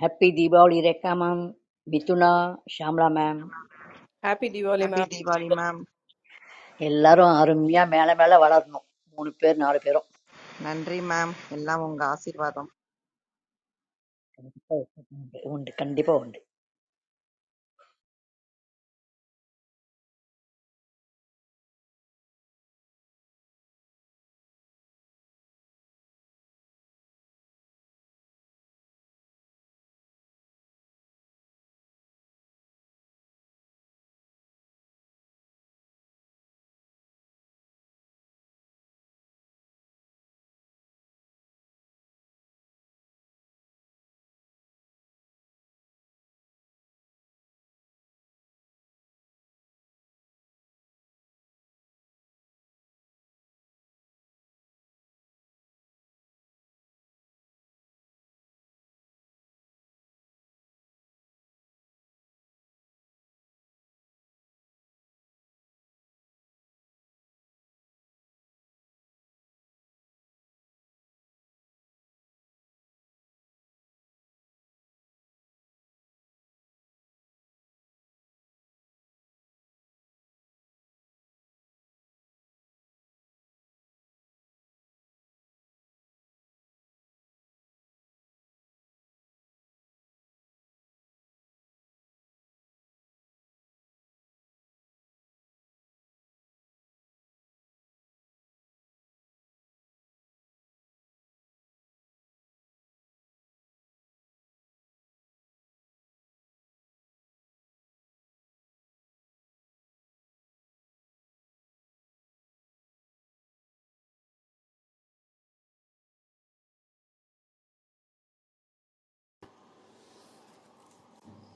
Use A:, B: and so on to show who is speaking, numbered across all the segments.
A: Happy Deepavali Rekha ma'am Mithuna Shamla ma'am
B: happy Deepavali
C: happy
B: ma'am
C: Deepavali ma'am.
A: எல்லாரும் அருமையா மேல மேல வளரணும் மூணு பேர் நாலு பேரும்
C: நன்றி மேம். எல்லாம் உங்க ஆசீர்வாதம்.
A: உண்டு உண்டு, கண்டிப்பா உண்டு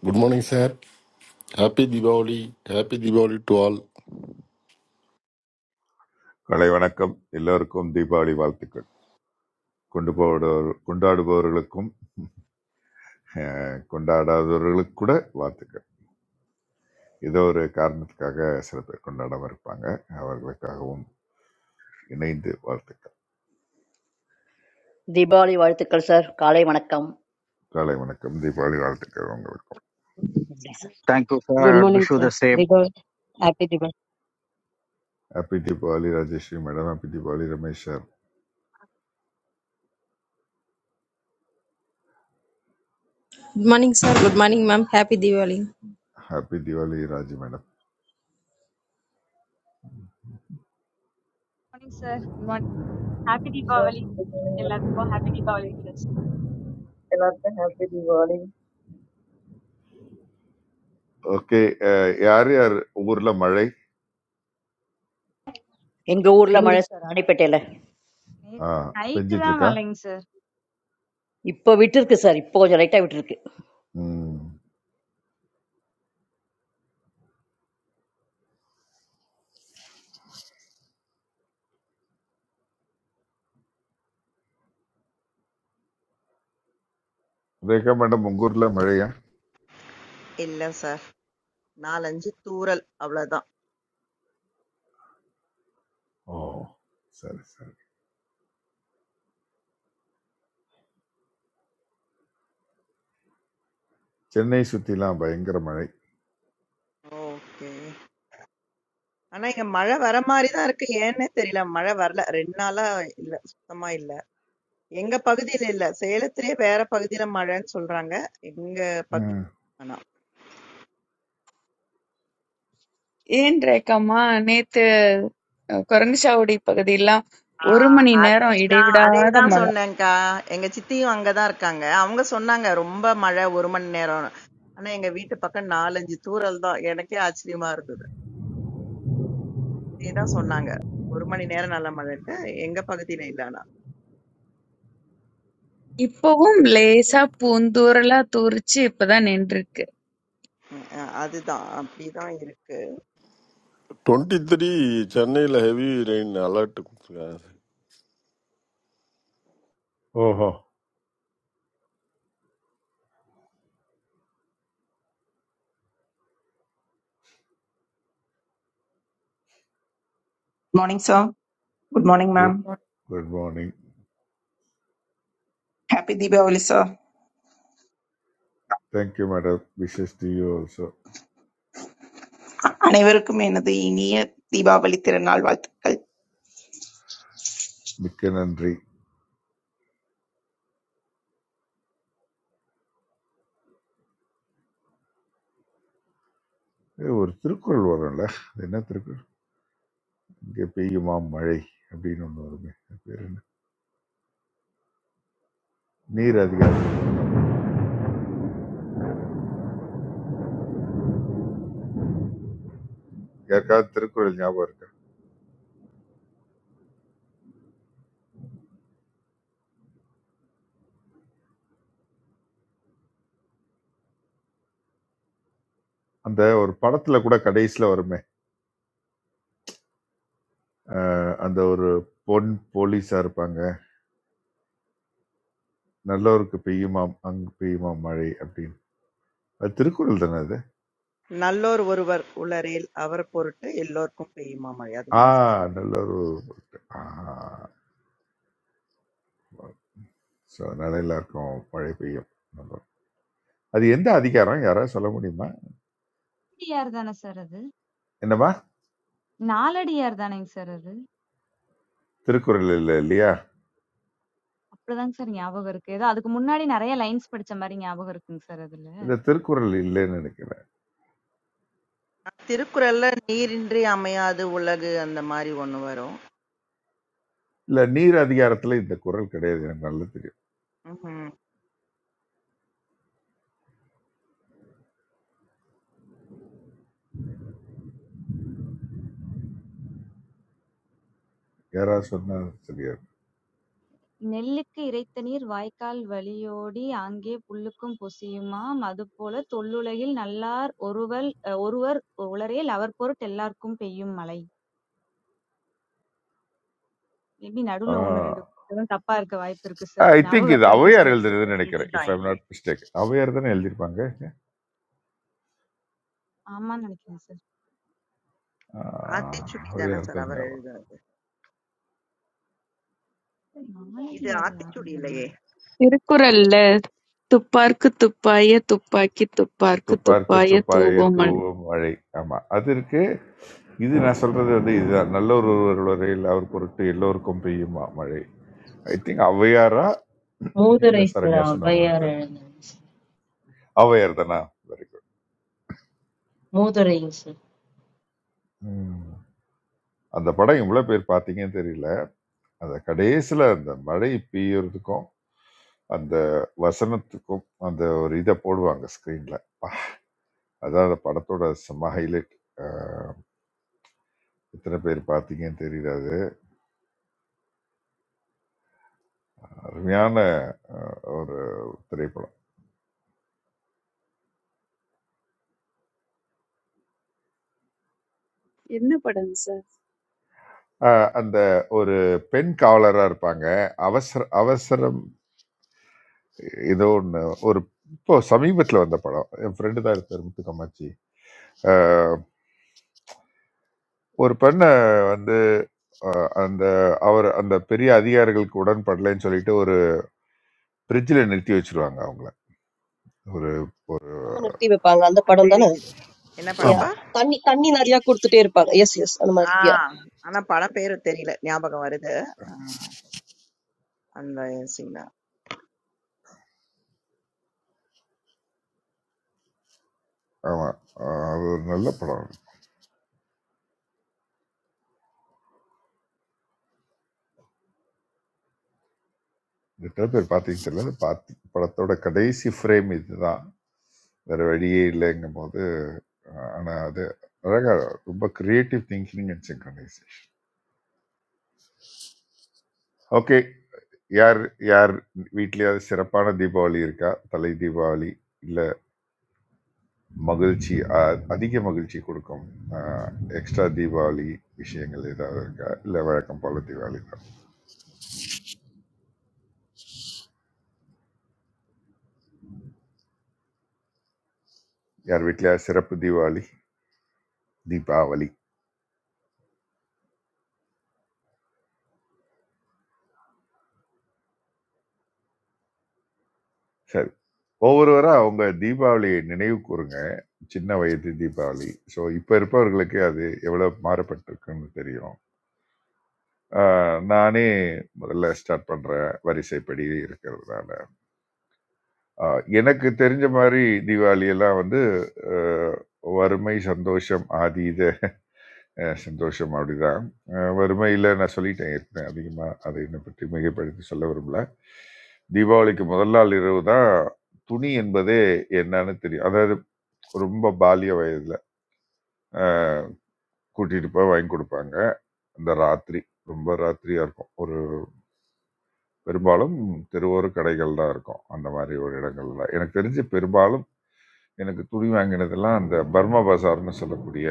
D: Good morning, sir. Happy Diwali. Happy Diwali to all.
E: காலை வணக்கம் எல்லோருக்கும் தீபாவளி வாழ்த்துக்கள் கொண்டு போடுபவர் கொண்டாடுபவர்களுக்கும் அஹ், கொண்டாடாதவர்களுக்கு கூட வாழ்த்துக்கள் ஏதோ ஒரு காரணத்துக்காக சில பேர் கொண்டாடாம இருப்பாங்க அவர்களுக்காகவும் இணைந்து வாழ்த்துக்கள்
A: தீபாவளி வாழ்த்துக்கள் சார் காலை வணக்கம்
E: காலை வணக்கம் தீபாவளி வாழ்த்துக்கள் உங்களுக்கும்
A: நன்றி sir
F: thank you
G: Good
F: sir
G: morning,
F: wish the
G: sir.
F: Same
G: Bigo, happy Diwali.
E: Happy Deepavali Rajashree madam happy Deepavali Ramesh sir
H: good morning sir good morning ma'am happy Deepavali
E: happy Deepavali Raju madam
I: morning sir. Good morning. Happy
J: Sir,
I: Deepavali.
J: good morning. ma'am.
I: எல்லாத்துக்கும் happy Deepavali wishes.
J: எல்லாருக்கும் happy Diwali.
E: Okay யார் யார் ஊர்ல மழை
A: எங்க ஊர்ல
G: Thank you.
A: மழை sir ராணிப்பேட்டையில
E: ஆ,
I: நைட்டு
E: பெஞ்சிட்டு
I: தான்
E: இருக்கா
I: மழைங்க சார்.
A: இப்போ விட்டுருக்கு சார் இப்போ கொஞ்சம் லைட்டா விட்டுருக்கு
E: ம் ரேகா மேடம் உங்க ஊர்ல மழையா
C: இல்ல சார். 4, 5 தூறல் அவ்வளவுதான்.
E: ஓ சரி சரி சென்னை சுற்றிலாம் பயங்கர மழை
C: ஓகே. ஆனா இங்க மழை வர மாரி தான் இருக்கு. ஏன்னே தெரியல. மழை வரல. 2 நாளா இல்ல. சுத்தமா இல்ல. எங்க பகுதியில இல்ல. சேலத்திலேயே வேற பகுதியில மழைன்னு சொல்றாங்க. எங்க பகுதி
E: ம்.
C: ஆனா.
K: ஏன் ரேக்கம்மா நேத்து அஹ், குரங்குச்சாவடி பகுதியெல்லாம்
C: ஆ,
K: ஒரு மணி நேரம்
C: அதேதான்
K: இடைவிடாத
C: அதேதான்
K: மழை
C: சொன்னேன்க்கா எங்க சித்தியும் அங்கதான் இருக்காங்க அவங்க சொன்னாங்க ரொம்ப மழை ஒரு மணி நேரம் ஆனா எங்க வீட்டு பக்கம் நாலஞ்சு தூறல் தான் எனக்கே ஆச்சரியமா இருந்தது அதேதான் சொன்னாங்க. 1 மணி நேரம் நல்ல மழைன்ட்டு. எங்க பகுதியில இல்ல ஆனா.
K: இப்பவும் லேசா பூந்தூறலா தூரிச்சு இப்பதான் நின்றுருக்கு
C: ம். அ அதுதான். அப்படிதான் இருக்கு.
D: 23 Chennai ஹெவி ரெயின் அலர்ட் கொடுத்துருக்காங்க
E: ஓஹோ
L: Morning, sir. Good morning,
E: good
L: ma'am.
E: Good morning
L: Happy Diwali, sir.
E: Thank you madam wishes to you also
L: Aniveruk meenadu iniya Diwali thirunalvalikal.
E: மிக்க நன்றி இது ஒரு திருக்குறள் வரும்ல அது என்ன திருக்குறள் இங்கே பெய்யுமா மழை அப்படின்னு ஒன்று வருமே அது பேர் என்ன நீர் அதிகாரம் யாருக்காவது திருக்குறள் ஞாபகம் இருக்கா அந்த ஒரு படத்துல கூட கடைசியில வருமே அஹ், அந்த ஒரு பொன் போலீஸா இருப்பாங்க நல்லோருக்கு பெய்யுமாம் அங்கு பெய்யுமா மழை அப்படின்னு அது திருக்குறள் தானே அது
C: நல்லோர் ஒருவர் உளரேல் அவர் பொருட்டு எல்லோர்க்கும் பெய்யுமா மழை.
E: ஆ
C: அதுதானே சார் சொல்றீங்க?
E: நல்ல ஒரு ஸோ அதனால எல்லாருக்கும் மழை பெய்யும் நம்புறோம். அது எந்த அதிகாரம் யாராவது சொல்ல முடியுமா
I: நாலடியார் தானே சார் அது?
E: என்னவா
I: நாலடியார் தானேங்க சார் அது?
E: திருக்குறள் இல்லை இல்லையா
I: அப்படிதாங்க சார் ஞாபகம் இருக்கு. ஏதோ அதுக்கு முன்னாடி நெறைய லைன்ஸ் படிச்ச மாரி ஞாபகம் இருக்குங்க சார் அதுல.
E: இந்த திருக்குறள் இல்லைன்னு நினைக்கிறேன்
C: திருக்குறள்ல நீரின்றி அமையாது உலகு அந்த மாரி ஒண்ணு வரும்.
E: இல்ல நீர் அதிகாரத்துல இந்த குறள் கிடையாது எனக்கு நல்லா தெரியும்
C: ம்ஹ்ம்.
E: யாராவது சொன்னா தெரியாது
I: நெல்லுக்கு இறைத்த நீர் வாய்க்கால் வழியோடி ஆங்கே புல்லுக்கும் பொசியுமாம். அதுபோல தொல்லுலகில் நல்லார் ஒருவல் அ, ஒருவர் உளரேல் அவர்பொருட் எல்லார்க்கும் பெய்யும் மழை. மேபி நடுவுல 1, 2 எதுவும் தப்பா இருக்க வாய்ப்பு இருக்கு சார்.
E: ஐ
I: ஞாபகம்
E: திங்க் இது
I: இருக்க வரைக்கும்
E: அவையார்
I: சொல்லிட்டேங்க
E: எழுதுறதுன்னு
I: சார்.
E: நினைக்கிறேன் இஃப்
C: இதுதான்
E: ஐம்
C: இது.
E: நாட் மிஸ்டேக் அவையார் தானே எழுதியிருப்பாங்க
I: ஆமான்னு நினைக்கிறேன் சார்.
E: ஆஹ்,
C: ஆத்திச்சூடி தானே
E: அவையார்
C: சார்
E: தான்
C: அவர்
E: ஞாபகம்
C: எழுதுனது. இது
I: மாளவியார் யார்
C: ஆத்திச்சூடி
I: எழுதுனா?
C: இல்லையே!
K: திருக்குறள்ல துப்பார்க்கு துப்பாய துப்பாக்கி துப்பார்க்கு
E: துப்பார்க்க
K: துப்பாய
E: துப்பாய
K: தூவும் மழை
E: தூவம் மழை ஆமா அது இருக்கு இது நான் சொல்றது வந்து இதுதான் நல்ல ஒரு ஒருவர் வரையில் அவர் பொருட்டு எல்லோருக்கும் பெய்யுமா மழை ஐ திங்க் ஔவையாரா இல்ல
M: மூதுரை சிற
E: சரண்யா சொன்னவங்களான்னு
M: ஔவையார்
E: தெரியல
M: எழுதின
E: ஔவையார் தானா வெரி குட்
M: மூதுரை சு.
E: அந்த படம் இவ்வளவு பேர் பார்த்தீங்கன்னு தெரியல அந்த கடைசியில அந்த மழை பெய்யறதுக்கும் அந்த வசனத்துக்கும் அந்த ஒரு இதை போடுவாங்க ஸ்க்ரீன்ல அதான் அந்த படத்தோட செம்ம ஹைலைட் எத்தனை பேர் பார்த்தீங்கன்னு தெரியல அது அருமையான அஹ், ஒரு திரைப்படம்
K: என்ன படம் சார்
E: அஹ், அந்த ஒரு பெண் காவலரா இருப்பாங்க அவசர அவசரம் ஏதோ ஒன்று ஒரு இப்போ சமீபத்தில் வந்த படம் என் ஃப்ரெண்டு தான் இருப்பார் முத்துக்கம்மாச்சி அஹ், ஒரு பெண்ணை வந்து அஹ், அந்த அவர் அந்த பெரிய அதிகாரிகளுக்கு உடன்படலைன்னு சொல்லிட்டு ஒரு பிரிட்ஜில் நிறுத்தி வச்சிருவாங்க அவங்கள ஒரு
N: பேசாம நிறுத்தி வைப்பாங்க அந்த
C: அ
N: படம் தானே
C: தெரியுது. என்ன
N: யா
E: ஆமா
C: படம்ப்பா?
N: தண்ணி தண்ணி நிறைய கொடுத்துட்டே இருப்பாங்க எஸ் எஸ் அந்த மாதிரி
C: ஆ.
N: யா
C: ஆனா படம் பேரு தெரியல. ஞாபகம் வருது. ஆ அந்த சீன் தான்.
E: ஆமா அஹ், அது ஒரு நல்ல படம் எத்தனை பேர் பார்த்தீங்கன்னு தெரியல பார்த்து படத்தோட கடைசி ஃப்ரேம் இதுதான் வேற வழியே இல்லைங்கும் போது அஹ், ஆனா அது அழகா ரொம்ப creative thinking and synchronization okay யார் யார் வீட்லயாவது சிறப்பான தீபாவளி இருக்கா தலை தீபாவளி இல்ல மகிழ்ச்சி அ- அதிக மகிழ்ச்சி கொடுக்கும் எக்ஸ்ட்ரா தீபாவளி விஷயங்கள் ஏதாவது இருக்கா இல்லை வழக்கம் போல தீபாவளி தான் யார் வீட்டிலயா சிறப்பு தீபாவளி தீபாவளி சரி ஒவ்வொருவராக அவங்க தீபாவளியை நினைவு கூறுங்க சின்ன வயது தீபாவளி ஸோ இப்போ இருப்பவர்களுக்கு அது எவ்வளோ மாறப்பட்டிருக்குன்னு தெரியும் அஹ், நானே முதல்ல ஸ்டார்ட் பண்ணுற வரிசைப்படி இருக்கிறதுனால அஹ், எனக்கு தெரிஞ்ச மாதிரி தீபாவளி எல்லாம் வந்து அஹ், வறுமை சந்தோஷம் ஆதீத அஹ் சந்தோஷம் அப்படிதான் அஹ் வறுமையில நான் சொல்லிட்டேன் ஏற்கனவே அதிகமா அதை என்னை பற்றி மிகைப்படுத்தி சொல்ல விரும்பல தீபாவளிக்கு முதல் நாள் இரவு தான் துணி என்பதே என்னன்னு தெரியும் அதாவது ரொம்ப பாலிய வயதுல அஹ் கூட்டிட்டு போய் வாங்கி கொடுப்பாங்க அந்த ராத்திரி ரொம்ப ராத்திரியா இருக்கும் ஒரு பெரும்பாலும் தெருவோர கடைகள் தான் இருக்கும் அந்த மாதிரி ஒரு இடங்கள்ல எனக்கு தெரிஞ்சு பெரும்பாலும் எனக்கு துணி வாங்கினதெல்லாம் அந்த பர்மா பஜார்னு சொல்லக்கூடிய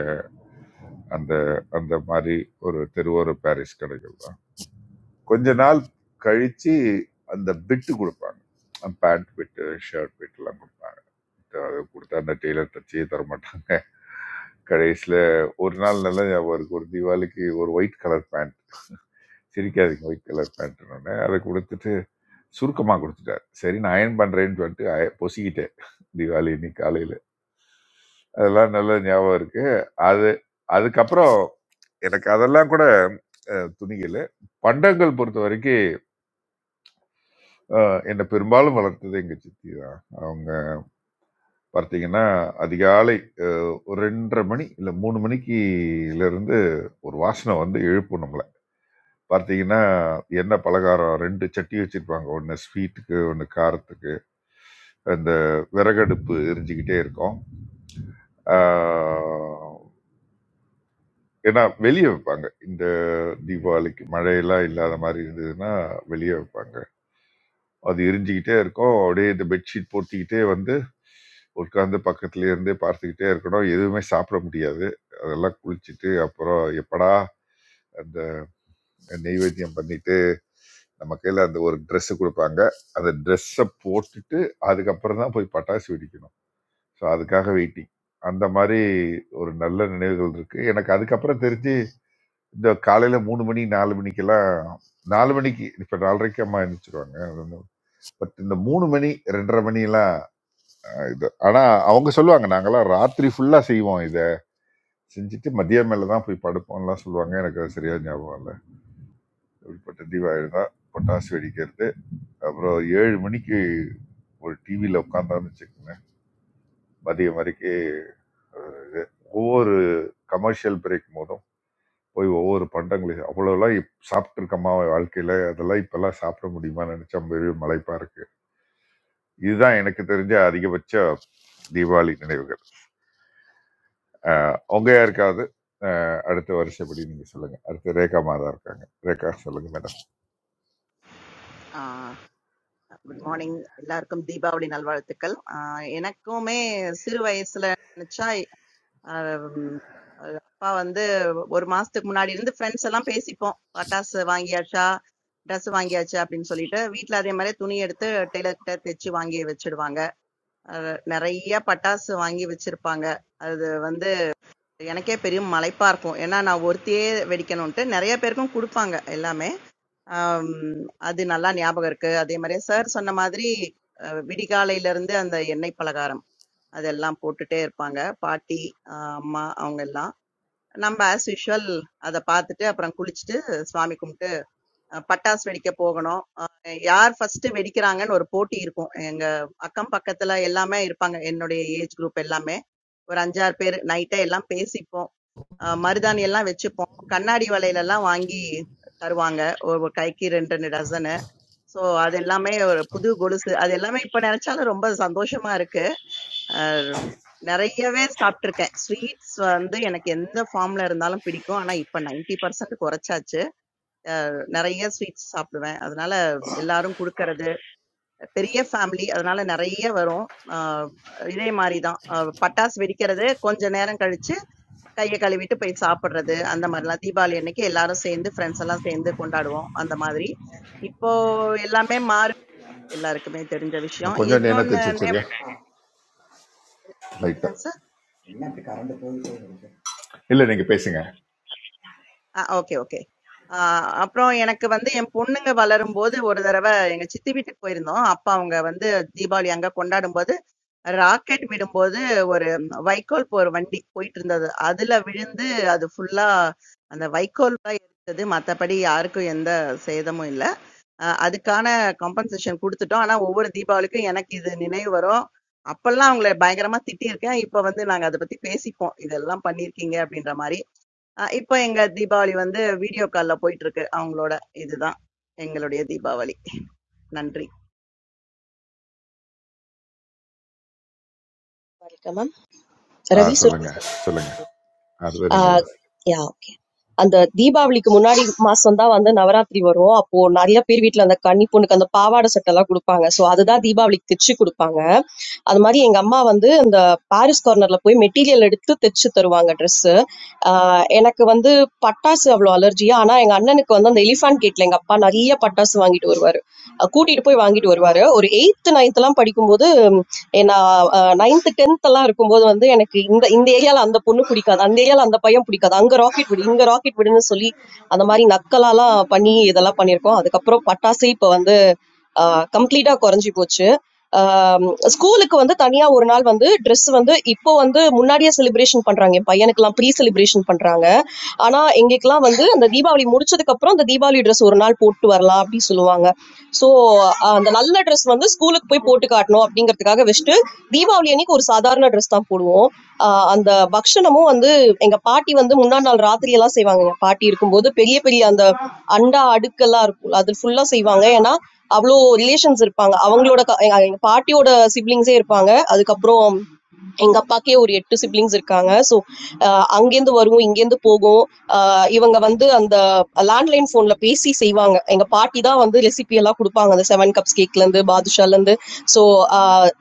E: அந்த அந்த மாதிரி ஒரு தெருவோர பாரிஸ் கடைகள் தான் கொஞ்ச நாள் கழிச்சு அந்த பிட்டு கொடுப்பாங்க பேண்ட் பிட்டு ஷர்ட் பிட்டுலாம் கொடுப்பாங்க அது கொடுத்தா அந்த டெய்லர் தச்சியே தர மாட்டாங்க கடைசியில் ஒரு நாள் நல்லா ஞாபகம் இருக்கு ஒரு தீபாவளிக்கு ஒரு ஒயிட் கலர் பேண்ட் சிரிக்காதீங்க ஒயிட் கலர் பேண்ட்னு அதை கொடுத்துட்டு சுருக்கமாக கொடுத்துட்டார் சரி நான் அயன் பண்ணுறேன்னு சொல்லிட்டு அய- பொசிக்கிட்டேன் தீபாவளி இன்னைக்கு காலையில் அதெல்லாம் நல்லா ஞாபகம் இருக்கு அது அதுக்கப்புறம் எனக்கு அதெல்லாம் கூட அஹ், துணிகள் பண்டங்கள் பொறுத்த வரைக்கும் அஹ் என்னை பெரும்பாலும் வளர்த்தது எங்க சித்தி தான் அவங்க பார்த்தீங்கன்னா அதிகாலை அஹ், ஒரு ரெண்டரை மணி இல்லை மூணு மணிக்குல இருந்து ஒரு வாசனை வந்து எழுப்பும் நம்மளை பார்த்தீங்கன்னா என்ன பலகாரம் ரெண்டு சட்டி வச்சிருப்பாங்க ஒன்று ஸ்வீட்டுக்கு ஒன்று காரத்துக்கு அந்த விறகடுப்பு எரிஞ்சுக்கிட்டே இருக்கும் அஹ், ஏன்னா வெளியே வைப்பாங்க இந்த தீபாவளிக்கு மழையெல்லாம் இல்லாத மாதிரி இருந்ததுன்னா வெளியே வைப்பாங்க அது எரிஞ்சுக்கிட்டே இருக்கும் அப்படியே இந்த பெட்ஷீட் போர்த்திக்கிட்டே வந்து உட்கார்ந்து பக்கத்துல இருந்தே பார்த்துக்கிட்டே இருக்கணும் எதுவுமே சாப்பிட முடியாது அதெல்லாம் குளிச்சுட்டு அப்புறம் எப்படா அந்த நெய்வேத்தியம் பண்ணிட்டு நம்ம கையில அந்த ஒரு Dress கொடுப்பாங்க அந்த ட்ரெஸ்ஸை போட்டுட்டு அதுக்கப்புறம் தான் போய் பட்டாசு வெடிக்கணும் ஸோ அதுக்காக வெயிட்டிங் அந்த மாதிரி ஒரு நல்ல நினைவுகள் இருக்கு எனக்கு அதுக்கப்புறம் தெரிஞ்சு இந்த காலையில மூணு மணி நாலு மணிக்கெல்லாம் நாலு மணிக்கு இப்ப நாலரைக்கு அம்மா எழுந்திரிச்சிருவாங்க பட் இந்த மூணு மணி ரெண்டரை மணி எல்லாம் அஹ் இது ஆனா அவங்க சொல்லுவாங்க நாங்கெல்லாம் ராத்திரி ஃபுல்லா செய்வோம் இதை செஞ்சுட்டு மதியம் மேல தான் போய் படுப்போம்லாம் சொல்லுவாங்க எனக்கு அது சரியா ஞாபகம் இல்லை இப்படிப்பட்ட தீபாவளி தான் பொட்டாசு வெடிக்கிறது அப்புறம் ஏழு மணிக்கு ஒரு டிவியில உட்காந்தான்னு வச்சுக்கோங்க மதியம் வரைக்கும் ஒவ்வொரு கமர்ஷியல் பிரேக் போதும் போய் ஒவ்வொரு பண்டங்களையும் அவ்வளோலாம் சாப்பிட்டு இருக்கமா வாழ்க்கையில அதெல்லாம் இப்பெல்லாம் சாப்பிட முடியுமா நினைச்சா பெரிய மலைப்பா இருக்கு இதுதான் எனக்கு தெரிஞ்ச அதிகபட்ச தீபாவளி நினைவுகள் அஹ், உங்க யாருக்காவது அஹ், அடுத்த வருஷப்படி நீங்க சொல்லுங்க அடுத்து ரேகா மாதா இருக்காங்க ரேகா சொல்லுங்க மேடம்
C: ஆ. குட் மார்னிங் எல்லாருக்கும் தீபாவளி நல்வாழ்த்துக்கள் ஆஹ் எனக்குமே சிறு வயசுல நினைச்சா ஆஹ் உம் ஆஹ் அப்பா வந்து ஒரு மாசத்துக்கு முன்னாடி இருந்து ஃப்ரெண்ட்ஸ் எல்லாம் பேசிப்போம் பட்டாசு வாங்கியாச்சா ட்ரெஸ் வாங்கியாச்சு அப்படின்னு சொல்லிட்டு வீட்ல அதே மாதிரி துணி எடுத்து டெய்லர் கிட்ட தைச்சு வாங்கி வச்சிடுவாங்க நிறைய பட்டாசு வாங்கி வச்சிருப்பாங்க அது வந்து எனக்கே பெரிய மலைப்பா இருக்கும் ஏன்னா நான் ஒருத்தியே வெடிக்கணும்ட்டு நிறைய பேருக்கும் கொடுப்பாங்க எல்லாமே ஆம், அது நல்லா ஞாபகம் இருக்கு. அதே மாரி சார் சொன்ன மாதிரி அ விடிகாலையில இருந்து அந்த எண்ணெய் பலகாரம் அதெல்லாம் போட்டுட்டே இருப்பாங்க. பாட்டி, அ அம்மா அவங்க எல்லாம். நம்ம ஆஸ் யூசுவல் அத பாத்துட்டு, அப்புறம் குளிச்சுட்டு, சாமி கும்பிட்டு அ பட்டாசு வெடிக்க போகணும். அ யார் ஃபர்ஸ்ட்டு வெடிக்கிறாங்கன்னு ஒரு போட்டி இருக்கும். எங்க அக்கம் பக்கத்துல எல்லாமே இருப்பாங்க. என்னுடைய ஏஜ் குரூப் எல்லாமே. ஒரு 5, 6 பேரு நைட்டே எல்லாம் பேசிப்போம். அ மருதாணி எல்லாம் வச்சுப்போம். கண்ணாடி வளையல் எல்லாம் வாங்கி தருவாங்க. ஒரு கைக்கு 2, 2 டசனு. சோ அது எல்லாமே ஒரு புது கொலுசு. அது எல்லாமே இப்ப நெனச்சாலும் ரொம்ப சந்தோஷமா இருக்கு. அ நெறையவே சாப்பிட்டுருக்கேன். ஸ்வீட்ஸ் வந்து எனக்கு எந்த ஃபார்ம்ல இருந்தாலும் பிடிக்கும். ஆனா இப்ப 90% குறைச்சாச்சு. நெறைய ஸ்வீட்ஸ் சாப்பிடுவேன். அதனால எல்லாரும் குடுக்கறது, பெரிய ஃபேமிலி அதனால நெறைய வரும். அ இதே மாரி தான். அ பட்டாசு வெடிக்கிறது, கொஞ்ச நேரம் கழிச்சு கைய கழுவிட்டு போய் சாப்பிடுறது, அந்த மாரிலாம். தீபாவளி அன்னைக்கு எல்லாரும் சேர்ந்து, ஃபிரெண்ட்ஸ் எல்லாம் சேர்ந்து கொண்டாடுவோம், அந்த மாதிரி. இப்போ எல்லாமே மாறி எல்லாருக்குமே தெரிஞ்ச
E: நான்
C: விஷயம்.
E: கொஞ்சம் நேனா
C: இன்னொன்னு
E: தைச்சு வச்சிருக்கியா
C: என்னங்க
E: லைட்டா
C: சார்?
E: இல்ல நீங்க பேசுங்க
C: ஆ ஓகே, ஓகே. ஆ அப்புறம் எனக்கு வந்து என் பொண்ணுங்க வளரும்போது ஒரு தடவ எங்க சித்தி வீட்டுக்கு போயிருந்தோம். அப்ப அவங்க வந்து தீபாவளி அங்க கொண்டாடும்போது, ராக்கெட் விடும்போது ஒரு வைக்கோல் போற வண்டி போயிட்டுருந்தது. அதுல விழுந்து அது ஃபுல்லா அந்த வைக்கோல் தான் எரிச்சது. மத்தபடி யாருக்கும் எந்த சேதமும் இல்ல. அ அதுக்கான காம்பன்சேஷன் குடுத்துட்டோம். ஆனா, ஒவ்வொரு தீபாவளிக்கும் எனக்கு இது நினைவு வரும். அப்பல்லாம் அவங்கள பயங்கரமா திட்டியிருக்கேன். இப்ப வந்து நாங்க அத பத்தி பேசிப்போம். இதெல்லாம் பண்ணியிருக்கீங்க அப்டின்ற மாரி. அ இப்ப எங்க தீபாவளி வந்து வீடியோ கால்ல போயிட்டுருக்கு அவங்களோட. இதுதான் எங்களுடைய தீபாவளி. நன்றி.
N: மேம்
E: ஆ
N: ரவி
E: சொல்லுங்க
N: சுர்கேசன்
E: சொல்லுங்க அதுதான் நீங்க தான்
N: யா ஓகே அந்த தீபாவளிக்கு முன்னாடி மாசம் தான் வந்து நவராத்திரி வரும் அப்போ நிறைய பேர் வீட்ல அந்த கன்னி பொண்ணுக்கு அந்த பாவாடை சட்டை எல்லாம் கொடுப்பாங்க சோ அதுதான் தீபாவளிக்கு தைச்சு கொடுப்பாங்க அது மாதிரி எங்க அம்மா வந்து இந்த பாரிஸ் கார்னர்ல போய் மெட்டீரியல் எடுத்து தைச்சு தருவாங்க ட்ரெஸ் எனக்கு வந்து பட்டாசு அவ்வளோ அலர்ஜியா ஆனா எங்க அண்ணனுக்கு வந்து அந்த எலிஃபான் கேட்ல எங்க அப்பா நிறைய பட்டாசு வாங்கிட்டு வருவாரு அஹ் கூட்டிட்டு போய் வாங்கிட்டு வருவாரு ஒரு எயித்து நைன்த் எல்லாம் படிக்கும்போது உம், எ- நான் நைன்த் டென்த் எல்லாம் இருக்கும்போது வந்து எனக்கு இந்த இந்த ஏரியால அந்த பொண்ணு பிடிக்காது அந்த ஏரியால அந்த பையன் பிடிக்காது அங்க ராக்கெட் விடு இங்க ராக்கெட் விடுன்னு சொல்லி அந்த மாதிரி நக்கலாலாம் பண்ணி இதெல்லாம் பண்ணியிருக்கோம் அதுக்கப்புறம் பட்டாசு இப்போ வந்து கம்ப்ளீட்டாக குறைஞ்சி போச்சு ஸ்கூலுக்கு வந்து தனியாக ஒரு நாள் வந்து ட்ரெஸ் வந்து இப்போ வந்து முன்னாடியே செலிப்ரேஷன் பண்ணுறாங்க என் பையனுக்கெல்லாம் ப்ரீ செலிப்ரேஷன் பண்ணுறாங்க ஆனால் எங்களுக்கெல்லாம் வந்து அந்த தீபாவளி முடிச்சதுக்கப்புறம் அந்த தீபாவளி ட்ரெஸ் ஒரு நாள் போட்டு வரலாம் அப்படின்னு சொல்லுவாங்க ஸோ அந்த நல்ல ட்ரெஸ் வந்து ஸ்கூலுக்கு போய் போட்டு காட்டுறது காட்டணும் அப்படிங்கிறதுக்காக வச்சுட்டு தீபாவளி அன்னைக்கு ஒரு சாதாரண ட்ரெஸ் தான் போடுவோம் ஆஹ் அந்த பக்ஷணமும் வந்து எங்க பாட்டி வந்து முந்தா நாள் ராத்திரி எல்லாம் செய்வாங்க எங்க பாட்டி இருக்கும்போது பெரிய பெரிய அந்த அண்டா அடுக்கெல்லாம் இருக்கும் அது ஃபுல்லா செய்வாங்க ஏன்னா அவ்வளோ ரிலேஷன்ஸ் இருப்பாங்க அவங்களோட க- எங்க எங்க பாட்டியோட சிப்ளிங்ஸே இருப்பாங்க அதுக்கப்புறம் எங்க அப்பாக்கே ஒரு எட்டு சிப்லிங்ஸ் இருக்காங்க ஸோ அங்கேருந்து வருவோம் இங்கேருந்து போகும் அஹ் இவங்க வந்து அந்த லேண்ட்லைன் ஃபோன்ல பேசி செய்வாங்க எங்க பாட்டி தான் வந்து ரெசிபி எல்லாம் கொடுப்பாங்க அந்த செவன் கப்ஸ் கேக்ல இருந்து பாதுஷால இருந்து ஸோ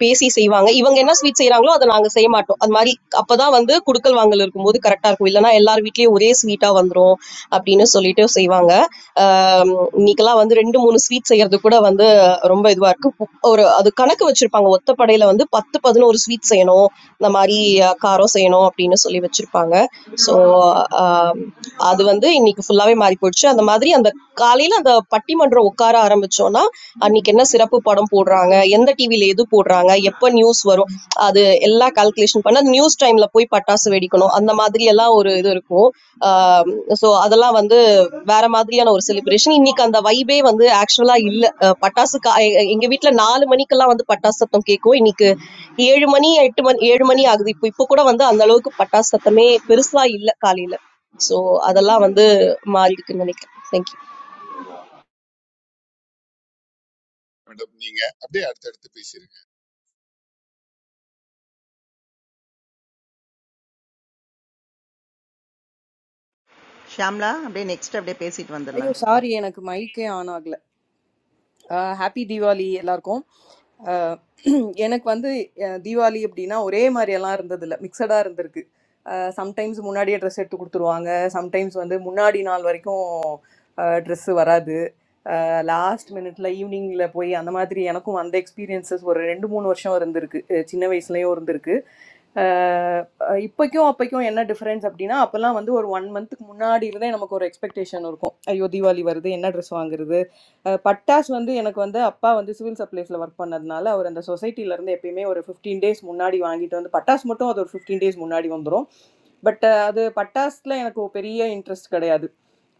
N: பேசி செய்வாங்க இவங்க என்ன ஸ்வீட் செய்றாங்களோ அதை நாங்க செய்ய மாட்டோம் அது மாதிரி அப்பதான் வந்து குடுக்கல் வாங்கல் இருக்கும்போது கரெக்டா இருக்கும் இல்லைன்னா எல்லார் வீட்லயும் ஒரே ஸ்வீட்டா வந்துரும் அப்படின்னு சொல்லிட்டு செய்வாங்க ஆஹ் இன்னைக்கெல்லாம் வந்து ரெண்டு மூணு ஸ்வீட் செய்யறது கூட வந்து ரொம்ப இதுவா இருக்கு பு- ஒரு அது கணக்கு வச்சிருப்பாங்க ஒத்தப்படையில வந்து பத்து பதினோரு ஸ்வீட் செய்யணும் இந்த மாதிரி அஹ், காரம் செய்யணும் அப்படின்னு சொல்லி வச்சிருப்பாங்க ஸோ அது வந்து இன்னைக்கு ஃபுல்லாவே மாறி போயிடுச்சு அந்த மாதிரி அந்த காலையில அந்த பட்டிமன்றம் உட்கார ஆரம்பிச்சோம்னா அன்னைக்கு என்ன சிறப்பு படம் போடுறாங்க எந்த டிவில எது போடுறாங்க எப்போ நியூஸ் வரும் அது எல்லா கால்குலேஷன் பண்ண நியூஸ் டைம்ல போய் பட்டாசு வெடிக்கணும் அந்த மாதிரி எல்லாம் ஒரு இது இருக்கும் ஸோ அதெல்லாம் வந்து வேற மாதிரியான ஒரு செலிப்ரேஷன் இன்னைக்கு அந்த வைபே வந்து ஆக்சுவலா இல்ல அஹ் பட்டாசு கா- எ- எங்க வீட்ல நாலு மணிக்கெல்லாம் வந்து பட்டாசு சத்தம் கேட்கும் இன்னைக்கு ஏழு மணி எட்டு மணி ஏழு மணி ஆகுது இப்போ இப்போ கூட வந்து அந்த அளவுக்கு பட்டாசு சத்தமே பெருசா இல்ல காலையில சோ அதெல்லாம் வந்து மாறி இருக்குன்னு நினைக்கிறேன் தேங்க்யூ
E: மேடம் நீங்க அப்படியே அடுத்து அடுத்து பேசிருங்க
C: ஷியாம்ளா, அப்படியே நெக்ஸ்ட் அப்படியே பேசிட்டு
B: ஐயோ
C: வந்துடலாம்.
B: சாரி எனக்கு மைக்கே ஆன் ஆகல ஹாப்பி தீபாவளி எல்லாருக்கும் அஹ், எனக்கு வந்து அஹ், தீபாவளி அப்படின்னா ஒரே மாதிரி எல்லாம் இருந்தது இல்லை மிக்சடாக இருந்திருக்கு சம்டைம்ஸ் முன்னாடியே ட்ரெஸ் எடுத்து கொடுத்துருவாங்க சம்டைம்ஸ் வந்து முன்னாடி நாள் வரைக்கும் ட்ரெஸ்ஸு வராது லாஸ்ட் மினிட்ல ஈவினிங்ல போய் அந்த மாதிரி எனக்கும் அந்த எக்ஸ்பீரியன்சஸ் ஒரு ரெண்டு மூணு வருஷம் இருந்திருக்கு அஹ் சின்ன வயசுலயும் இருந்திருக்கு அஹ் அஹ் இப்போக்கும் அப்போக்கும் என்ன டிஃபரன்ஸ் அப்படின்னா அப்போல்லாம் வந்து ஒரு ஒன் மந்த்துக்கு முன்னாடி இருந்தே நமக்கு ஒரு எக்ஸ்பெக்டேஷன் இருக்கும் ஐயோ தீபாவளி வருது என்ன ட்ரெஸ் வாங்குறது அஹ் பட்டாஸ் வந்து எனக்கு வந்து அப்பா வந்து சிவில் சப்ளைஸில் ஒர்க் பண்ணதுனால அவர் அந்த சொசைட்டில இருந்து எப்பயுமே ஒரு ஃபிஃப்டீன் டேஸ் முன்னாடி வாங்கிட்டு வந்து பட்டாஸ் மட்டும் அது ஒரு ஃபிஃப்டீன் டேஸ் முன்னாடி வந்துடும் பட் அது பட்டாஸில் எனக்கு பெரிய இன்ட்ரெஸ்ட் கிடையாது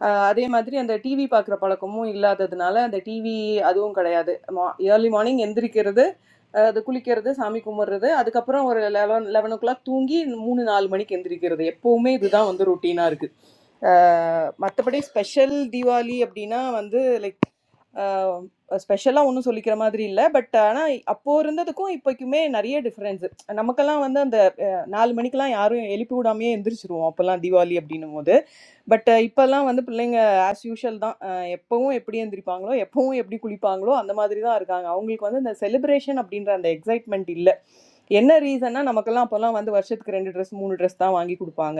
B: ஆஹ் அதே மாதிரி அந்த டிவி பார்க்குற பழக்கமும் இல்லாததுனால அந்த டிவி அதுவும் கிடையாது மா ஏர்லி மார்னிங் எந்திரிக்கிறது ஆஹ் அது குளிக்கிறது சாமி கும்பிட்றது அதுக்கப்புறம் ஒரு லெவன் லெவன் ஓ கிளாக் தூங்கி மூணு நாலு மணிக்கு எந்திரிக்கிறது எப்போவுமே இதுதான் வந்து ருட்டீனாக இருக்குது மற்றபடி ஸ்பெஷல் தீபாவளி அப்படின்னா வந்து லைக் ஸ்பெஷலாக ஒன்றும் சொல்லிக்கிற மாதிரி இல்லை பட் ஆனால் அப்போது இருந்ததுக்கும் இப்போக்குமே நிறைய டிஃப்ரென்ஸு நமக்கெல்லாம் வந்து அந்த ஆஹ் நாலு மணிக்கெல்லாம் யாரும் எழுப்பி விடாமையே எந்திரிச்சிருவோம் அப்போல்லாம் தீபாவளி அப்படின்னும் போது பட் இப்போல்லாம் வந்து பிள்ளைங்க ஆஸ் யூஷுவல் தான் அஹ் எப்பவும் எப்படி எந்திரிப்பாங்களோ எப்பவும் எப்படி குளிப்பாங்களோ அந்த மாதிரி தான் இருக்காங்க அவங்களுக்கு வந்து இந்த செலிப்ரேஷன் அப்படின்ற அந்த எக்ஸைட்மெண்ட் இல்லை என்ன ரீசன்னா நமக்கெல்லாம் அப்போல்லாம் வந்து வருஷத்துக்கு ரெண்டு ட்ரெஸ் மூணு ட்ரெஸ் தான் வாங்கி கொடுப்பாங்க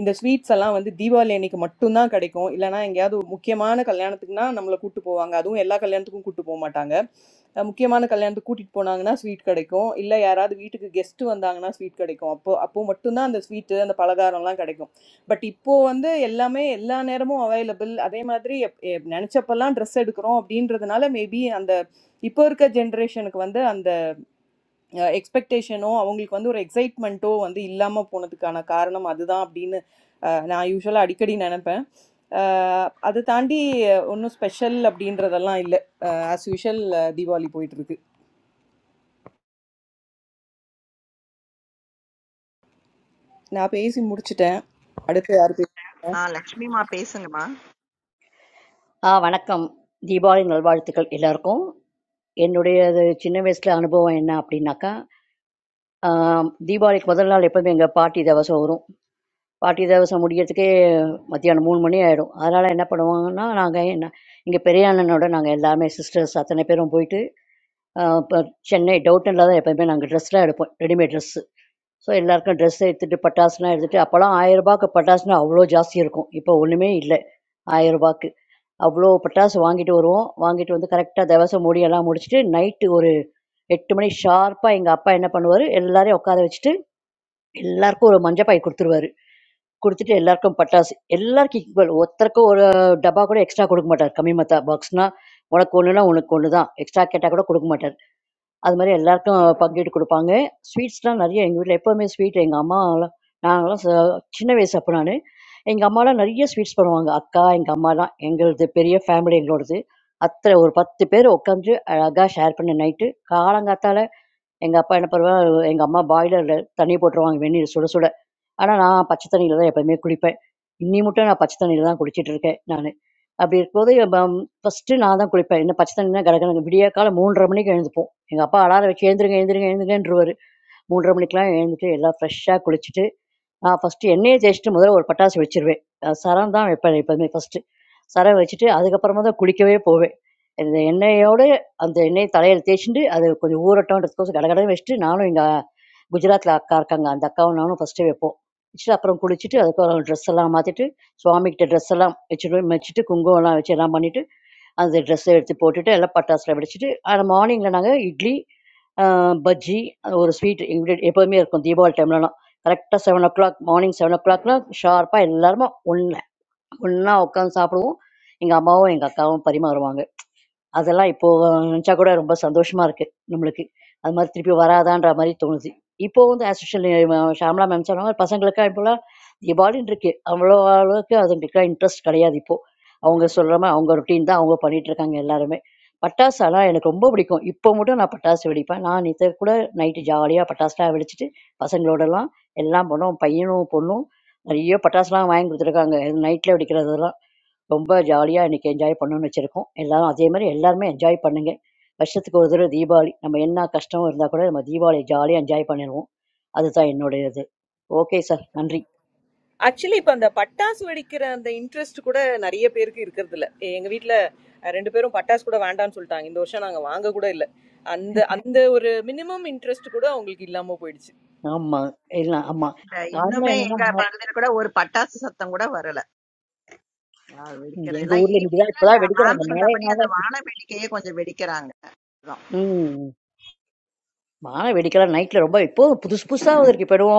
B: இந்த ஸ்வீட்ஸ் எல்லாம் வந்து தீபாவளி அன்னைக்கு மட்டும்தான் கிடைக்கும் இல்லைனா எங்கேயாவது ஒரு முக்கியமான கல்யாணத்துக்குனா நம்மளை கூட்டு போவாங்க அதுவும் எல்லா கல்யாணத்துக்கும் கூட்டு போக மாட்டாங்க அஹ் முக்கியமான கல்யாணத்துக்கு கூட்டிட்டு போனாங்கன்னா ஸ்வீட் கிடைக்கும் இல்லை யாராவது வீட்டுக்கு கெஸ்ட் வந்தாங்கன்னா ஸ்வீட் கிடைக்கும் அப்போ அப்போ மட்டும்தான் அந்த ஸ்வீட்டு அந்த பலகாரம்லாம் கிடைக்கும் பட் இப்போ வந்து எல்லாமே எல்லா நேரமும் அவைலபிள் அதே மாதிரி எப்- எப்- நினைச்சப்பெல்லாம் ட்ரெஸ் எடுக்கிறோம் அப்படின்றதுனால மேபி அந்த இப்போ இருக்க ஜென்ரேஷனுக்கு வந்து அந்த எக்ஸ்பெக்டேஷனோ அவங்களுக்கு வந்து ஒரு எக்ஸைட்மெண்ட்டோ வந்து இல்லாமல் போனதுக்கான காரணம் அதுதான் அப்படின்னு அஹ், நான் யூஸ்வலாக அடிக்கடி நினைப்பேன் அஹ், அதை தாண்டி ஒன்றும் ஸ்பெஷல் அப்படின்றதெல்லாம் இல்லை ஆஸ் யூஷுவல் தீபாவளி போயிட்டு இருக்கு நான் பேசி முடிச்சிட்டேன் அடுத்து யார் பேசுறீங்க
C: ஆ லக்ஷ்மிமா பேசுங்கம்மா.
A: ஆ வணக்கம் தீபாவளி நல்வாழ்த்துக்கள் எல்லாருக்கும் என்னுடைய அது சின்ன வயசுல அனுபவம் என்ன அப்படின்னாக்கா ஆம், தீபாவளிக்கு முதல் நாள் எப்பவுமே எங்க பாட்டி தவசம் வரும் பாட்டி தேவசம் முடியறதுக்கே மத்தியானம் மூணு மணி ஆகிடும் அதனால் என்ன பண்ணுவாங்கன்னா நாங்கள் என்ன இங்கே பெரிய அண்ணனோட நாங்கள் எல்லாமே சிஸ்டர்ஸ் அத்தனை பேரும் போயிட்டு ஆஹ் இப்போ சென்னை டவுட்டனில் தான் எப்போயுமே நாங்கள் ட்ரெஸ்லாம் எடுப்போம் ரெடிமேட் ட்ரெஸ்ஸு ஸோ எல்லாருக்கும் ட்ரெஸ் எடுத்துகிட்டு பட்டாசுலாம் எடுத்துகிட்டு அப்போல்லாம் ஆயிரம் ரூபாய்க்கு பட்டாசுனா அவ்வளோ ஜாஸ்தி இருக்கும் இப்போ ஒன்றுமே இல்லை ஆயிரம் ரூபாய்க்கு அவ்வளோ பட்டாசு வாங்கிட்டு வருவோம் வாங்கிட்டு வந்து கரெக்டாக தேவசம் முடியெல்லாம் முடிச்சுட்டு நைட்டு ஒரு எட்டு மணி ஷார்ப்பாக எங்கள் அப்பா என்ன பண்ணுவார் எல்லாரையும் உட்கார வச்சுட்டு எல்லாருக்கும் ஒரு மஞ்சப்பாய் கொடுத்துருவாரு கொடுத்துட்டு எல்லாருக்கும் பட்டாசு எல்லாருக்கும் ஈக்குவல் ஒருத்தருக்கும் ஒரு டப்பா கூட எக்ஸ்ட்ரா கொடுக்க மாட்டார் கம்மி மத்தா பாக்ஸ்னா உனக்கு ஒண்ணுனா உனக்கு ஒன்று தான் எக்ஸ்ட்ரா கேட்டால் கூட கொடுக்க மாட்டார் அது மாதிரி எல்லாருக்கும் பங்கிட்டு கொடுப்பாங்க ஸ்வீட்ஸ்லாம் நிறைய எங்கள் வீட்டில் எப்போவுமே ஸ்வீட் எங்கள் அம்மாலாம் நாங்களாம் ச- சின்ன வயசு அப்போ நான் எங்கள் அம்மாலாம் நிறைய ஸ்வீட்ஸ் பண்ணுவாங்க அக்கா எங்கள் அம்மாலாம் எங்களுது பெரிய ஃபேமிலி எங்களோடது அத்தனை ஒரு பத்து பேர் உட்காந்து அழகாக ஷேர் பண்ண நைட்டு காலங்காத்தால எங்க அப்பா என்ன பண்ணுவாரு, எங்க அம்மா பாய்லர்ல தண்ணி போட்டுருவாங்க வெந்நீர் சுட சுட. ஆனா, நான் பச்சை தண்ணீல தான் எப்பவுமே குளிப்பேன். இன்னி மட்டும் நான் பச்சை தண்ணீல தான் குளிச்சிட்டு இருக்கேன் நானு. அப்படி இருக்கும்போது பம் ஃபர்ஸ்ட்டு நான் தான் குளிப்பேன். என்ன பச்சை தண்ணின்னா கடகடன்னு விடியற்காலை 3:30 மணிக்கு எழுந்துப்போம். எங்க அப்பா அலாரம் வச்சு "எழுந்திருங்க, எழுந்திருங்க, எழுந்திருங்கன்றுவாரு." 3:30 மணிக்கெல்லாம் எழுந்துட்டு எல்லாம் ஃப்ரெஷ்ஷாக குளிச்சுட்டு நான் ஃபஸ்ட்டு எண்ணெயை தேய்ச்சிட்டு முதல்ல ஒரு பட்டாசு வச்சிருவேன் அஹ் சரம் தான் வைப்பேன் எப்போதுமே ஃபஸ்ட்டு சரம் வச்சுட்டு அதுக்கப்புறமா தான் குளிக்கவே போவேன் இந்த எண்ணெயோடு அந்த எண்ணெய் தலையில் தேய்ச்சிட்டு அது கொஞ்சம் ஊறட்டோன்றதுக்கோசம் கடகடன்னு வச்சுட்டு நானும் எங்கள் குஜராத்தில் அக்கா இருக்காங்க அந்த அக்காவும் நானும் ஃபஸ்ட்டு வைப்போம் வச்சுட்டு அப்புறம் குளிச்சுட்டு அதுக்கப்புறம் ட்ரெஸ் எல்லாம் மாற்றிட்டு சுவாமிகிட்ட ட்ரெஸ் எல்லாம் வச்சுட்டு வச்சுட்டு குங்குமம்லாம் வச்சு எல்லாம் பண்ணிட்டு அந்த ட்ரெஸ்ஸை எடுத்து போட்டுட்டு எல்லாம் பட்டாசுலாம் வெடிச்சிட்டு ஆனால் மார்னிங்கில் நாங்கள் இட்லி ஆஹ் பஜ்ஜி ஒரு ஸ்வீட் எங்கள் வீடு எப்போதுமே இருக்கும் தீபாவளி டைம்லலாம் கரெக்டாக seven o'clock morning seven ஓ கிளாக்லாம் ஷார்ப்பாக எல்லாருமா ஒன்று ஒன்றா உட்காந்து சாப்பிடுவோம் எங்கள் அம்மாவும் எங்கள் அக்காவும் பரிமாறுவாங்க அதெல்லாம் இப்போ நினச்சா கூட ரொம்ப சந்தோஷமா இருக்கு நம்மளுக்கு. அது மாதிரி திருப்பி வராதான்ற மாரி தோணுது. இப்போவும் ஆஸ் யூசுவல் ஷாம்லா மேம் சொன்ன மாரி பசங்களுக்கா இப்போலாம் எபாடின் இருக்கு. அவ்வளோ அளவுக்கு அதுங்களுக்குலாம் இன்ட்ரெஸ்ட் கிடையாது இப்போ. அவங்க சொல்ற மாரி அவங்க ரொட்டீன் தான் அவங்க பண்ணிட்டு இருக்காங்க எல்லாருமே. பட்டாசு ஆனா எனக்கு ரொம்ப பிடிக்கும். இப்போ மட்டும் நான் பட்டாசு வெடிப்பேன். நான் நேத்து கூட நைட்டு ஜாலியா பட்டாசுலாம் வெடிச்சுட்டு, பசங்களோடலாம் எல்லாம் பண்ணோம். பையனும், பொண்ணும் நெறைய பட்டாசுலாம் வாங்கி குடுத்துருக்காங்க. நைட்ல வெடிக்கிறதெல்லாம். ரொம்ப ஜாலியா இன்னைக்கு என்ஜாய் பண்ணணும்னு வச்சிருக்கோம். எல்லாரும் அதே மாதிரி எல்லாருமே என்ஜாய் பண்ணுங்க. வருஷத்துக்கு ஒரு தடவை தீபாவளி. நம்ம என்ன கஷ்டம் இருந்தா கூட நம்ம தீபாவளிய ஜாலியா என்ஜாய் பண்ணிருவோம். அதுதான் என்னுடைய இது. Okay sir. நன்றி.
B: ஆக்சுவலி இப்ப அந்த பட்டாசு வெடிக்கிற அந்த இன்ட்ரெஸ்ட் கூட நிறைய பேருக்கு இருக்கிறது இல்ல எ- எங்க வீட்ல அஹ், ரெண்டு பேரும் பட்டாசு கூட வேண்டாம்னு சொல்லிட்டாங்க இந்த வருஷம் நாங்க வாங்க கூட இல்ல அந்த அந்த ஒரு மினிமம் இன்ட்ரெஸ்ட் கூட அவங்களுக்கு இல்லாம போயிடுச்சு
A: ஆமா. இல்ல ஆமா.
C: இல்ல
A: காரணம்
C: இன்னுமே
A: என்னன்னா,
C: எங்க பகுதியில கூட ஒரு பட்டாசு சத்தம் கூட வரல. அ வெடிக்கிறது
A: எங்க
C: எல்லாம்
A: ஊர்ல இன்னைக்கு தான்
C: ஈவினிங்ல
A: இப்ப
C: இல்ல
A: தான்
C: மேம்
A: வெடிக்கிறாங்க.
C: சொன்னபடி
A: மழைனால
C: அந்த வான வேடிக்கையே கொஞ்சம் வெடிக்கிறாங்க. அதான்.
A: ம். வான வெடிக்கல நைட்ல ரொம்ப இப்போ புதுசு புதுசா வந்திருக்கு. இப்போ என்னவோ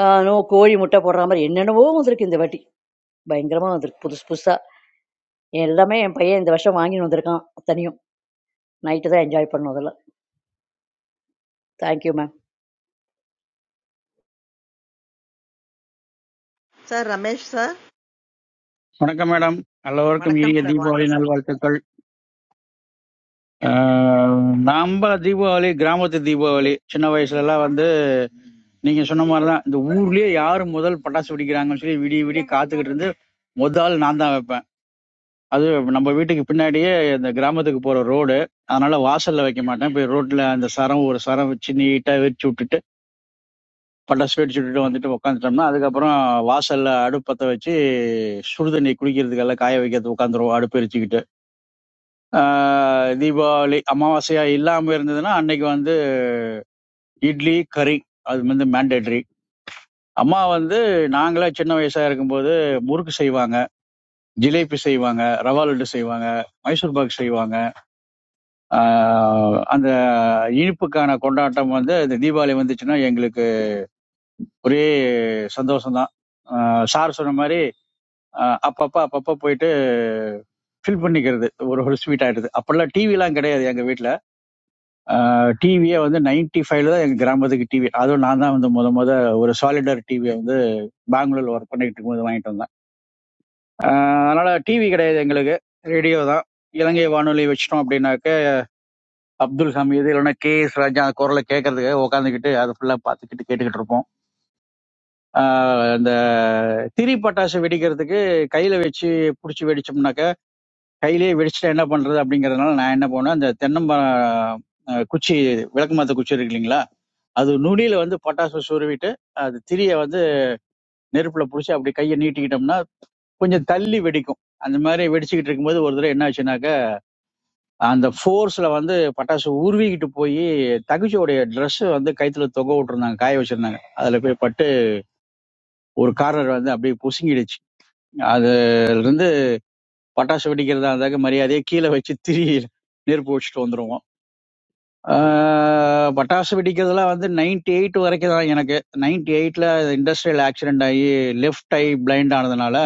A: ஆ, என்னவோ கோழி முட்டை போடுற மாதிரி என்னென்னவோ வந்திருக்கு இந்த வாட்டி. பயங்கரமா வந்திருக்கு புதுசு புதுசா. எல்லாமே என் பையன் இந்த வருஷம் வாங்கின்னு வந்திருக்கான். அத்தனையும். நைட்டு தான் என்ஜாய் பண்ணோம் அதெல்லாம். Thank you, ma'am.
C: Sir Ramesh sir.
F: வணக்கம் மேடம் எல்லோருக்கும்
C: வணக்கம்
F: இனிய
C: சார்.
F: தீபாவளி
C: வாங்க சார்.
F: நல்வாழ்த்துக்கள் அஹ், நம்ம தீபாவளி கிராமத்து தீபாவளி சின்ன வயசுல எல்லாம் வந்து நீங்க சொன்ன மாதிரிதான் இந்த ஊர்லயே யாரு முதல் பட்டாசு வெடிக்கிறாங்கன்னு சொல்லி விடிய விடிய காத்துக்கிட்டு இருந்து முதல் நான் தான் வைப்பேன் அது நம்ம வீட்டுக்கு பின்னாடியே இந்த கிராமத்துக்கு போற ரோடு அதனால வாசல்ல வைக்க மாட்டேன் போய் ரோட்ல அந்த சரம் ஒரு சரம் வச்சு நீட்டா வெடிச்சு விட்டுட்டு பட்டாசு வெடிச்சு விட்டுட்டு வந்துட்டு உட்காந்துட்டோம்னா அதுக்கப்புறம் வாசல்ல அடுப்பு பத்த வச்சு சுடுதண்ணி குடிக்கிறதுக்கெல்லாம் காய வைக்கிறது உட்காந்துருவோம் அடுப்பு எரிச்சுக்கிட்டு ஆஹ் தீபாவளி அமாவாசையா இல்லாம இருந்ததுன்னா அன்னைக்கு வந்து இட்லி கறி அது வந்து மேண்டேட்ரி அம்மா வந்து நாங்களா சின்ன வயசா இருக்கும்போது முறுக்கு செய்வாங்க ஜிலேபி செய்வாங்க ரவா லட்டு செய்வாங்க மைசூர் பாக் செய்வாங்க ஆஹ் அந்த இனிப்புக்கான கொண்டாட்டம் வந்து இந்த தீபாவளி வந்துச்சுன்னா எங்களுக்கு ஒரே சந்தோஷம் தான் சார் சொன்ன மாதிரி ஆஹ் அப்பப்ப அப்பப்ப போயிட்டு ஃபில் பண்ணிக்கிறது ஒரு ஒரு ஸ்வீட் ஆயிடுது அப்பெல்லாம் டிவி எல்லாம் கிடையாது எங்க வீட்ல டிவியே வந்து நைன்டி ஃபைவ்ல தான் எங்கள் கிராமத்துக்கு டிவி அதுவும் நான் தான் வந்து முத முத ஒரு சாலிடர் டிவியை வந்து பெங்களூர்ல ஒர்க் பண்ணிட்டு இருக்கும்போது வாங்கிட்டு வந்தேன் ஆஹ் அதனால டிவி கிடையாது எங்களுக்கு ரேடியோ தான் இலங்கை வானொலி வச்சிட்டோம் அப்படின்னாக்க அப்துல் ஹமீது இல்லைன்னா கே எஸ் ராஜா குரலை கேட்கறதுக்கு உட்காந்துக்கிட்டு அதை ஃபுல்லா பார்த்துக்கிட்டு கேட்டுக்கிட்டு இருப்போம் ஆஹ் இந்த திரி பட்டாசு வெடிக்கிறதுக்கு கையில வச்சு பிடிச்சி வெடிச்சோம்னாக்க கையிலேயே வெடிச்சுட்டா என்ன பண்றது அப்படிங்கறதுனால நான் என்ன பண்ணுவேன் அந்த தென்னம்பழம் அஹ், குச்சி விளக்கு மாத்த குச்சி இருக்கு இல்லைங்களா அது நுனியில வந்து பட்டாசு சுருவிட்டு அது திரிய வந்து நெருப்புல புடிச்சு அப்படி கையை நீட்டிக்கிட்டோம்னா கொஞ்சம் தள்ளி வெடிக்கும் அந்த மாதிரி வெடிச்சுக்கிட்டு இருக்கும்போது ஒரு தடவை என்ன ஆச்சுனாக்கா அந்த ஃபோர்ஸ்ல வந்து பட்டாசு உருவிக்கிட்டு போய் தகுச்சியோடைய Dress வந்து கைத்துல தொங்க விட்டுருந்தாங்க காய வச்சிருந்தாங்க அதுல போய் பட்டு ஒரு கார்னர் வந்து அப்படியே புசுங்கிடுச்சு அதுல இருந்து பட்டாசு வெடிக்கிறதா இருந்தாக்க மரியாதையை கீழே வச்சு திரி நெருப்பு வச்சுட்டு வந்துருவோம் ஆஹ் பட்டாசு வெடிக்கிறதுலாம் வந்து 98 எயிட் வரைக்கும் தான் எனக்கு 98 எயிட்ல இண்டஸ்ட்ரியல் ஆக்சிடென்ட் ஆகி லெஃப்ட் ஐ பிளைண்ட் ஆனதுனால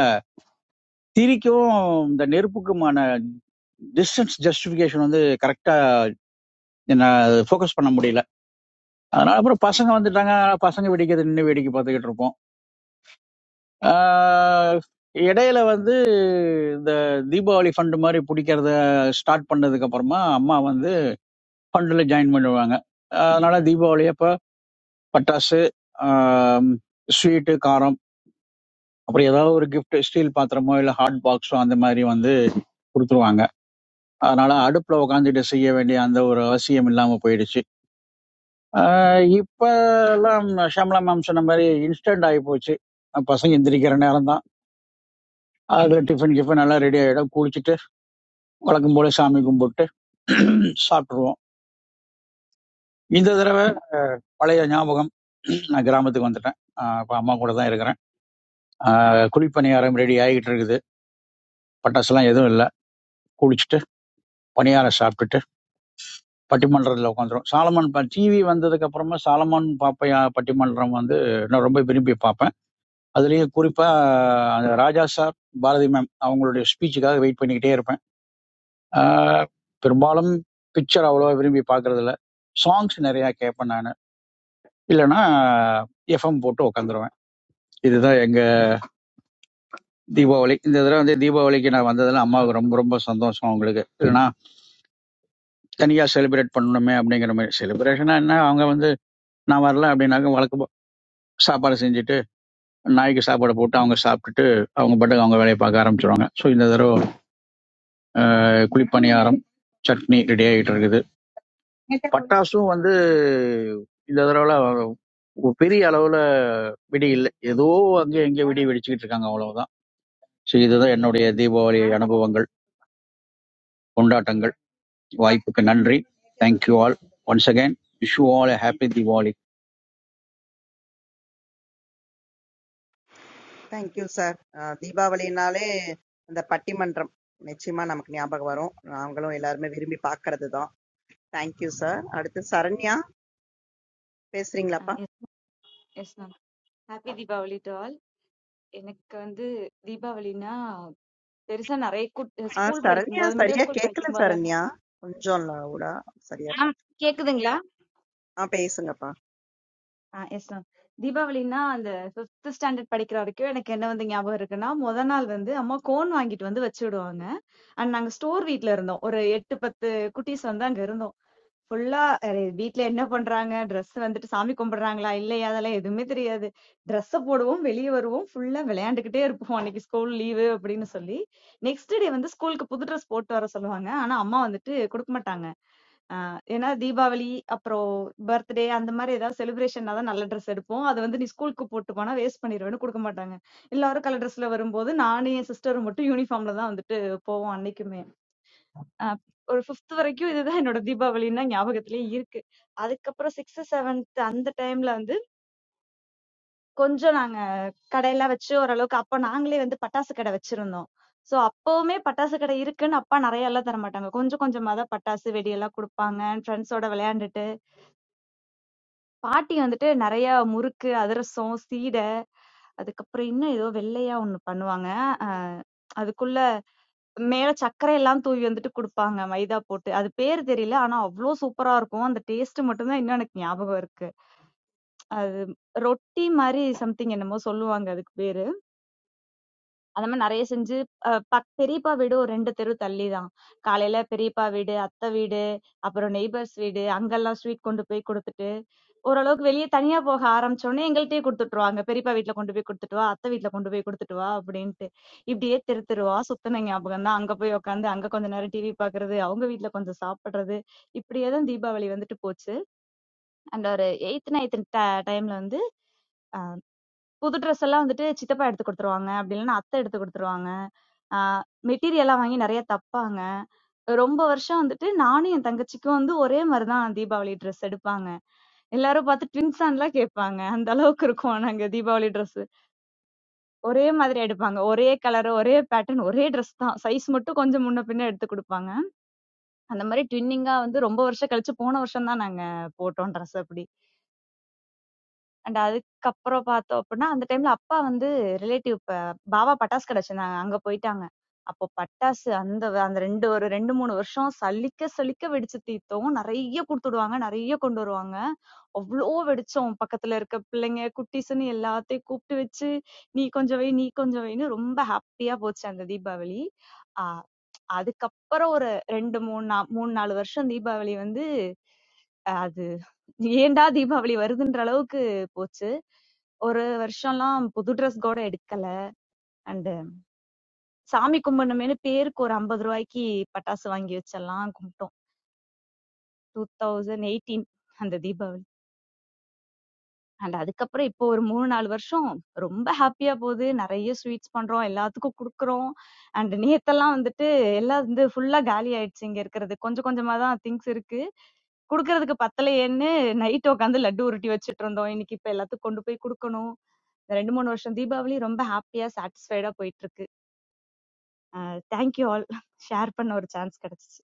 F: திரிக்கும் இந்த நெருப்புக்குமான டிஸ்டன்ஸ் ஜஸ்டிஃபிகேஷன் வந்து கரெக்டா என்ன ஃபோக்கஸ் பண்ண முடியல அதனால அப்புறம் பசங்க வந்துட்டாங்க பசங்க வெடிக்கிறது நின்று வேடிக்கை பார்த்துக்கிட்டு இருப்போம் ஆஹ் இடையில வந்து இந்த தீபாவளி ஃபண்ட் மாதிரி பிடிக்கிறத ஸ்டார்ட் பண்ணதுக்கு அப்புறமா அம்மா வந்து ஃபண்டில் ஜாயின் பண்ணுவாங்க அதனால தீபாவளி அப்போ பட்டாசு ஸ்வீட்டு காரம் அப்புறம் ஏதாவது ஒரு gift ஸ்டீல் பாத்திரமோ இல்ல ஹாட் பாக்ஸோ அந்த மாதிரி வந்து கொடுத்துருவாங்க அதனால அடுப்புல உக்காந்துட்டு செய்ய வேண்டிய அந்த ஒரு அவசியம் இல்லாம போயிடுச்சு ஆஹ் இப்ப எல்லாம் ஷம்லா மேம் சொன்ன மாதிரி இன்ஸ்டன்ட் ஆகி போச்சு பசங்க எந்திரிக்கிற நேரம் தான் அதுல டிஃபன் கிஃபன் எல்லாம் ரெடி ஆயிடும் குளிச்சுட்டு வழக்கம் போல சாமி கும்பிட்டு சாப்பிட்டுருவோம் இந்த தடவை பழைய ஞாபகம் நான் கிராமத்துக்கு வந்துட்டேன் ஆஹ் இப்ப அம்மா கூட தான் இருக்கிறேன் ஆஹ் குழிப்பணியாரம் ரெடி ஆகிட்டு இருக்குது பட்டாசுலாம் எதுவும் இல்ல குளிச்சுட்டு பணியாரம் சாப்பிட்டுட்டு பட்டிமன்றத்தில் உட்காந்துரும் சாலமன் டிவி வந்ததுக்கு அப்புறமா சாலமன் பாப்பையா பட்டிமன்றம் வந்து நான் ரொம்ப விரும்பி பார்ப்பேன் அதுலேயும் குறிப்பா அந்த ராஜா சார் பாரதி மேம் அவங்களுடைய ஸ்பீச்சுக்காக வெயிட் பண்ணிக்கிட்டே இருப்பேன் ஆஹ் பெரும்பாலும் பிக்சர் அவ்வளோவா விரும்பி பார்க்கிறது இல்ல சாங்ஸ் நிறைய கேட்பேன் நான் இல்லைன்னா எஃப்எம் போட்டு உட்காந்துருவேன் இதுதான் எங்க தீபாவளி இந்த தடவை வந்து தீபாவளிக்கு நான் வந்ததுல அம்மாவுக்கு ரொம்ப ரொம்ப சந்தோஷம் அவங்களுக்கு இல்லைன்னா தனியா செலிப்ரேட் பண்ணணுமே அப்படிங்கிற மாதிரி செலிப்ரேஷனா என்ன அவங்க வந்து நான் வரல அப்படின்னாக்க வழக்கு போ- சாப்பாடு செஞ்சுட்டு நாய்க்கு சாப்பாடு போட்டு அவங்க சாப்பிட்டுட்டு அவங்க பாட்டுக்கு அவங்க வேலையை பார்க்க ஆரம்பிச்சிருவாங்க ஸோ இந்த தடவை அஹ், குழிப்பணியாரம் சட்னி ரெடி ஆகிட்டு இருக்குது பட்டாசும் வந்து இந்த தடவை பெரிய அளவுல விடி இல்லை ஏதோ அங்கே எங்கே விடி வெடிச்சுக்கிட்டு இருக்காங்க அவ்வளவுதான் ஸோ இதுதான் என்னுடைய தீபாவளி அனுபவங்கள் கொண்டாட்டங்கள் வாய்ப்புக்கு நன்றி thank you all once again wish you all happy Deepavali
C: thank you sir. அ தீபாவளினாலே அந்த பட்டிமன்றம் நிச்சயமா நமக்கு ஞாபகம் வரும். நாங்களும் எல்லாருமே விரும்பி பார்க்கிறதுதான். Thank you sir. அடுத்து சரண்யா பேசுறீங்களாப்பா?
I: Yes ma'am happy Deepavali to all எனக்கு வந்து தீபாவளினா பெருசா நிறைய கூட்ட
C: ஆ
I: ஸ்கூல்
C: சரண்யா
I: படிக்கும்போது மிடில்
C: சரியா
I: ஸ்கூல்
C: கேட்கல
I: படிக்கும்போது
C: சரண்யா. கொஞ்சம் லவுடா சரியா
I: மேம் கேக்குதுங்களா
C: ஆ பேசுங்கப்பா.
I: எஸ் மேம் தீபாவளினா அந்த ஃபிஃப்த் ஸ்டாண்டர்ட் படிக்கிற வரைக்கும் எனக்கு என்ன வந்து ஞாபகம் இருக்குன்னா முத நாள் வந்து அம்மா கோன் வாங்கிட்டு வந்து வச்சு விடுவாங்க அண்ட் நாங்க ஸ்டோர் வீட்ல இருந்தோம் ஒரு எட்டு பத்து குட்டீஸ் வந்து அங்க இருந்தோம் ஃபுல்லா அரை வீட்ல என்ன பண்றாங்க? ட்ரெஸ் வந்துட்டு சாமி கும்பிடுறாங்களா? இல்லையா? அதெல்லாம் எதுவுமே தெரியாது. ட்ரெஸ்ஸ போடுவோம், வெளிய வருவோம், ஃபுல்லா விளையாண்டுக்கிட்டே இருப்போம். அன்னைக்கு ஸ்கூல் லீவு அப்படின்னு சொல்லி. நெக்ஸ்ட் டே வந்து ஸ்கூலுக்கு புது ட்ரெஸ் போட்டு வர சொல்லுவாங்க. ஆனா அம்மா வந்துட்டு குடுக்க மாட்டாங்க. அ ஏன்னா தீபாவளி, அப்புறம் பர்த்டே அந்த மாரி ஏதாவது செலிப்ரேஷன்னா தான் நல்ல ட்ரெஸ் எடுப்போம். அது வந்து நீ ஸ்கூலுக்கு போட்டு போனா வேஸ்ட் பண்ணிருவேன்னு குடுக்க மாட்டாங்க. எல்லாரும் கலர் ட்ரெஸ்ல வரும்போது, நானும் என் சிஸ்டரும் மட்டும் யூனிஃபார்ம்ல தான் வந்துட்டு போவோம் அன்னைக்குமே. அஹ் ஒரு ஃபிஃப்த் வரைக்கும் இதுதான் என்னோட தீபாவளின்னா ஞாபகத்திலே இருக்கு அதுக்கப்புறம் சிக்ஸ்த் செவன்த் அந்த டைம்ல வந்து கொஞ்சம் நாங்க கடையெல்லாம் வச்சு ஓரளவுக்கு அப்ப நாங்களே வந்து பட்டாசு கடை வச்சிருந்தோம் சோ அப்பவுமே பட்டாசு கடை இருக்குன்னு அப்பா நிறைய எல்லாம் தர மாட்டாங்க கொஞ்சம் கொஞ்சமா தான் பட்டாசு வெடியெல்லாம் கொடுப்பாங்க ஃப்ரெண்ட்ஸோட விளையாண்டுட்டு பாட்டி வந்துட்டு நிறைய முறுக்கு அதிரசம் சீடை அதுக்கப்புறம் இன்னும் ஏதோ வெள்ளையா ஒண்ணு பண்ணுவாங்க அஹ் அதுக்குள்ள மேல சர்க்கரை எல்லாம் தூவி வந்துட்டு குடுப்பாங்க மைதா போட்டு. அது பேரு தெரியல. ஆனா அவ்ளோ சூப்பரா இருக்கும். அந்த டேஸ்ட் மட்டும் தான் இன்னும் எனக்கு ஞாபகம் இருக்கு. அது ரொட்டி மாரி சம்திங் என்னமோ சொல்லுவாங்க அதுக்கு பேரு. அந்த மாதிரி நிறைய செஞ்சு அஹ் பக் பெரியப்பா வீடு ஒரு ரெண்டு தெரு தள்ளி தான் காலையில பெரியப்பா வீடு அத்தை வீடு அப்புறம் நெய்பர்ஸ் வீடு அங்கெல்லாம் ஸ்வீட் கொண்டு போய் கொடுத்துட்டு ஓரளவுக்கு வெளியே தனியா போக ஆரம்பிச்சோடனே எங்கள்கிட்டயே கொடுத்துட்டுருவாங்க பெரியப்பா வீட்ல கொண்டு போய் கொடுத்துட்டு வா அத்தை வீட்ல கொண்டு போய் கொடுத்துட்டு வா அப்படின்ட்டு இப்படியே தெரு தெருவா சுத்தின ஞாபகம் தான் அங்க போய் உட்காந்து அங்க கொஞ்ச நேரம் டிவி பாக்குறது அவங்க வீட்ல கொஞ்சம் சாப்பிடுறது இப்படியே தான் தீபாவளி வந்துட்டு போச்சு அண்ட் ஒரு எயித் நைன்த் டைம்ல வந்து புது ட்ரெஸ் எல்லாம் வந்துட்டு சித்தப்பா எடுத்து குடுத்துருவாங்க. அப்படி இல்லன்னா அத்தை எடுத்து குடுத்துருவாங்க. ஆ மெட்டீரியலா வாங்கி நெறைய தப்பாங்க. ரொம்ப வருஷம் வந்துட்டு நானும் என் தங்கச்சிக்கும் வந்து ஒரே மாரி தான் தீபாவளி ட்ரெஸ் எடுப்பாங்க. எல்லாரும் பார்த்து ட்வின்ஸான்னுலாம் கேட்பாங்க. அந்த அளவுக்கு இருக்கோம் நாங்க தீபாவளி ட்ரெஸ்ஸு. ஒரே மாதிரி எடுப்பாங்க. ஒரே கலரு, ஒரே பேட்டர்ன், ஒரே ட்ரெஸ் தான். சைஸ் மட்டும் கொஞ்சம் முன்ன பின்ன எடுத்து குடுப்பாங்க. அந்த மாரி ட்வின்னிங்கா வந்து ரொம்ப வருஷம் கழிச்சு போன வருஷம் தான் நாங்க போட்டோம் ட்ரெஸ் அப்படி. அண்ட் அதுக்கப்புறம் பார்த்தோம் அப்புட்ன்னா, அந்த டைம்ல அப்பா வந்து ரிலேட்டிவ் ப பாவா பட்டாசு கடை வச்சிருந்தாங்க. அங்க போயிட்டாங்க. அப்போ பட்டாசு அந்த அந்த 2 ஒரு 2, 3 வருஷம் சலிக்க சலிக்க வெடிச்சு தீர்த்தோம். நெறைய குடுத்துடுவாங்க. நெறைய கொண்டு வருவாங்க. அவ்ளோ வெடிச்சோம். பக்கத்துல இருக்க பிள்ளைங்க, குட்டீஸ்ன்னு எல்லாத்தையும் கூப்பிட்டு வச்சு, "நீ கொஞ்சம் வை, நீ கொஞ்சம் வைன்னு" ரொம்ப ஹாப்பியா போச்சு அந்த தீபாவளி. ஆ அதுக்கப்புறம் ஒரு 2, 3 நா 3, 4 வருஷம் தீபாவளி வந்து, அஹ் அது ஏன்டா தீபாவளி வருதுன்ற அளவுக்கு போச்சு. ஒரு வருஷம்லாம் புது ட்ரெஸ் கூட எடுக்கல. அண்ட் சாமி கும்பிடணுமேன்னு பேருக்கு ஒரு 50 ரூபாய்க்கு பட்டாசு வாங்கி வச்செல்லாம் கும்பிட்டோம். 2018 அந்த தீபாவளி. அண்ட் அதுக்கப்புறம் இப்போ ஒரு 3, 4 வருஷம் ரொம்ப ஹாப்பியா போகுது. நெறைய ஸ்வீட்ஸ் பண்றோம். எல்லாத்துக்கும் குடுக்குறோம். அண்ட் நேத்தெல்லாம் வந்துட்டு எல்லாம் வந்து ஃபுல்லா காலி ஆயிடுச்சு இங்க இருக்கிறது. கொஞ்சம் கொஞ்சமா தான் திங்ஸ் இருக்கு. குடுக்கறதுக்கு பத்தலையேன்னு நைட் உட்கார்ந்து லட்டு உருட்டி வச்சுட்டு இருந்தோம். இன்னைக்கு இப்ப எல்லாத்துக்கும் கொண்டு போய் குடுக்கணும். இந்த ரெண்டு மூணு வருஷம் தீபாவளி ரொம்ப ஹாப்பியா சாட்டிஸ்ஃபைடா போயிட்டு இருக்கு தேங்க்யூ ஆல் ஷேர் பண்ண ஒரு சான்ஸ் கிடைச்சிச்சு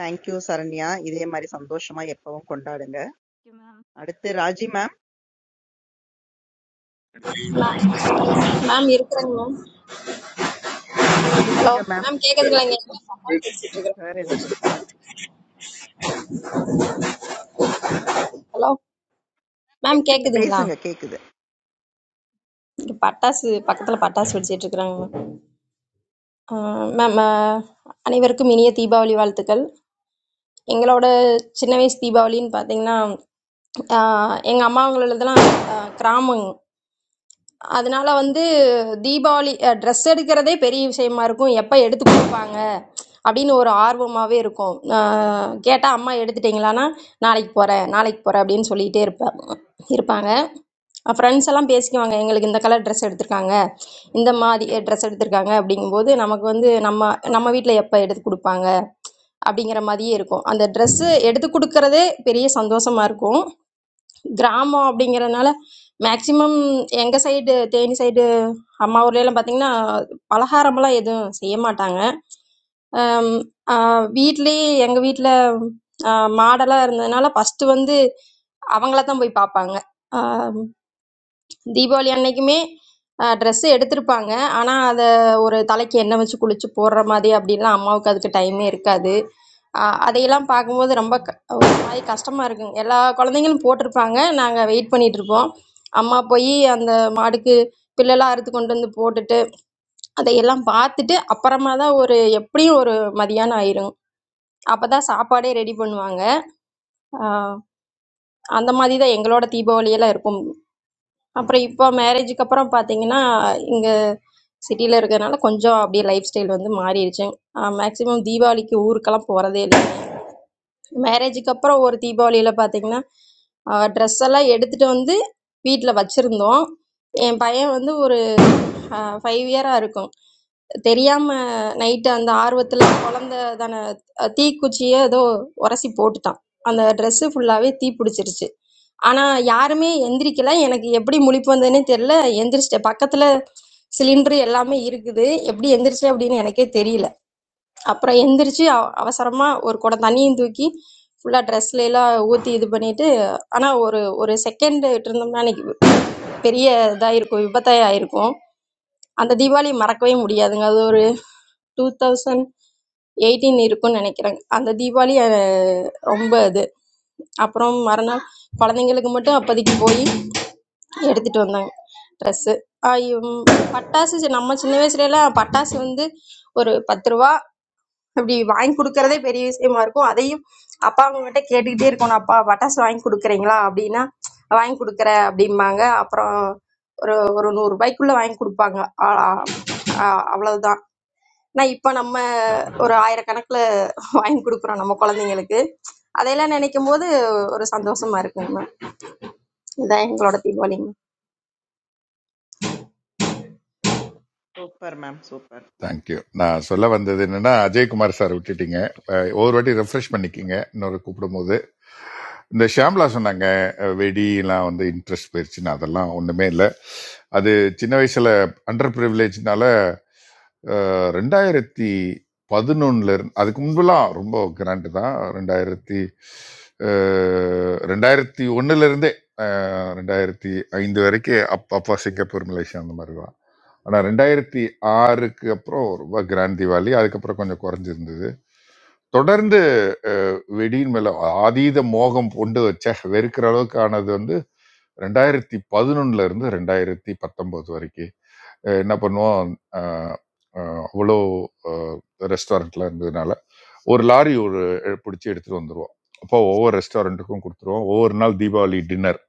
C: தேங்க் யூ சரண்யா. இதே மாதிரி சந்தோஷமா எப்பவும் கொண்டாடுங்க.
I: மேம்
C: அடுத்து ராஜி மேம்
E: அப்படியே இந்த-
H: மேம் மேம் இருக்கிறேங்க மேம்
C: பேசுங்க மேம்.
E: சரி பேசுங்க
C: வேற ஏதோ
E: பேசுங்க
C: பேசுறாரு.
H: ஹலோ மேம்
C: பேசுங்க
H: கேட்குதுங்களா
C: பேசுங்க கேக்குது.
H: இங்கே எல்லாம் பட்டாசு வெடிச்சிட்டு இருக்கிறேன் ஹலோ மேம் கேட்குதுங்களா இங்கே பட்டாசு பக்கத்தில் பட்டாசு வெடிச்சிட்டு இருக்கிறாங்க மேம் மேம் அஹ், அனைவருக்கும் இனிய தீபாவளி வாழ்த்துக்கள் எங்களோட சின்ன வயசு தீபாவளின்னு பார்த்தீங்கன்னா எங்கள் அம்மாங்களதெல்லாம் கிராமம் அதனால வந்து தீபாவளி ட்ரெஸ் எடுக்கிறதே பெரிய விஷயமா இருக்கும் எப்போ எடுத்து கொடுப்பாங்க அப்படின்னு ஒரு ஆர்வமாகவே இருக்கும் கேட்டால் அம்மா எடுத்துட்டிங்களான்னா நாளைக்கு போகிறேன் நாளைக்கு போகிறேன் அப்படின்னு சொல்லிகிட்டே இருப்பேன் இருப்பாங்க ஃப்ரெண்ட்ஸ் எல்லாம் பேசிக்குவாங்க எங்களுக்கு இந்த கலர் ட்ரெஸ் எடுத்திருக்காங்க இந்த மாதிரி ட்ரெஸ் எடுத்திருக்காங்க அப்படிங்கும்போது நமக்கு வந்து நம்ம நம்ம வீட்டில் எப்போ எடுத்து கொடுப்பாங்க அப்படிங்கிற மாதிரியே இருக்கும் அந்த ட்ரெஸ்ஸு எடுத்து கொடுக்கறதே பெரிய சந்தோஷமா இருக்கும் கிராமம் அப்படிங்கிறனால மேக்ஸிமம் எங்கள் சைடு தேனி சைடு அம்மா ஊர்லலாம் பார்த்தீங்கன்னா பலகாரமெல்லாம் எதுவும் செய்ய மாட்டாங்க ஆம், ஆ, வீட்லயே எங்கள் வீட்டில் மாடெல்லாம் இருந்ததுனால ஃபஸ்ட்டு வந்து அவங்கள தான் போய் பார்ப்பாங்க தீபாவளி அன்னைக்குமே ட்ரெஸ் எடுத்திருப்பாங்க ஆனால் அதை ஒரு தலைக்கு எண்ணெய் வச்சு குளிச்சு போடுற மாதிரி அப்படின்லாம் அம்மாவுக்கு அதுக்கு டைமே இருக்காது ஆஹ் அதையெல்லாம் பார்க்கும்போது ரொம்ப க- ஒரு மாதிரி கஷ்டமாக இருக்குங்க எல்லா குழந்தைங்களும் போட்டிருப்பாங்க நாங்கள் வெயிட் பண்ணிட்டு இருப்போம் அம்மா போய் அந்த மாடுக்கு பில்லெல்லாம் அறுத்து கொண்டு வந்து போட்டுட்டு அதையெல்லாம் பார்த்துட்டு அப்புறமா தான் ஒரு எப்படியும் ஒரு மதியானம் ஆயிரும் அப்பதான் சாப்பாடே ரெடி பண்ணுவாங்க ஆஹ் அந்த மாதிரி தான் எங்களோட தீபாவளியெல்லாம் இருக்கும் அப்புறம் இப்போ மேரேஜுக்கு அப்புறம் பார்த்தீங்கன்னா இங்கே சிட்டியில் இருக்கிறதுனால கொஞ்சம் அப்படியே லைஃப் ஸ்டைல் வந்து மாறிடுச்சு மேக்ஸிமம் தீபாவளிக்கு ஊருக்கெல்லாம் போகிறதே இல்லை மேரேஜுக்கு அப்புறம் ஒரு தீபாவளியில் பார்த்தீங்கன்னா ட்ரெஸ் எல்லாம் எடுத்துகிட்டு வந்து வீட்டில் வச்சுருந்தோம் என் பையன் வந்து ஃபைவ் இயராக இருக்கும் தெரியாமல் நைட்டு அந்த ஆர்வத்தில் குழந்த தானே தீக்குச்சியை ஏதோ உரசி போட்டுட்டான் அந்த ட்ரெஸ்ஸு ஃபுல்லாகவே தீ பிடிச்சிருச்சு ஆனால் யாருமே எந்திரிக்கல எனக்கு எப்படி முழிப்பு வந்ததுன்னே தெரில எந்திரிச்சிட்டேன் பக்கத்தில் சிலிண்டர் எல்லாமே இருக்குது எப்படி எந்திரிச்சேன் அப்படின்னு எனக்கே தெரியல அப்புறம் எந்திரிச்சு அவ- அவசரமா ஒரு குடம் தண்ணியும் தூக்கி ஃபுல்லா ட்ரெஸ்ல எல்லாம் ஊத்தி இது பண்ணிட்டு ஆனா ஒரு ஒரு செகண்ட் இருந்தோம்னா அன்னைக்கு பெரிய இதாயிருக்கும் விபத்தாயிருக்கும் அந்த தீபாவளி மறக்கவே முடியாதுங்க அது ஒரு டூ தௌசண்ட் எயிட்டீன் இருக்கும்னு நினைக்கிறேன் அந்த தீபாவளி ரொம்ப இது அப்புறம் மறுநாள் குழந்தைங்களுக்கு மட்டும் அப்போதைக்கு போய் எடுத்துட்டு வந்தாங்க ட்ரெஸ்ஸு பட்டாசு நம்ம சின்ன வயசுலலாம் பட்டாசு வந்து ஒரு பத்து ரூபா அப்படி வாங்கி கொடுக்கறதே பெரிய விஷயமா இருக்கும் அதையும் அப்பா அவங்ககிட்ட கேட்டுக்கிட்டே இருக்கணும் அப்பா பட்டாசு வாங்கி கொடுக்குறீங்களா அப்படின்னா வாங்கி கொடுக்குற அப்படிம்பாங்க அப்புறம் ஒரு ஒரு நூறு ரூபாய்க்குள்ள வாங்கி கொடுப்பாங்க ஆ, ஆ, அவ்வளவுதான் ஆனால் இப்போ நம்ம ஒரு ஆயிரக்கணக்கில் வாங்கி கொடுக்குறோம் நம்ம குழந்தைங்களுக்கு அதையெல்லாம் நினைக்கும் போது ஒரு சந்தோஷமா இருக்குங்க இதான் எங்களோட Deepavali
C: super ma'am super.
E: Thank you நான் சொல்ல வந்தது என்னன்னா அஜய்குமார் சார் விட்டுட்டீங்க அஹ் ஒரு வாட்டி ரெஃப்ரெஷ் பண்ணிக்கிங்க இன்னொரு கூப்பிடும்போது இந்த ஷாம்லா சொன்னாங்க அஹ் வெடிலாம் வந்து இன்ட்ரெஸ்ட் போயிருச்சுன்னு அதெல்லாம் ஒன்றுமே இல்லை அது சின்ன வயசில் அண்டர் ப்ரிவிலேஜ்னால ரெண்டாயிரத்தி பதினொன்னுல இருந்து அதுக்கு முன்பெல்லாம் ரொம்ப கிராண்டு தான் ரெண்டாயிரத்தி அஹ், ரெண்டாயிரத்தி ஒன்றுலேருந்தே ரெண்டாயிரத்தி ஐந்து வரைக்கும் அப் அப்பா சிங்கப்பூர் மலேசியா அந்த மாதிரி தான் ஆனால் ரெண்டாயிரத்தி ஆறுக்கு அப்புறம் ரொம்ப கிராண்ட் திவாலி அதுக்கப்புறம் கொஞ்சம் குறைஞ்சிருந்தது தொடர்ந்து அஹ், வெடியின் மேல ஆதீத மோகம் கொண்டு வச்ச வெறுக்கிற அளவுக்கு ஆனது வந்து ரெண்டாயிரத்தி பதினொன்னுல இருந்து ரெண்டாயிரத்தி பத்தொன்பது வரைக்கும் அஹ் என்ன பண்ணுவோம் அஹ், அஹ், அவ்வளோ ரெஸ்டாரண்ட்ல இருந்ததுனால ஒரு லாரி ஒரு எ- பிடிச்சி எடுத்துட்டு வந்துருவோம் அப்போ ஒவ்வொரு ரெஸ்டாரண்ட்டுக்கும் கொடுத்துருவோம் ஒவ்வொரு நாள் தீபாவளி டின்னர்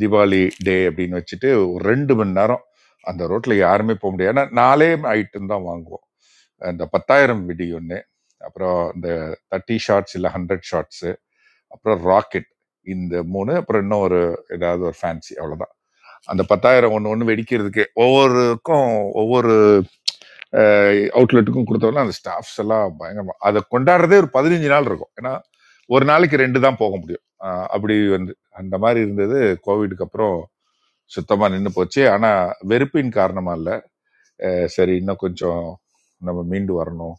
E: தீபாவளி டே அப்படின்னு வச்சுட்டு ஒரு ரெண்டு மணி நேரம் அந்த ரோட்டில் யாருமே போக முடியாது ஏன்னா நாலே ஐட்டம் தான் வாங்குவோம் அந்த பத்தாயிரம் விடி ஒன்று அப்புறம் இந்த தேர்ட்டி ஷார்ட்ஸ் இல்லை ஹண்ட்ரட் ஷார்ட்ஸு அப்புறம் ராக்கெட் இந்த மூணு அப்புறம் இன்னும் ஒரு ஏதாவது ஒரு ஃபேன்சி அவ்வளோதான். அந்த பத்தாயிரம் ஒன்று ஒன்று வெடிக்கிறதுக்கு ஒவ்வொருக்கும் ஒவ்வொரு அவுட்லெட்டுக்கும் கொடுத்தோம்னா அந்த ஸ்டாஃப்ஸ் எல்லாம் பயங்கரமா அதை கொண்டாடுறதே ஒரு பதினஞ்சு நாள் இருக்கும் ஏன்னா ஒரு நாளைக்கு ரெண்டு தான் போக முடியும் அஹ் அப்படி வந்து அந்த மாதிரி இருந்தது கோவிடுக்கு அப்புறம் சுத்தமா நின்று போச்சு ஆனா வெறுப்பின் காரணமா இல்ல அஹ் சரி இன்னும் கொஞ்சம் நம்ம மீண்டு வரணும்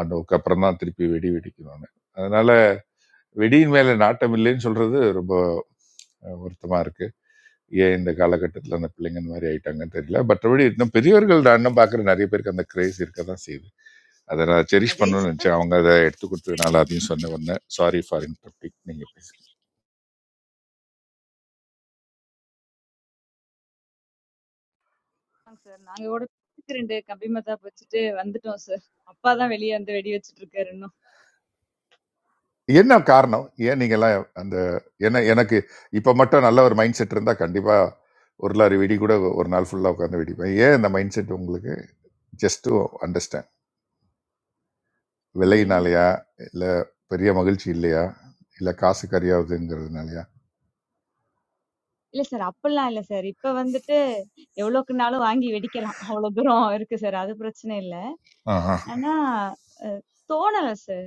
E: அதுக்கு அப்புறம் தான் திருப்பி வெடி வெடிக்கணும்னு அதனால வெடியின் மேல நாட்டம் இல்லைன்னு சொல்றது ரொம்ப அஹ், வருத்தமா இருக்கு ஏன் இந்த காலகட்டத்தில் அந்த பிள்ளைங்க இந்த மாதிரி ஆயிட்டாங்கன்னு தெரியல பற்றபடி இன்னும் பெரியவர்கள் நான் இன்னும் பார்க்குற நிறைய பேருக்கு அந்த கிரேஸ் இருக்க தான் செய்யுது அதை நான் செரிஷ்
C: ஓகே.
E: பண்ணணும்னு நினச்சேன் அவங்க அதை எடுத்து கொடுத்ததுனால அதையும் சொன்ன உடனே சாரி ஃபார் இன்டர்பிக் நீங்கள் பேசுங்க
I: சார் நாங்க கூட பக்கத்து ரெண்டு கம்பி மத்தாப்பு வச்சுட்டு வந்துட்டோம் சார் அப்பா தான் வெளியே வந்து வெடி வச்சிட்டு இருக்காரு இன்னும்
E: என்ன காரணம் ஏன் நீங்கள்லாம் அந்த என்ன எனக்கு இப்போ மட்டும் நல்ல ஒரு மைண்ட் செட் இருந்தால் கண்டிப்பாக ஒரு லாரி வெடி கூட ஒரு நாள் ஃபுல்லாக உட்காந்து வெடிப்பேன் ஏன் இந்த மைண்ட் செட் உங்களுக்கு ஜஸ்ட் டு அண்டர்ஸ்டாண்ட்
I: ஏன்
E: விலையினாலையா இல்லை பெரிய மகிழ்ச்சி இல்லையா இல்லை காசு கறியாகுதுங்கிறதுனாலயா
I: இல்ல சார் அப்பெல்லாம் இல்ல சார் இப்ப வந்துட்டு எவ்வளவுக்குனாலும் வாங்கி வெடிக்கலாம் அவ்வளவு தூரம் இருக்கு சார் அது பிரச்சனை இல்ல
E: ஆஹா.
I: ஆனா அஹ், தோணல சார்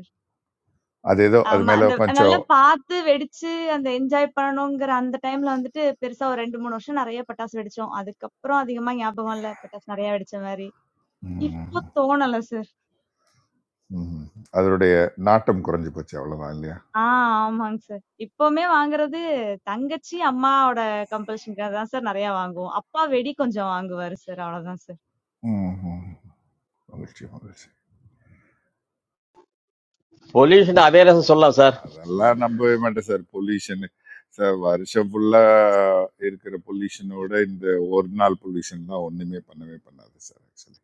E: அது ஏதோ அது
I: ஆமா.
E: மேலே
I: அந்த நல்லா
E: கொஞ்சம்
I: பாத்து, வெடிச்சு, அந்த என்ஜாய் பண்ணணுங்கிற அந்த டைம்ல வந்துட்டு பெருசா ஒரு 2, 3 வருஷம் நெறைய பட்டாசு வெடிச்சோம். அதுக்கப்புறம் அதிகமா ஞாபகம் இல்ல, பட்டாசு நெறைய வெடிச்ச மாரி.
E: ம்,
I: இப்போ தோணல சார்.
E: ம். அதனுடைய நாட்டம் குறைஞ்சு போச்சு அவ்வளவுதான் இல்லையா
I: ஆ ஆமாங்க சார். இப்பவுமே வாங்குறது தங்கச்சி, அம்மாவோட கம்பல்ஷன்க்காக தான் சார் நெறைய வாங்குவோம். அப்பா வெடி கொஞ்சம் வாங்குவாரு சார். அவ்வளவுதான் சார்.
E: ம், ம். மகிழ்ச்சி மகிழ்ச்சி
O: பொல்யூஷன் அவேர்னஸ் சொல்லலாம் சார்.
E: அதெல்லாம் நம்பவே மாட்டேன் சார் பொல்யூஷன் சார் வருஷம் ஃபுல்லா இருக்கிற பொல்யூஷனோட இந்த ஒரு நாள் பொல்யூஷன் தான் ஒண்ணுமே பண்ணவே பண்ணாது சார் ஆக்சுவலி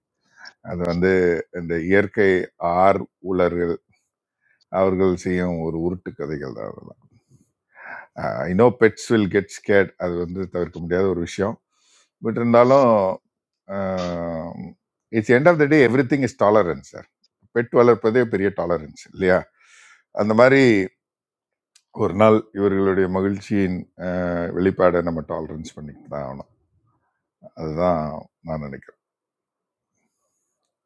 E: அது வந்து இந்த இயற்கை ஆர் உலர்கள் அவர்கள் செய்யும் ஒரு உருட்டு கதைகள் தான் I know pets will get scared அது வந்து தவிர்க்க முடியாத ஒரு விஷயம் பட் இருந்தாலும் it's end of the day everything is tolerance sir pet வளர்ப்பதே பெரிய டாலரன்ஸ் இல்லையா அந்த மாதிரி ஒரு நாள் இவர்களுடைய மகிழ்ச்சியின் அஹ், வெளிப்பாடை நம்ம டாலரன்ஸ் பண்ணிட்டு தான் ஆகணும் அதுதான் நான் நினைக்கிறேன்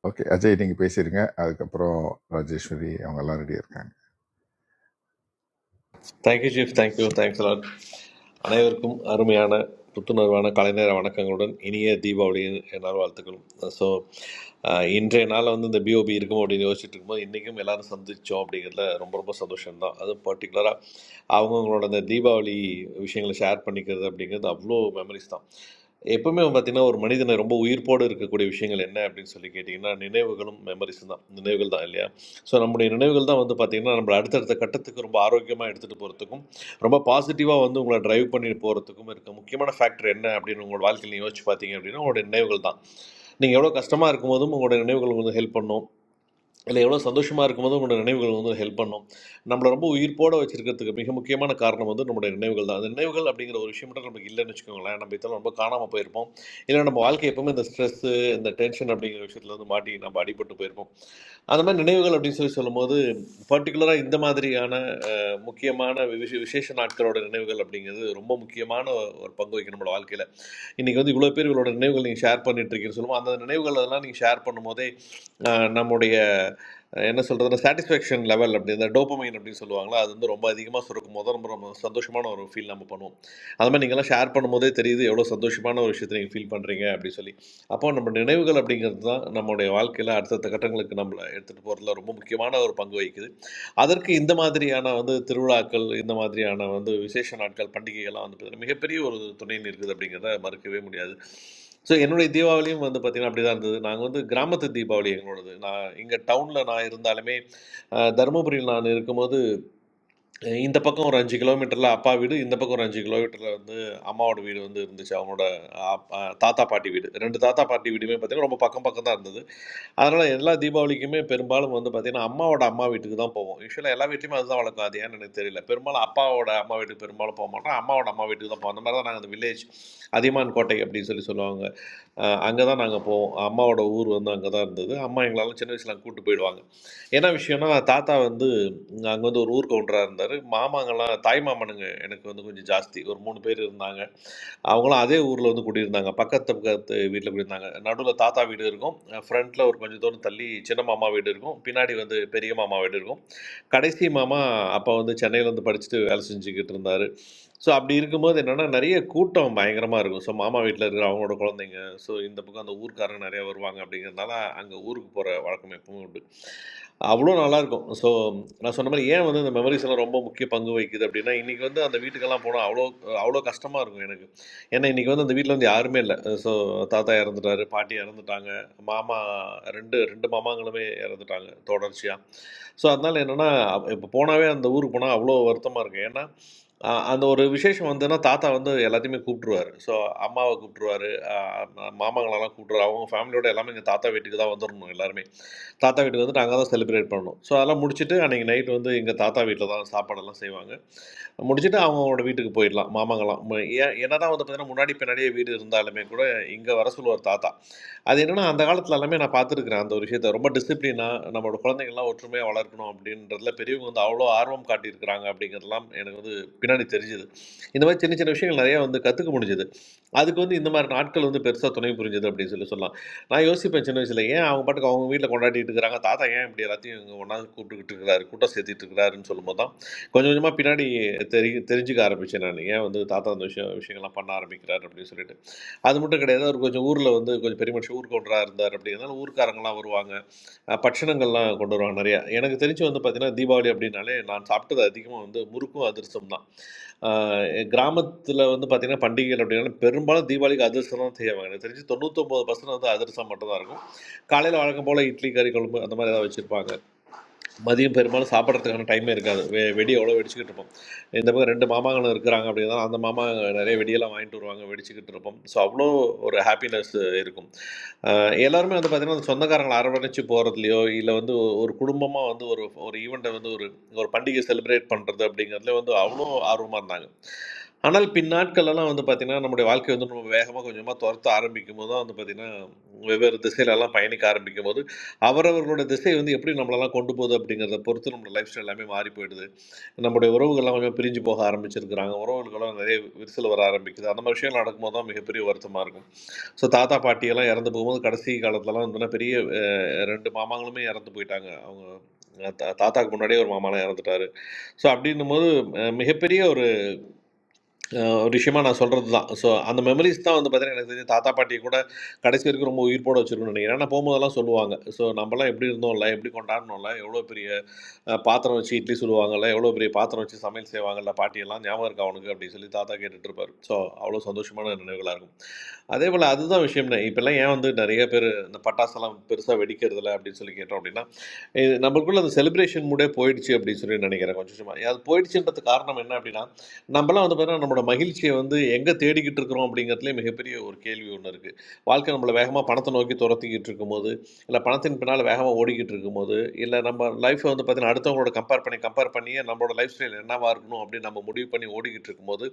E: ஓகே அஜய் நீங்கள் பேசிடுங்க அதுக்கப்புறம் ராஜேஸ்வரி அவங்க எல்லாம் ரெடியாக இருக்காங்க
P: thank you chief thank you thanks lot அனைவருக்கும் அருமையான புத்துணர்வான கலைநேர வணக்கங்களுடன் இனிய தீபாவளியின் என்னால் வாழ்த்துக்களும் ஸோ இன்றைய நாள் வந்து இந்த பிஓபி இருக்கும் அப்படின்னு யோசிச்சுட்டு இருக்கும்போது இன்றைக்கும் எல்லாரும் சந்திச்சோம் அப்படிங்கிறதுல ரொம்ப ரொம்ப சந்தோஷம்தான் அதுவும் பர்டிகுலராக அவங்கவுங்களோட அந்த தீபாவளி விஷயங்களை ஷேர் பண்ணிக்கிறது அப்படிங்கிறது அவ்வளோ மெமரிஸ் தான் எப்பவுமே பார்த்தீங்கன்னா, ஒரு மனிதனை ரொம்ப உயிர்ப்போட இருக்கக்கூடிய விஷயங்கள் என்ன அப்படின்னு சொல்லி கேட்டீங்கன்னா, நினைவுகளும், மெமரீஸும் தான். நினைவுகள் தான் இல்லையா? ஸோ, நம்முடைய நினைவுகள் தான் வந்து பார்த்தீங்கன்னா, நம்மள அடுத்தடுத்த கட்டத்துக்கு ரொம்ப ஆரோக்கியமா எடுத்துட்டு போறதுக்கும், ரொம்ப பாசிட்டிவா வந்து உங்கள டிரைவ் பண்ணிட்டு போறதுக்கும் இருக்க முக்கியமான ஃபேக்டர் என்ன அப்படின்னு உங்களோட வாழ்க்கையில யோசிச்சு பார்த்தீங்க அப்படின்னா, உங்களுடைய நினைவுகள் தான். நீங்க எவ்வளோ கஷ்டமா இருக்கும்போதும் உங்களுடைய நினைவுகள் உங்களுக்கு ஹெல்ப் பண்ணும். இல்லை எவ்வளோ சந்தோஷமாக இருக்கும்போது உங்களோட நினைவுகள் வந்து ஹெல்ப் பண்ணும் நம்மளை ரொம்ப உயிர்ப்போட வச்சிருக்கிறதுக்கு மிக முக்கியமான காரணம் வந்து நம்மளுடைய நினைவுகள் தான் அந்த நினைவுகள் அப்படிங்கிற ஒரு விஷயம் மட்டும் நமக்கு இல்லைன்னு வச்சுக்கோங்களேன் நம்ம இதெல்லாம் ரொம்ப காணாமல் போயிருப்போம் இல்லை நம்ம வாழ்க்கை எப்பவுமே இந்த ஸ்ட்ரெஸ்ஸு இந்த டென்ஷன் அப்படிங்கிற விஷயத்துல வந்து மாட்டி நம்ம அடிபட்டு போயிருப்போம் அந்த மாதிரி நினைவுகள் அப்படின்னு சொல்லி சொல்லும்போது பர்டிகுலராக இந்த மாதிரியான முக்கியமான விஷ விசேஷ நாட்களோட நினைவுகள் அப்படிங்கிறது ரொம்ப முக்கியமான ஒரு பங்கு வகிக்கும் நம்மளோட வாழ்க்கையில் இன்றைக்கி வந்து இவ்வளோ பேர் இவளோட நினைவுகள் நீங்கள் ஷேர் பண்ணிட்டு இருக்கீங்கன்னு சொல்லுவோம் அந்த நினைவுகள் அதெல்லாம் நீங்கள் ஷேர் பண்ணும்போதே ஆஹ், நம்முடைய ஆஹ், என்ன சொல்கிறதுனா சாட்டிஸ்ஃபேக்ஷன் லெவல் அப்படி இந்த டோப்பமைன் அப்படின்னு சொல்லுவாங்களா அது வந்து ரொம்ப அதிகமாக சுருக்கும் போது ரொம்ப ரொம்ப சந்தோஷமான ஒரு ஃபீல் நம்ம பண்ணுவோம் அது மாதிரி நீங்கள்லாம் ஷேர் பண்ணும்போதே தெரியுது எவ்வளோ சந்தோஷமான ஒரு விஷயத்தை நீங்கள் ஃபீல் பண்ணுறீங்க அப்படின்னு சொல்லி அப்போ நம்ம நினைவுகள் அப்படிங்கிறது தான் நம்மளுடைய வாழ்க்கையில் அடுத்தடுத்த கட்டங்களுக்கு நம்மளை எடுத்துகிட்டு போகிறதுல ரொம்ப முக்கியமான ஒரு பங்கு வகிக்குது அதற்கு இந்த மாதிரியான வந்து திருவிழாக்கள் இந்த மாதிரியான வந்து விசேஷ நாட்கள் பண்டிகைகள்லாம் வந்து பார்த்தீங்கன்னா மிகப்பெரிய ஒரு துணைன்னு இருக்குது அப்படிங்கிறத மறுக்கவே முடியாது ஸோ என்னுடைய தீபாவளியும் வந்து பார்த்திங்கன்னா அப்படி தான் இருந்தது நாங்கள் வந்து கிராமத்து தீபாவளி எங்களோடது நான் இங்கே டவுனில் நான் இருந்தாலுமே அஹ், தருமபுரியில் நான் இருக்கும்போது அஹ், இந்த பக்கம் ஒரு அஞ்சு கிலோமீட்டரில் அப்பா வீடு இந்த பக்கம் ஒரு அஞ்சு கிலோமீட்டரில் வந்து அம்மாவோட வீடு வந்து இருந்துச்சு அவங்களோட அப்- அஹ், தாத்தா பாட்டி வீடு ரெண்டு தாத்தா பாட்டி வீடுமே பார்த்திங்கன்னா ரொம்ப பக்கம் பக்கம் தான் இருந்தது அதனால எல்லா தீபாவளிக்குமே பெரும்பாலும் வந்து பார்த்தீங்கன்னா, அம்மாவோட அம்மா வீட்டுக்கு தான் போவோம். யூசுவலா எல்லா வீட்லயுமே அதுதான் வழக்கம். அது ஏன்னு எனக்கு தெரியல. பெரும்பாலும் அப்பாவோட அம்மா வீட்டுக்கு பெரும்பாலும் போமாட்டோம். அம்மாவோட அம்மா வீட்டுக்கு தான் போவோம். அந்த மாரி தான் நாங்க அந்த வில்லேஜ் அதியமான் கோட்டை அப்படின்னு சொல்லி சொல்லுவாங்க. அங்கே தான் நாங்கள் போவோம் அம்மாவோட ஊர் வந்து அங்கே தான் இருந்தது அம்மா எங்களெல்லாம் சின்ன வயசில் அங்கே கூட்டு போயிடுவாங்க என்ன விஷயம்னா தாத்தா வந்து அங்கே வந்து ஒரு ஊர் கவுண்டராக இருந்தார் மாமாங்கெல்லாம் தாய் மாமனுங்க எனக்கு வந்து கொஞ்சம் ஜாஸ்தி ஒரு மூணு பேர் இருந்தாங்க அவங்களும் அதே ஊரில் வந்து குடியிருந்தாங்க பக்கத்து பக்கத்து வீட்டில் குடியிருந்தாங்க நடுவில் தாத்தா வீடு இருக்கும் ஃப்ரண்ட்டில் ஒரு கொஞ்சம் தூரம் தள்ளி சின்ன மாமா வீடு இருக்கும் பின்னாடி வந்து பெரிய மாமா வீடு இருக்கும் கடைசி மாமா அப்போ வந்து சென்னையில் வந்து படிச்சுட்டு வேலை செஞ்சுக்கிட்டு இருந்தார் ஸோ அப்படி இருக்கும்போது என்னன்னா, நெறைய கூட்டம் பயங்கரமா இருக்கும். ஸோ மாமா வீட்ல இருக்கிற அவங்களோட குழந்தைங்க, ஸோ இந்த பக்கம் அந்த ஊர்க்காரங்க நெறைய வருவாங்க அப்படிங்கிறதுனால, அங்க ஊருக்கு போற வழக்கம் எப்பவும் உண்டு. அவ்வளோ நல்லாயிருக்கும். ஸோ நான் சொன்ன மாரி ஏன் வந்து இந்த மெமரீஸ் எல்லாம் ரொம்ப முக்கிய பங்கு வகிக்குது அப்படின்னா, இன்னைக்கு வந்து அந்த வீட்டுக்கெல்லாம் போனா அவ்வளோ அவ்வளோ கஷ்டமா இருக்கும் எனக்கு. ஏன்னா இன்னைக்கு வந்து அந்த வீட்ல வந்து யாருமே இல்ல. ஸோ தாத்தா இறந்துட்டாரு, பாட்டி இறந்துட்டாங்க, மாமா 2 2 மாமாங்களுமே இறந்துட்டாங்க தொடர்ச்சியா. ஸோ அதனால என்னன்னா, இப்போ போனாவே அந்த ஊருக்கு போனா அவ்வளோ வருத்தமா இருக்கும். ஏன்னா, அ அந்த ஒரு விசேஷம் வந்துன்னா தாத்தா வந்து எல்லாத்தையுமே கூப்பிட்டுருவாரு. ஸோ அம்மாவ கூப்பிட்டுருவாரு, அ மாமாங்களலாம் கூப்பிட்டுருவாரு. அவங்க ஃபேமிலியோட எல்லாமே எங்க தாத்தா வீட்டுக்கு தான் வந்துரணும் எல்லாருமே. தாத்தா வீட்டுக்கு வந்து நாங்கள் தான் செலிப்ரேட் பண்ணோம் ஸோ அதெல்லாம் முடிச்சுட்டு அன்றைக்கி நைட் வந்து எங்கள் தாத்தா வீட்டில் தான் சாப்பாடெல்லாம் செய்வாங்க முடிச்சுட்டு அவங்களோட வீட்டுக்கு போயிடலாம் மாமாங்கலாம் ம- ஏ- என்னதான் வந்து பார்த்தீங்கன்னா முன்னாடி பின்னாடியே வீடு இருந்தாலுமே கூட இங்கே வர சொல்லுவார் தாத்தா அது என்னன்னா அந்த காலத்துல எல்லாமே நான் பார்த்துருக்குறேன் அந்த ஒரு விஷயத்த ரொம்ப டிசிப்ளினா நம்மளோட குழந்தைங்கள்லாம் ஒற்றுமையாக வளர்க்கணும் அப்படின்றதுல பெரியவங்க வந்து அவ்வளோ ஆர்வம் காட்டியிருக்கிறாங்க அப்படிங்கிறதெல்லாம் எனக்கு வந்து பின்னாடி தெரிஞ்சுது இந்த மாதிரி சின்ன சின்ன விஷயங்கள் நிறைய வந்து கற்றுக்க முடிஞ்சுது அதுக்கு வந்து இந்த மாதிரி நாட்கள் வந்து பெருசாக துணை புரிஞ்சுது அப்படின்னு சொல்லி சொல்லலாம் நான் யோசிப்பேன் சின்ன வயசுல, ஏன் அவங்க பாட்டுக்கு அவங்க வீட்ல கொண்டாடிட்டு இருக்கிறாங்க, தாத்தா ஏன் இப்படி எல்லாத்தையும் இங்க ஒண்ணாந்து கூப்பிட்டுக்கிட்டு இருக்கிறாரு, கூட்டம் சேர்த்துட்டு இருக்கிறாருன்னு சொல்லும்போது தான், கொஞ்சம் கொஞ்சமா பின்னாடி தெரி தெரிஞ்சுக்க ஆரம்பிச்சேன் நானு. ஏன் வந்து தாத்தா அந்த விஷயம் விஷயங்கள்லாம் பண்ண ஆரம்பிக்கிறாரு அப்படின்னு சொல்லிட்டு. அது மட்டும் கிடையாது, அவரு கொஞ்சம் ஊர்ல வந்து கொஞ்சம் பெரிய மனுஷன் ஊர் கவுண்டரா இருந்தாரு அப்படிங்கிறதுனால ஊர்க்காரங்கலாம் வருவாங்க. அஹ், பட்சணங்கள்லாம் கொண்டு வருவாங்க நிறையா எனக்கு தெரிஞ்சு வந்து பார்த்தீங்கன்னா தீபாவளி அப்படின்னாலே நான் சாப்பிட்டது அதிகமாக வந்து முறுக்கும் அதிரசம் தான் கிராமத்தில் வந்து பார்த்தீங்கன்னா பண்டிகைகள் அப்படின்னா பெரும்பாலும் தீபாவளிக்கு அதிரசம் தான் செய்வாங்க எனக்கு தெரிஞ்சு தொண்ணூத்தொம்பது பர்சன்ட் வந்து அதிரசம் மட்டும் தான் இருக்கும் காலையில் வழக்கம் போல் இட்லி கறி குழம்பு அந்த மாதிரி ஏதாவது வச்சுருப்பாங்க மதியம் பெரும்பாலும் சாப்பிட்றதுக்கான டைமே இருக்காது வெ வெடி அவ்வளோ வெடிச்சுக்கிட்டு இருப்போம் இந்த பக்கம் ரெண்டு மாமாங்களும் இருக்கிறாங்க அப்படின்னா அந்த மாமா நிறைய வெடியெல்லாம் வாங்கிட்டு வருவாங்க வெடிச்சுக்கிட்டு இருப்போம் ஸோ அவ்வளோ ஒரு ஹாப்பினஸ் இருக்கும் அஹ் எல்லாருமே வந்து பார்த்திங்கன்னா அந்த சொந்தக்காரங்களை அரவணைச்சு போகிறதுலையோ இல்லை வந்து ஒரு குடும்பமாக வந்து ஒரு ஒரு ஈவெண்ட்டை வந்து ஒரு ஒரு பண்டிகை செலிப்ரேட் பண்ணுறது அப்படிங்கிறதுல வந்து அவ்வளோ ஆர்வமாக இருந்தாங்க ஆனால் பின்னாட்களெல்லாம் வந்து பார்த்திங்கன்னா நம்முடைய வாழ்க்கை வந்து நம்ம வேகமாக கொஞ்சமாக துரத்த ஆரம்பிக்கும் போது தான் வந்து பார்த்திங்கன்னா வெவ்வேறு திசையிலெல்லாம் பயணிக்க ஆரம்பிக்கும் போது அவரவர்களோட திசை வந்து எப்படி நம்மளெல்லாம் கொண்டு போகுது அப்படிங்கிறத பொறுத்து நம்மளோட லைஃப் ஸ்டைல் எல்லாமே மாறி போயிடுது நம்முடைய உறவுகள்லாம் கொஞ்சம் பிரிஞ்சு போக ஆரம்பிச்சிருக்கிறாங்க உறவுகளுக்கெல்லாம் நிறைய விரிசல் வர ஆரம்பிக்குது அந்த மாதிரி விஷயம் நடக்கும்போது தான் மிகப்பெரிய வருத்தமாக இருக்கும் ஸோ தாத்தா பாட்டியெல்லாம் இறந்து போகும்போது கடைசி காலத்துலலாம் வந்து பெரிய அஹ், ரெண்டு மாமாங்களுமே இறந்து போயிட்டாங்க அவங்க அஹ், தா- தாத்தாக்கு முன்னாடியே ஒரு மாமாலாம் இறந்துட்டாரு ஸோ அப்படின்னும் போது அஹ், மிகப்பெரிய அஹ் ஒரு விஷயமா நான் சொல்கிறது தான் ஸோ அந்த மெமரிஸ் தான் வந்து பார்த்தீங்கன்னா எனக்கு தெரிஞ்சு தாத்தா பாட்டி கூட கடைசி வரைக்கும் ரொம்ப உயிர்ப்போட வச்சிருக்கணும்னு நினைக்கிறேன் நான் போகும்போதெல்லாம் சொல்லுவாங்க ஸோ நம்மலாம் எப்படி இருந்தோம்ல எப்படி கொண்டாடணும்ல எவ்வளோ பெரிய அஹ், பாத்திரம் வச்சு இட்லி சுடுவாங்கல்ல எவ்வளோ பெரிய பாத்திரம் வச்சு சமையல் செய்வாங்கல்ல பாட்டியெல்லாம் ஞாபகம் இருக்கா அவனுக்கு அப்படின்னு சொல்லி தாத்தா கேட்டுட்டு இருப்பார் ஸோ அவ்வளோ சந்தோஷமான நினைவுகளாக இருக்கும் அதே போல் அதுதான் விஷயம்னே இப்போல்லாம் ஏன் வந்து நிறைய பேர் இந்த பட்டாசெல்லாம் பெருசாக வெடிக்கிறதில்ல அப்படின்னு சொல்லி கேட்டோம் அப்படின்னா இது நம்மளுக்குள்ள அந்த செலிப்ரேஷன் மூடே போயிடுச்சு அப்படின்னு சொல்லி நினைக்கிறேன் கொஞ்சம் கொஞ்சமா. அது போயிடுச்சுன்றது காரணம் என்ன அப்படின்னா நம்மலாம் வந்து பார்த்தீங்கன்னா நம்மளோட மகிழ்ச்சியை வந்து எங்கே தேடிக்கிட்டு இருக்கிறோம் அப்படிங்கிறதுலே மிகப்பெரிய ஒரு கேள்வி ஒன்று இருக்குது வாழ்க்கை நம்மளை வேகமாக பணத்தை நோக்கி துரத்திக்கிட்டு இருக்கும்போது இல்லை பணத்தின் பின்னால் வேகமாக ஓடிக்கிட்டு இருக்கும்போது இல்லை நம்ம லைஃப்பை வந்து பார்த்தீங்கன்னா அடுத்தவங்களோட கம்பேர் பண்ணி கம்பேர் பண்ணியே நம்மளோட லைஃப் ஸ்டைல் என்னவாக இருக்கணும் அப்படின்னு நம்ம முடிவு பண்ணி ஓடிக்கிட்டு இருக்கும்போது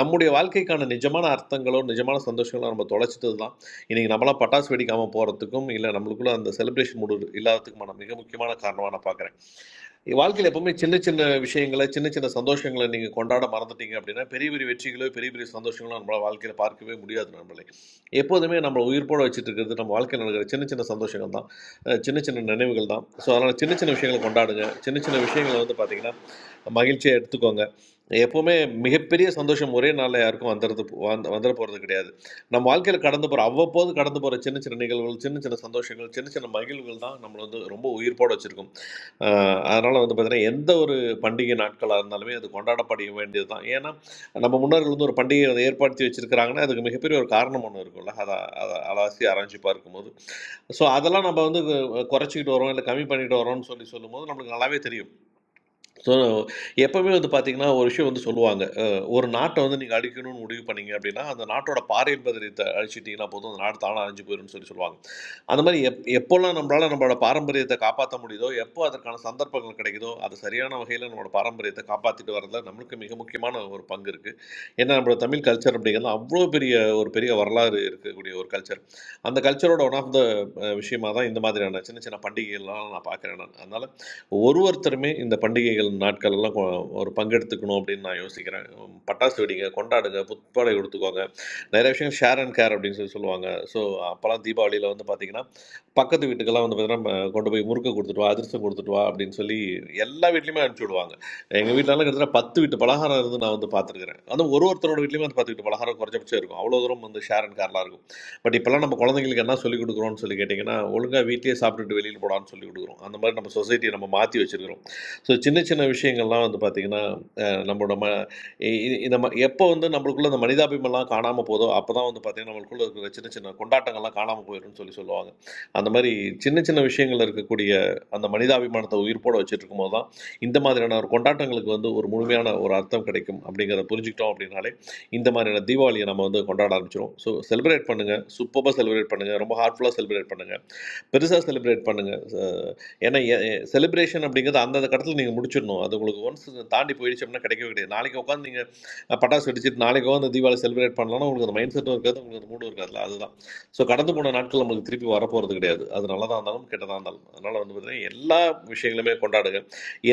P: நம்முடைய வாழ்க்கைக்கான நிஜமான அர்த்தங்களோ நிஜமான சந்தோஷங்களோ நம்ம தொலைச்சிட்டது தான் இன்றைக்கி நம்மளாம் பட்டாசு வெடிக்காமல் போகிறதுக்கும் இல்லை நம்மளுக்குள்ள அந்த செலிப்ரேஷன் மூடு இல்லாததுக்குமான மிக முக்கியமான காரணமாக நான் பார்க்குறேன் வாழ்க்கையில் எப்பவுமே சின்ன சின்ன விஷயங்களை சின்ன சின்ன சந்தோஷங்களை நீங்கள் கொண்டாட மறந்துட்டீங்க அப்படின்னா பெரிய பெரிய வெற்றிகளோ பெரிய பெரிய சந்தோஷங்களோ நம்மளால் வாழ்க்கையில் பார்க்கவே முடியாது நம்மளே எப்போதுமே நம்மளை உயிர்ப்போட வச்சுட்டு இருக்கிறது நம்ம வாழ்க்கையில் நடக்கிற சின்ன சின்ன சந்தோஷங்கள் தான் அஹ் சின்ன சின்ன நினைவுகள் தான் ஸோ அதனால் சின்ன சின்ன விஷயங்களை கொண்டாடுங்க சின்ன சின்ன விஷயங்களை வந்து பார்த்தீங்கன்னா மகிழ்ச்சியாக எடுத்துக்கோங்க எப்போவுமே மிகப்பெரிய சந்தோஷம் ஒரே நாளில் யாருக்கும் வந்துடுறது வந்து வந்துட போகிறது கிடையாது நம்ம வாழ்க்கையில் கடந்து போகிற அவ்வப்போது கடந்து போகிற சின்ன சின்ன நிகழ்வுகள் சின்ன சின்ன சந்தோஷங்கள் சின்ன சின்ன மகிழ்வுகள் தான் நம்மளை வந்து ரொம்ப உயிர்ப்போட வச்சுருக்கும் அஹ் அதனால வந்து பார்த்தீங்கன்னா எந்த ஒரு பண்டிகை நாட்களாக இருந்தாலுமே அது கொண்டாடப்பட வேண்டியது தான் ஏன்னா நம்ம முன்னோர்கள் வந்து ஒரு பண்டிகையை வந்து ஏற்படுத்தி வச்சிருக்கிறாங்கன்னா அதுக்கு மிகப்பெரிய ஒரு காரணம் ஒன்று இருக்கும்ல அதை அதை அலாசி ஆராய்ச்சி பார்க்கும்போது ஸோ அதெல்லாம் நம்ம வந்து கு- குறைச்சிக்கிட்டு வரோம் இல்லை கம்மி பண்ணிட்டு வரோம்னு சொல்லி சொல்லும்போது நம்மளுக்கு நல்லாவே தெரியும் ஸோ எப்பவுமே வந்து பார்த்தீங்கன்னா, ஒரு விஷயம் வந்து சொல்லுவாங்க. அ ஒரு நாட்ட வந்து நீங்க அழிக்கணும்னு முடிவு பண்ணீங்க அப்படின்னா, அந்த நாட்டோட பாரம்பரியத்த அழிச்சிட்டீங்கன்னா போதும், அந்த நாடு தானா அழிஞ்சு போயிரும்ன்னு சொல்லி சொல்லுவாங்க. அந்த மாரி எப் எப்போலாம் நம்மளால நம்மளோட பாரம்பரியத்த காப்பாத்த முடியுதோ, எப்போ அதற்கான சந்தர்ப்பங்கள் கிடைக்குதோ, அது சரியான வகையில நம்மளோட பாரம்பரியத்த காப்பாத்திட்டு வரதுல நம்மளுக்கு மிக முக்கியமான ஒரு பங்கு இருக்கு. ஏன்னா, நம்மளோட தமிழ் கல்ச்சர் அப்படிங்கிறது அவ்ளோ பெரிய ஒரு பெரிய வரலாறு இருக்கக்கூடிய ஒரு கல்ச்சர். அந்த கல்ச்சரோட ஒன் ஆஃப் த அ விஷயமா தான் இந்த மாதிரியான சின்ன சின்ன பண்டிகைகள்லாம் நான் பார்க்கிறேன் நான். அதனால ஒரு ஒருத்தருமே இந்த பண்டிகைகள் நாட்கள் எல்லாம் கொ- ஒரு பங்கெடுத்துக்கணும் அப்படின்னு நான் யோசிக்கிறேன் உம், பட்டாசு வெடிங்க கொண்டாடுங்க புத்தாடை கொடுத்துக்கோங்க நிறைய விஷயம் ஷேர் அண்ட் கேர் அப்படின்னு சொல்லி சொல்லுவாங்க ஸோ அப்போல்லாம் தீபாவளியில் வந்து பார்த்தீங்கன்னா பக்கத்து வீட்டுக்கெல்லாம் வந்து பார்த்தீங்கன்னா ம, கொண்டு போய் முறுக்கு கொடுத்துட்டு வா அதிரசம் கொடுத்துட்டு வா அப்படின்னு சொல்லி எல்லா வீட்லையுமே அனுப்பிச்சி விடுவாங்க எங்கள் வீட்டிலலாம் கிட்டத்தட்ட பத்து வீட்டு பலகாரம் இருந்து நான் வந்து பார்த்துருக்கிறேன் அதுவும் ஒரு ஒருத்தரோட வீட்லையுமே அந்த பத்து வீட்டு பலகாரம் குறைஞ்சபட்சம் இருக்கும் அவ்வளோ தூரம் வந்து ஷேர் அண்ட் கேர்லாம் இருக்கும் பட் இப்போல்லாம் நம்ம குழந்தைங்களுக்கு என்ன சொல்லிக் கொடுக்குறோம்னு சொல்லி கேட்டிங்கன்னா ஒழுங்காக வீட்டிலேயே சாப்பிட்டுட்டு வெளியில் போடான்னு சொல்லிக் கொடுக்குறோம் அந்த மாதிரி நம்ம சொசைட்டியை நம்ம மாற்றி வச்சுருக்கிறோம் ஸோ சின்ன சின்ன விஷயங்கள்லாம் வந்து பார்த்திங்கன்னா அஹ், நம்மளோட ம இ- இ- இந்த ம எப்போ வந்து நம்மளுக்குள்ள இந்த மனிதாபிமெல்லாம் காணாமல் போதோ அப்போ தான் வந்து பார்த்திங்கன்னா நம்மளுக்குள்ள இருக்கிற சின்ன சின்ன கொண்டாட்டங்கள்லாம் காணாமல் போயிடும்னு சொல்லி சொல்லுவாங்க அந்த மாதிரி சின்ன சின்ன விஷயங்கள் இருக்கக்கூடிய அந்த மனிதாபிமானத்தை உயிர்ப்போட வச்சுட்டு இருக்கும்போது தான் இந்த மாதிரியான ஒரு கொண்டாட்டங்களுக்கு வந்து ஒரு முழுமையான ஒரு அர்த்தம் கிடைக்கும் அப்படிங்கிறத புரிஞ்சுக்கிட்டோம் அப்படின்னாலே இந்த மாதிரியான தீபாவளியை நம்ம வந்து கொண்டாட ஆரம்பிச்சிடும் ஸோ செலிப்ரேட் பண்ணுங்கள் சூப்பராக செலிப்ரேட் பண்ணுங்கள் ரொம்ப ஹார்ட்ஃபுல்லாக செலிப்ரேட் பண்ணுங்கள் பெருசாக செலிப்ரேட் பண்ணுங்கள் ஏன்னா செலிப்ரேஷன் அப்படிங்கிறது அந்தந்த கடத்தில் நீங்கள் முடிச்சிடணும் அது உங்களுக்கு ஒன்ஸ் தாண்டி போயிடுச்சு அப்படின்னா கிடைக்கவே கிடையாது நாளைக்கு உட்காந்து நீங்கள் பட்டாசு வெடிச்சிட்டு நாளைக்கு அந்த தீபாவளி செலிப்ரேட் பண்ணலாம்னா உங்களுக்கு அந்த மைண்ட் செட்டும் இருக்காது உங்களுக்கு அந்த மூடும் இருக்காதுல்ல அதுதான் ஸோ கடந்து போன நாட்கள் நம்மளுக்கு திருப்பி வரப்போகிறது கிடையாது அது நல்லதாக இருந்தாலும் கெட்டதாக இருந்தாலும் அதனால் வந்து பார்த்தீங்கன்னா எல்லா விஷயங்களுமே கொண்டாடுங்க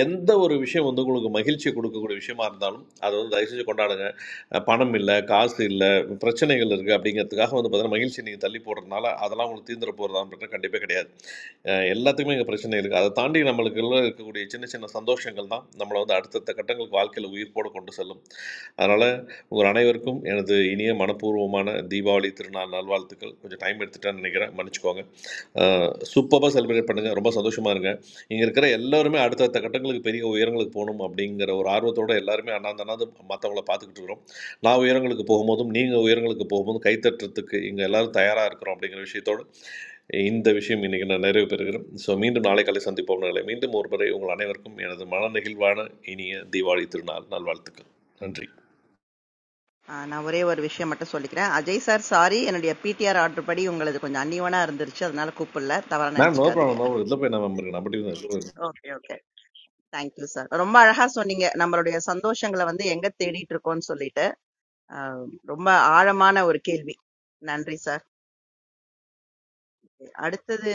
P: எந்த ஒரு விஷயம் வந்து உங்களுக்கு மகிழ்ச்சி கொடுக்கக்கூடிய விஷயமா இருந்தாலும் அதை வந்து தயவு செஞ்சு கொண்டாடுங்க அஹ் பணம் இல்லை காசு இல்லை பிரச்சனைகள் இருக்குது அப்படிங்கிறதுக்காக வந்து பார்த்தீங்கன்னா மகிழ்ச்சி நீங்கள் தள்ளி போடுறதுனால அதெல்லாம் உங்களுக்கு தீர்ந்துட போகிறதா அப்படின்றது கண்டிப்பாக கிடையாது அஹ் எல்லாத்துக்குமே இங்கே பிரச்சனை இருக்குது அதை தாண்டி நம்மளுக்குள்ள இருக்கக்கூடிய சின்ன சின்ன சந்தோஷங்கள் தான் நம்மளை வந்து அடுத்தடுத்த கட்டங்களுக்கு வாழ்க்கையில் உயிர்ப்போடு கொண்டு செல்லும் அதனால் உங்கள் அனைவருக்கும் எனது இனிய மனப்பூர்வமான தீபாவளி திருநாள் நல்வாழ்த்துக்கள் கொஞ்சம் டைம் எடுத்துட்டேன்னு நினைக்கிறேன் மன்னிச்சுக்கோங்க சூப்பராக செலிப்ரேட் பண்ணுங்கள் ரொம்ப சந்தோஷமாக இருங்க இங்கே இருக்கிற எல்லாருமே அடுத்தடுத்த கட்டங்களுக்கு பெரிய உயரங்களுக்கு போகணும் அப்படிங்கிற ஒரு ஆர்வத்தோட எல்லாருமே அண்ணாந்து அண்ணாந்து மற்றவங்கள பார்த்துக்கிட்டு இருக்கிறோம் நான் உயரங்களுக்கு போகும்போதும் நீங்கள் உயரங்களுக்கு போகும்போதும் கைத்தட்டுறதுக்கு இங்கே எல்லாரும் தயாராக இருக்கிறோம் அப்படிங்கிற விஷயத்தோடு இந்த விஷயம் இன்றைக்கி நான் நிறைவு பெறுகிறேன் ஸோ மீண்டும் நாளை காலை சந்திப்போம் நாளை மீண்டும் ஒருமுறை உங்கள் அனைவருக்கும் எனது மன நெகிழ்வான இனிய தீபாவளி திருநாள் நல்வாழ்த்துக்கள் நன்றி
C: ஆ, நான் ஒரே ஒரு விஷயம் மட்டும் சொல்லிக்கிறேன் அஜய் சார் சாரி என்னுடைய பிடிஆர் ஆர்டர் படி உங்களது கொஞ்சம் அன்னியவனா இருந்துருச்சு அதனால கூப்பிடல தவறா
P: மேம் நோ
C: நினைச்சுக்காதீங்க
P: ப்ராப்ளம் நோ ப்ராப்ளம். இதில் போய் நம்ம நம்ம
C: ஓகே ஓகே தேங்க்யூ சார் ரொம்ப அழகா சொன்னீங்க நம்மளுடைய சந்தோஷங்களை வந்து எங்க தேடிட்டு இருக்கோம்னு சொல்லிட்டு ஆ, ரொம்ப ஆழமான ஒரு கேள்வி நன்றி சார் அடுத்தது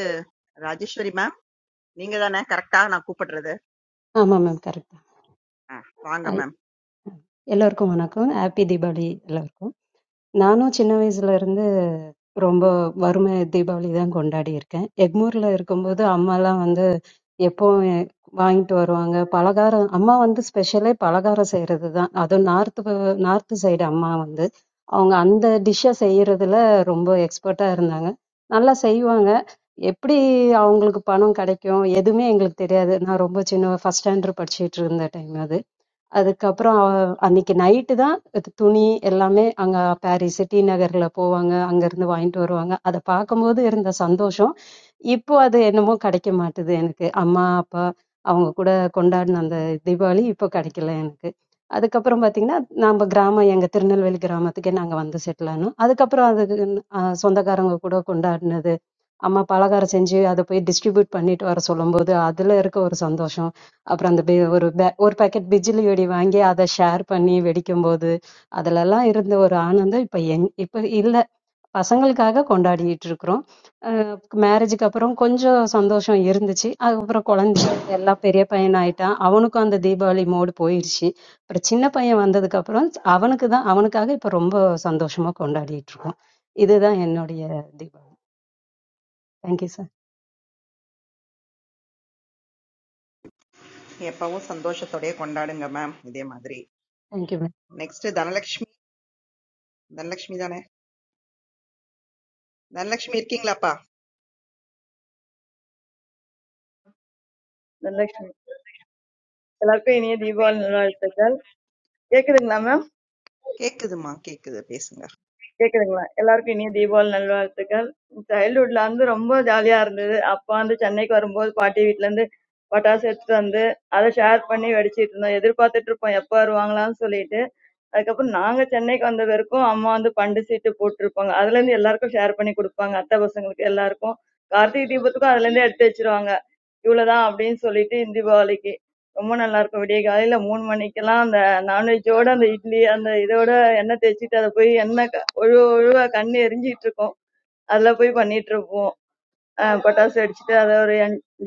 C: ராஜேஸ்வரி மேம் நீங்க தானே கரெக்டா நான் கூப்பிடுறது
G: Aam aam karuka.
C: ஆ, வாங்க
G: I
C: ma'am
G: all orko mana ko. Happy Diwali, all orko. நானும் சின்ன வயசுல இருந்து ரொம்ப வறுமை தீபாவளி தான் கொண்டாடி இருக்கேன். எக்மோர்ல இருக்கும்போது அம்மாலாம் வந்து எப்பவும் எ- வாங்கிட்டு வருவாங்க. பலகாரம் அம்மா வந்து ஸ்பெஷலே பலகாரம் செய்யறது தான். அதுவும் நார்த் நார்த் சைடு அம்மா வந்து அவங்க அந்த டிஷ்ஷை செய்யறதுல ரொம்ப எக்ஸ்பர்ட்டா இருந்தாங்க. நல்லா செய்வாங்க. எப்படி அவங்களுக்கு பணம் கிடைக்கும் எதுவுமே எங்களுக்கு தெரியாது. நான் ரொம்ப சின்ன ஃபர்ஸ்ட் ஸ்டாண்டர்ட் படிச்சுட்டு இருந்த டைம் அது. அதுக்கப்புறம் அவ- அன்னைக்கு நைட்டு தான் இது துணி எல்லாமே அங்க பாரிஸ் டி நகர்ல போவாங்க அங்க இருந்து வாங்கிட்டு வருவாங்க அதை பார்க்கும்போது இருந்த சந்தோஷம் இப்போ அது என்னமோ கிடைக்க மாட்டுது எனக்கு அம்மா அப்பா அவங்க கூட கொண்டாடின அந்த தீபாவளி இப்போ கிடைக்கல எனக்கு அதுக்கப்புறம் பாத்தீங்கன்னா நம்ம கிராமம் எங்க திருநெல்வேலி கிராமத்துக்கே நாங்க வந்து செட்டில் ஆனோம் அதுக்கப்புறம் அதுக்கு ஆஹ் சொந்தக்காரங்க கூட கொண்டாடினது அம்மா பலகாரம் செஞ்சு அதை போய் டிஸ்ட்ரிபியூட் பண்ணிட்டு வர சொல்லும்போது அதுல இருக்க ஒரு சந்தோஷம் அப்புறம் அந்த பி- ஒரு பே- ஒரு பாக்கெட் பிஜிலி வெடி வாங்கி அதை ஷேர் பண்ணி வெடிக்கும் போது அதுலலாம் இருந்த ஒரு ஆனந்தம் இப்ப எங் இப்ப இல்ல பசங்களுக்காக கொண்டாடிட்டு இருக்கிறோம் மேரேஜுக்கு அப்புறம் கொஞ்சம் சந்தோஷம் இருந்துச்சு அதுக்கப்புறம் குழந்தை எல்லாம் பெரிய பையன் ஆயிட்டான் அவனுக்கும் அந்த தீபாவளி மோடு போயிடுச்சு அப்புறம் சின்ன பையன் வந்ததுக்கு அப்புறம் அவனுக்கு தான் அவனுக்காக இப்ப ரொம்ப சந்தோஷமா கொண்டாடிட்டு இருக்கோம் இதுதான் என்னுடைய தீபாவளி தேங்க்யூ சார்
C: எப்பவும் சந்தோஷத்தோடயே கொண்டாடுங்க மேம் இதே மாதிரி
G: தேங்க்யூ
C: நெக்ஸ்ட் தனலட்சுமி தனலட்சுமி தானே தனலட்சுமி இருக்கீங்களாப்பா
J: நல்ல லட்சுமி. எல்லாருக்கும் இனிய தீபாவளி நல்வாழ்த்துக்கள். கேக்குதுங்களா
C: கேக்குதுமா கேக்குது
J: கேக்குதுங்களா? எல்லாருக்கும் இனிய தீபாவளி நல்வாழ்த்துக்கள். சைல்ட்ஹுட்ல வந்து ரொம்ப ஜாலியா இருந்தது. அப்பா வந்து சென்னைக்கு வரும்போது பாட்டி வீட்ல இருந்து பட்டாசு எடுத்துட்டு வந்து அதை ஷேர் பண்ணி வெடிச்சிட்டு இருந்தோம். எதிர்பார்த்துட்டு இருப்போம் எப்ப வருவாங்களான்னு சொல்லிட்டு. அதுக்கப்புறம் நாங்க சென்னைக்கு வந்த வரைக்கும் அம்மா வந்து பண்டு சீட்டு போட்டிருப்பாங்க. அதுல இருந்து எல்லாருக்கும் ஷேர் பண்ணி கொடுப்பாங்க. அத்தை பசங்களுக்கு எல்லாருக்கும். கார்த்திகை தீபத்துக்கும் அதுல இருந்தே எடுத்து வச்சிருவாங்க. இவ்வளவுதான் அப்படின்னு சொல்லிட்டு இந்த தீபாவளிக்கு ரொம்ப நல்லா இருக்கும். விடிய காலையில மூணு மணிக்கெல்லாம் அந்த நான்வெஜோட அந்த இட்லி அந்த இதோட எண்ணெய் தேய்ச்சிட்டு அதை போய் எண்ணெய் ஒழுவ ஒழுவ கண்ணு எரிஞ்சிட்டு இருக்கும் அதுல போய் பண்ணிட்டு இருப்போம் அஹ் பட்டாசு அடிச்சுட்டு அதை ஒரு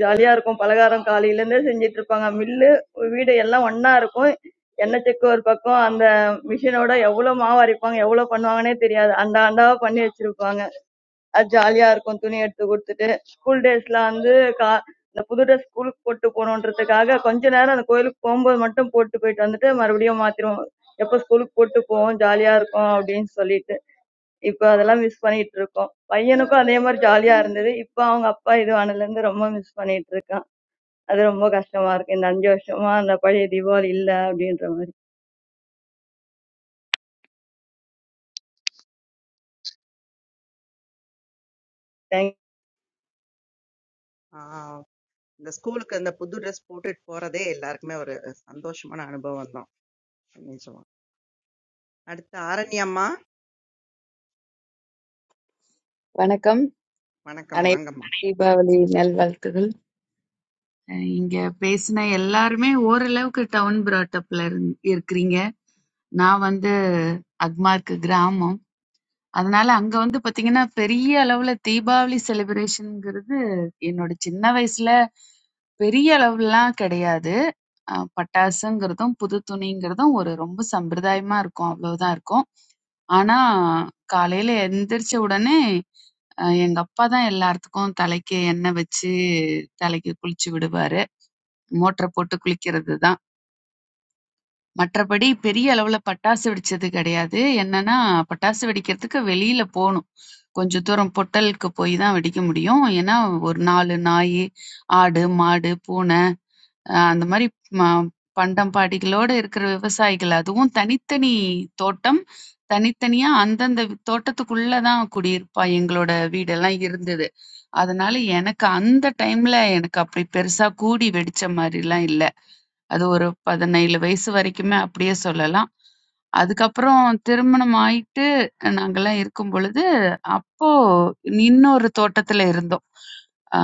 J: ஜாலியா இருக்கும் பலகாரம் காலையில இருந்தே செஞ்சிட்டு இருப்பாங்க மில்லு வீடு எல்லாம் ஒண்ணா இருக்கும் எண்ணெய் செக்கு ஒரு பக்கம் அந்த மிஷினோட எவ்வளவு மாவு அரைப்பாங்க எவ்வளவு பண்ணுவாங்கன்னே தெரியாது அந்த ஆண்டாவா பண்ணி வச்சிருப்பாங்க அது ஜாலியா இருக்கும் துணி எடுத்து கொடுத்துட்டு ஸ்கூல் டேஸ்ல வந்து கா இந்த புது ட்ரெஸ் ஸ்கூலுக்கு போட்டு போகணுன்றதுக்காக கொஞ்ச நேரம் அந்த கோயிலுக்கு போகும்போது மட்டும் போட்டு போயிட்டு வந்துட்டு மறுபடியும் மாத்திருவோம் எப்ப ஸ்கூலுக்கு போட்டு போவோம் ஜாலியா இருக்கும் அப்படின்னு சொல்லிட்டு இப்போ அதெல்லாம் மிஸ் பண்ணிட்டு இருக்கோம் பையனுக்கும் அதே மாதிரி ஜாலியா இருந்தது இப்போ அவங்க அப்பா இது ஆனதுல இருந்து ரொம்ப மிஸ் பண்ணிட்டு இருக்கான் அது ரொம்ப கஷ்டமா இருக்கு இந்த அஞ்சு வருஷமா அந்த பழைய தீபாவளி இல்ல அப்படின்ற மாதிரி தேங்க்யூ.
C: பேசுங்க இந்த ஸ்கூலுக்கு அந்த புது ட்ரெஸ் போட்டுட்டு போறதே எல்லாருக்குமே ஒரு சந்தோஷமான அனுபவம் தான் நிஜமா அடுத்து ஆரண்ய அம்மா
K: வணக்கம்
C: வணக்கம்
K: அனை
C: வாங்கம்மா
K: தீபாவளி நல்வாழ்த்துகள் அஹ், இங்க பேசின எல்லாருமே ஓரளவுக்கு டவுன் பிராட்டப்ல இருக்கிறீங்க நான் வந்து அக்மார்க்கு கிராமம் அதனால அங்க வந்து பாத்தீங்கன்னா பெரிய அளவுல தீபாவளி செலிப்ரேஷன்ங்கிறது என்னோட சின்ன வயசுல பெரிய அளவுலாம் கிடையாது. அ பட்டாசுங்கிறதும், புது துணிங்கிறதும் ஒரு ரொம்ப சம்பிரதாயமா இருக்கும். அவ்வளவுதான் இருக்கும். ஆனா காலையில எந்திரிச்ச உடனே அ எங்க அப்பா தான் எல்லாத்துக்கும் தலைக்கு எண்ணெய் வச்சு தலைக்கு குளிச்சு விடுவாரு. மோட்டர போட்டு குளிக்கிறது தான். மற்றபடி பெரிய அளவுல பட்டாசு வெடிச்சது கிடையாது. என்னன்னா, பட்டாசு வெடிக்கிறதுக்கு வெளியில போணும். கொஞ்சம் தூரம் பொட்டலுக்கு போய் தான் வெடிக்க முடியும். ஏன்னா, ஒரு 4 நாயி, ஆடு, மாடு, பூனை அ அந்த மாரி ம பண்டம் பாடிகளோட இருக்கிற விவசாயிகள். அதுவும் தனித்தனி தோட்டம். தனித்தனியா அந்தந்த தோட்டத்துக்குள்ள தான் குடியிருப்பா எங்களோட வீடெல்லாம் இருந்தது. அதனால எனக்கு அந்த டைம்ல எனக்கு அப்படி பெருசா கூடி வெடிச்ச மாரிலாம் இல்ல. அது ஒரு 17 வயசு வரைக்குமே அப்படியே சொல்லலாம். அதுக்கப்புறம் திருமணம் ஆயிட்டு நாங்கலாம் இருக்கும் பொழுது, அப்போ இன்னொரு தோட்டத்துல இருந்தோம். அ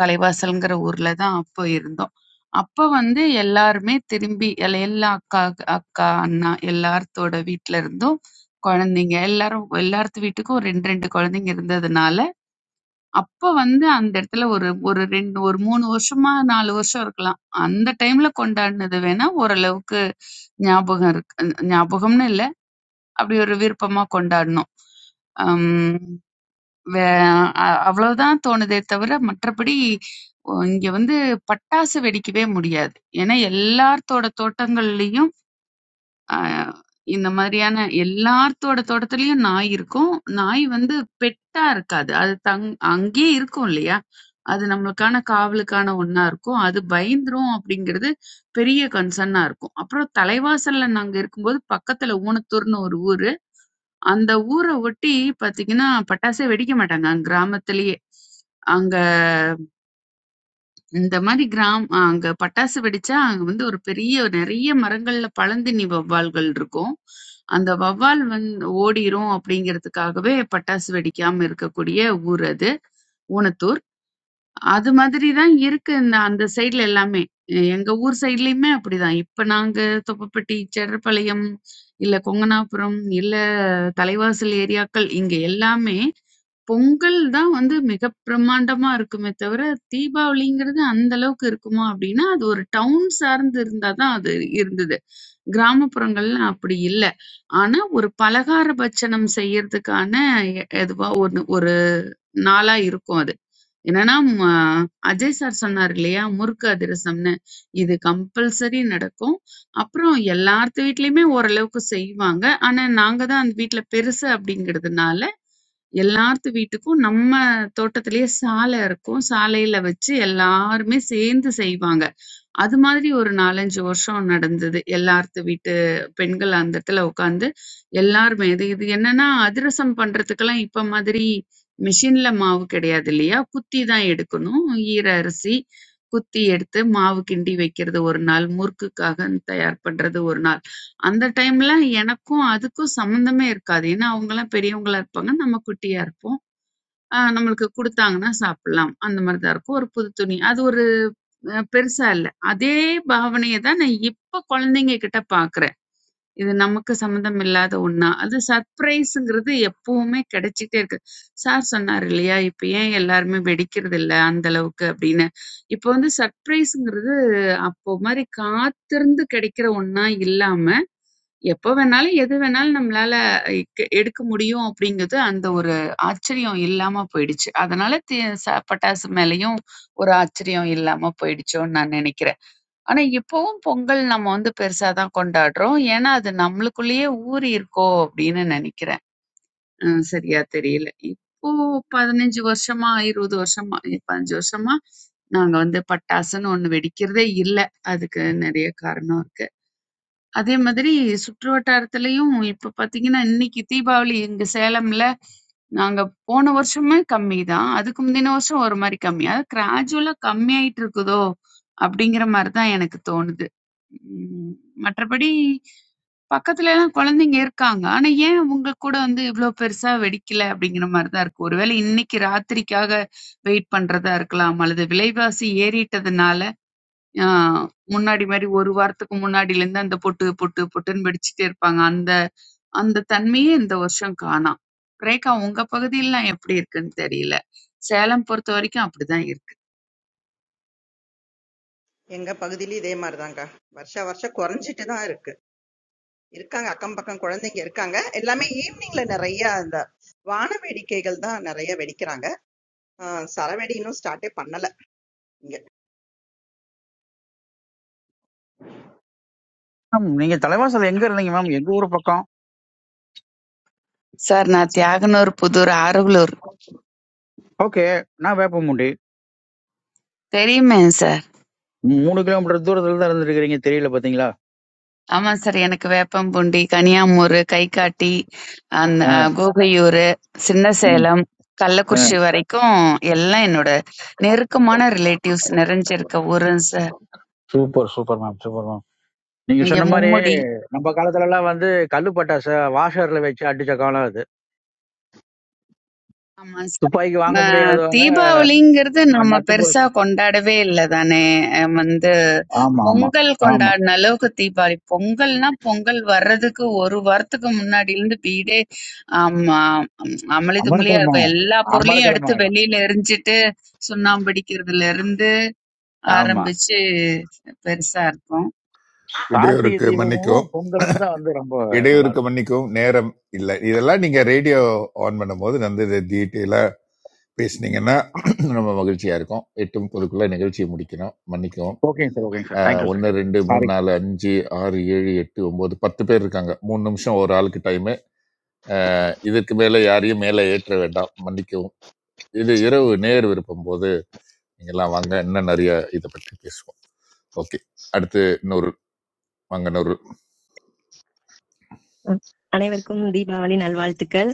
K: தலைவாசல்ங்கிற ஊர்ல தான் அப்போ இருந்தோம். அப்ப வந்து எல்லாருமே திரும்பி எல் எல்லா அக்கா அக்கா, அண்ணா எல்லாத்தோட வீட்ல இருந்தும் குழந்தைங்க எல்லாரும் எல்லார்த்து வீட்டுக்கும் 2, 2 குழந்தைங்க இருந்ததுனால, அப்ப வந்து அந்த இடத்துல ஒரு ஒரு 2 ஒரு 3 வருஷமா, 4 வருஷம் இருக்கலாம். அந்த டைம்ல கொண்டாடுனது வேணா ஓரளவுக்கு ஞாபகம் இருக்கு. அ ஞாபகம்னு இல்ல. அப்படி ஒரு விருப்பமா கொண்டாடுனோம். அம் வே அ அவ்வளவுதான் தோணுதே தவிர, மற்றபடி ஒ இங்க வந்து பட்டாசு வெடிக்கவே முடியாது. ஏன்னா எல்லாத்தோட தோட்டங்கள்லயும் அ இந்த மாதிரியான எல்லாத்தோட தோட்டத்துலயும் நாய் இருக்கும். நாய் வந்து பெட்டா இருக்காது. அது தங் அங்கேயே இருக்கும் இல்லையா? அது நம்மளுக்கான காவலுக்கான ஒண்ணா இருக்கும். அது பயந்துரும் அப்படிங்கிறது பெரிய கன்சர்னா இருக்கும். அப்புறம் தலைவாசல்ல நாங்க இருக்கும்போது பக்கத்துல ஊனத்தூர்ன்னு ஒரு ஊரு. அந்த ஊர ஒட்டி பார்த்தீங்கன்னா, பட்டாசே வெடிக்க மாட்டாங்க. அங்க கிராமத்திலேயே. அங்க இந்த மாரி கிராம் அ அங்க பட்டாசு வெடிச்சா, அங்க வந்து ஒரு பெரிய நெறைய மரங்கள்ல பழந்தின்னி வௌவால்கள் இருக்கும். அந்த வௌவால் வந் ஓடிரும் அப்படிங்கிறதுக்காகவே பட்டாசு வெடிக்காம இருக்கக்கூடிய ஊர் அது. ஊனத்தூர். அது மாதிரி தான் இருக்கு இந்த அந்த சைடுல எல்லாமே. எங்க ஊர் சைடுலயுமே அப்படிதான். இப்ப நாங்க தொப்பப்பட்டி, செடர்பாளையம், இல்ல கொங்கனாபுரம், இல்ல தலைவாசல் ஏரியாக்கள் இங்க எல்லாமே பொங்கல் தான் வந்து மிக பிரமாண்டமா இருக்குமே தவிர, தீபாவளிங்கிறது அந்த அளவுக்கு இருக்குமா அப்படின்னா, அது ஒரு டவுன் சார்ந்து இருந்தா தான் அது இருந்தது. கிராமப்புறங்கள்ல அப்படி இல்ல. ஆனா ஒரு பலகார பட்சணம் செய்யறதுக்கான எ எதுவா ஒண்ணு ஒரு நாளா இருக்கும் அது. என்னன்னா ம, அஜய் சார் சொன்னார் இல்லையா முறுக்கு அதிரசம்னு இது கம்பல்சரி நடக்கும் அப்புறம் எல்லார்த்து வீட்லயுமே ஓரளவுக்கு செய்வாங்க ஆனா நாங்க தான் அந்த வீட்ல பெருசு அப்படிங்கிறதுனால எல்லார்த்து வீட்டுக்கும் நம்ம தோட்டத்திலேயே சாலை இருக்கும் சாலையில வச்சு எல்லாருமே சேர்ந்து செய்வாங்க அது மாதிரி ஒரு 4, 5 வருஷம் நடந்தது. எல்லார்த்து வீட்டு பெண்கள் அந்த இடத்துல உட்காந்து எல்லாருமே இது இது என்னன்னா, அதிரசம் பண்றதுக்கெல்லாம் இப்ப மாதிரி மிஷின்ல மாவு கிடையாது இல்லையா? குத்தி தான் எடுக்கணும். ஈர அரிசி குத்தி எடுத்து மாவு கிண்டி வைக்கிறது ஒரு நாள், முறுக்குக்காக தயார் பண்றது ஒரு நாள். அந்த டைம்ல எனக்கும் அதுக்கும் சம்மந்தமே இருக்காது. ஏன்னா அவங்கலாம் பெரியவங்களா இருப்பாங்க. நம்ம குட்டியா இருப்போம். ஆ நம்மளுக்கு குடுத்தாங்கன்னா சாப்பிடலாம். அந்த மாரி தான் இருக்கும். ஒரு புது துணி. அது ஒரு அ பெருசா இல்ல. அதே பாவனைய தான் நான் இப்ப குழந்தைங்க கிட்ட பார்க்குறேன். இது நமக்கு சம்மந்தம் இல்லாத ஒண்ணா. அது சர்ப்ரைஸுங்கிறது எப்பவுமே கிடைச்சுக்கிட்டே இருக்கு. சார் சொன்னாரு இல்லையா, இப்ப ஏன் எல்லாருமே வெடிக்கிறதில்ல அந்த அளவுக்கு அப்படின்னு. இப்ப வந்து சர்ப்ரைஸுங்கிறது அப்போ மாரி காத்திருந்து கிடைக்கிற ஒண்ணா இல்லாம, எப்ப வேணாலும், எது வேணாலும் நம்மளால எக் எடுக்க முடியும் அப்படிங்கிறது அந்த ஒரு ஆச்சரியம் இல்லாம போயிடுச்சு. அதனால தே ச பட்டாசு மேலயும் ஒரு ஆச்சரியம் இல்லாம போயிடுச்சோன்னு நான் நெனைக்கிறேன். ஆனா இப்பவும் பொங்கல் நம்ம வந்து பெருசா தான் கொண்டாடுறோம். ஏன்னா அது நம்மளுக்குள்ளேயே ஊறியிருக்கோ அப்படின்னு நெனைக்கிறேன். ம் சரியா தெரியல. இப்போ 15 வருஷமா, 20 வருஷமா, 15 வருஷமா நாங்க வந்து பட்டாசுன்னு ஒண்ணு வெடிக்கிறதே இல்ல. அதுக்கு நெறைய காரணம் இருக்கு. அதே மாதிரி சுற்று வட்டாரத்திலயும் இப்ப பாத்தீங்கன்னா இன்னைக்கு தீபாவளி இங்க சேலம்ல நாங்க போன வருஷமே கம்மிதான் அதுக்கு முந்தின வருஷம் ஒரு மாதிரி கம்மி அதாவது கிராஜுவலா கம்மியாயிட்டு இருக்குதோ அப்படிங்கிற மாதிரிதான் எனக்கு தோணுது உம் மற்றபடி பக்கத்துல எல்லாம் குழந்தைங்க இருக்காங்க ஆனா ஏன் உங்க கூட வந்து இவ்வளவு பெருசா வெடிக்கல அப்படிங்கிற மாதிரிதான் இருக்கு ஒருவேளை இன்னைக்கு ராத்திரிக்காக வெயிட் பண்றதா இருக்கலாம் அல்லது விலைவாசி ஏறிட்டதுனால ஆ முன்னாடி மாரி 1 வாரத்துக்கு முன்னாடிலேருந்து அந்த பொட்டு, பொட்டு, பொட்டுன்னு வெடிச்சுட்டே இருப்பாங்க. அந்த அந்த தன்மையே இந்த வருஷம் காணாம். ரேகா உங்க பகுதியிலாம் எப்படி இருக்குன்னு தெரியல. சேலம் பொறுத்தவரைக்கும் அப்படிதான் இருக்கு.
C: எங்க பகுதியிலயும் இதே மாதிரிதாங்க வருஷா வருஷம் குறைஞ்சிட்டு தான் இருக்கு இருக்காங்க அக்கம் பக்கம் குழந்தைங்க இருக்காங்க எல்லாமே ஈவினிங்ல நிறைய அந்த வான வேடிக்கைகள் தான் நிறைய வெடிக்கிறாங்க ஆஹ் சரவெடி இன்னும் ஸ்டார்ட்டே பண்ணல இங்க
F: மேம் நீங்க தலைவாசல் எங்க இருந்தீங்க மேம் எங்க ஊர் பக்கம்
K: சார் நான் தியாகனூர், புதூர், ஆரவலூர்
F: ஓகே நான் வேப்பமுண்டி
K: தெரியுமேங்க சார்.
F: ம், மூணு கிலோமீட்டர் தூரத்துல தான் இருந்திருக்கிறீங்க தெரியல பாத்தீங்களா
K: ஆமா சார். எனக்கு பூண்டி, வேப்பம்பூண்டி. கனியாமூர், கைகாட்டி, அந்த
F: அஹ்,
K: கோகையூரு, சின்ன
F: அஹ்,
K: சேலம்,
F: அஹ்.
K: கள்ளக்குறிச்சி வரைக்கும் எல்லாம் என்னோட நெருக்கமான ரிலேட்டிவ்ஸ் நிறைஞ்சிருக்க ஊருங்க sir.
F: Super super ma'am super ma'am நீங்க
K: இங்க
F: சொன்ன மாதிரி
K: மும்முடி.
F: நம்ம காலத்துல எல்லாம் வந்து கல்லு பட்டாச வாஷர்ல வச்சு அடிச்ச காலம் அது
K: ஆமா சார்.
F: துப்பாக்கி
K: ம,
F: வாங்க முடியாதவங்க
K: தீபாவளிங்கிறது
F: அஹ்,
K: நம்ம
F: நட்டு போல்
K: பெருசா கொண்டாடவே இல்ல தானே அஹ் வந்து
F: ஆமா ஆமா
K: பொங்கல்
F: ஆமா
K: கொண்டாடின அளவுக்கு தீபாவளி பொங்கல்னா பொங்கல் வர்றதுக்கு ஒரு வாரத்துக்கு முன்னாடில இருந்து வீடே ஆமா அம், அமளி துமளியா இருக்கும்
F: அமரக்கிழமாகும்
K: எல்லா பொருளையும்
F: அமரக்கிழமை
K: எடுத்து
F: ஆயிடும்
K: வெளியில எரிஞ்சிட்டு சுண்ணாம்பு அடிக்கிறதுல இருந்து
F: ஆமா
K: ஆரம்பிச்சு பெருசா இருக்கும்
F: கார்த்திகை
E: இடையூறுக்கு
F: தீபமும்
E: மன்னிக்கவும்
F: பொங்கலும் தான் வந்து ரொம்ப நல்லா
E: இடையூறுக்கு
F: இருக்கும்
E: மன்னிக்கவும் நேரம் இல்லை இதெல்லாம் நீங்கள் ரேடியோ ஆன் பண்ணும்போது வந்து இதை டீட்டெயிலாக பேசுனீங்கன்னா நம்ம மகிழ்ச்சியாக இருக்கும் எட்டும் பொதுக்குள்ளே நிகழ்ச்சியை முடிக்கணும் மன்னிக்கவும்
F: ஓகேங்க சார் ஓகேங்க சார் தேங்க்யூ சார்
E: ஒன்று ரெண்டு மூணு
F: சாரி
E: நாலு அஞ்சு ஆறு ஏழு எட்டு ஒம்பது பத்து பேர் இருக்காங்க மூணு நிமிஷம் ஒரு ஆளுக்கு டைமு இதற்கு மேலே யாரையும் மேலே ஏற்ற வேண்டாம் மன்னிக்கவும் இது இரவு நேர் விருப்பம் போது நீங்கள்லாம் வாங்க இன்னும் நிறைய இதை பற்றி பேசுவோம் ஓகே அடுத்து நூறு வாங்க நூறு
Q: அஹ் அனைவருக்கும் தீபாவளி நல்வாழ்த்துக்கள்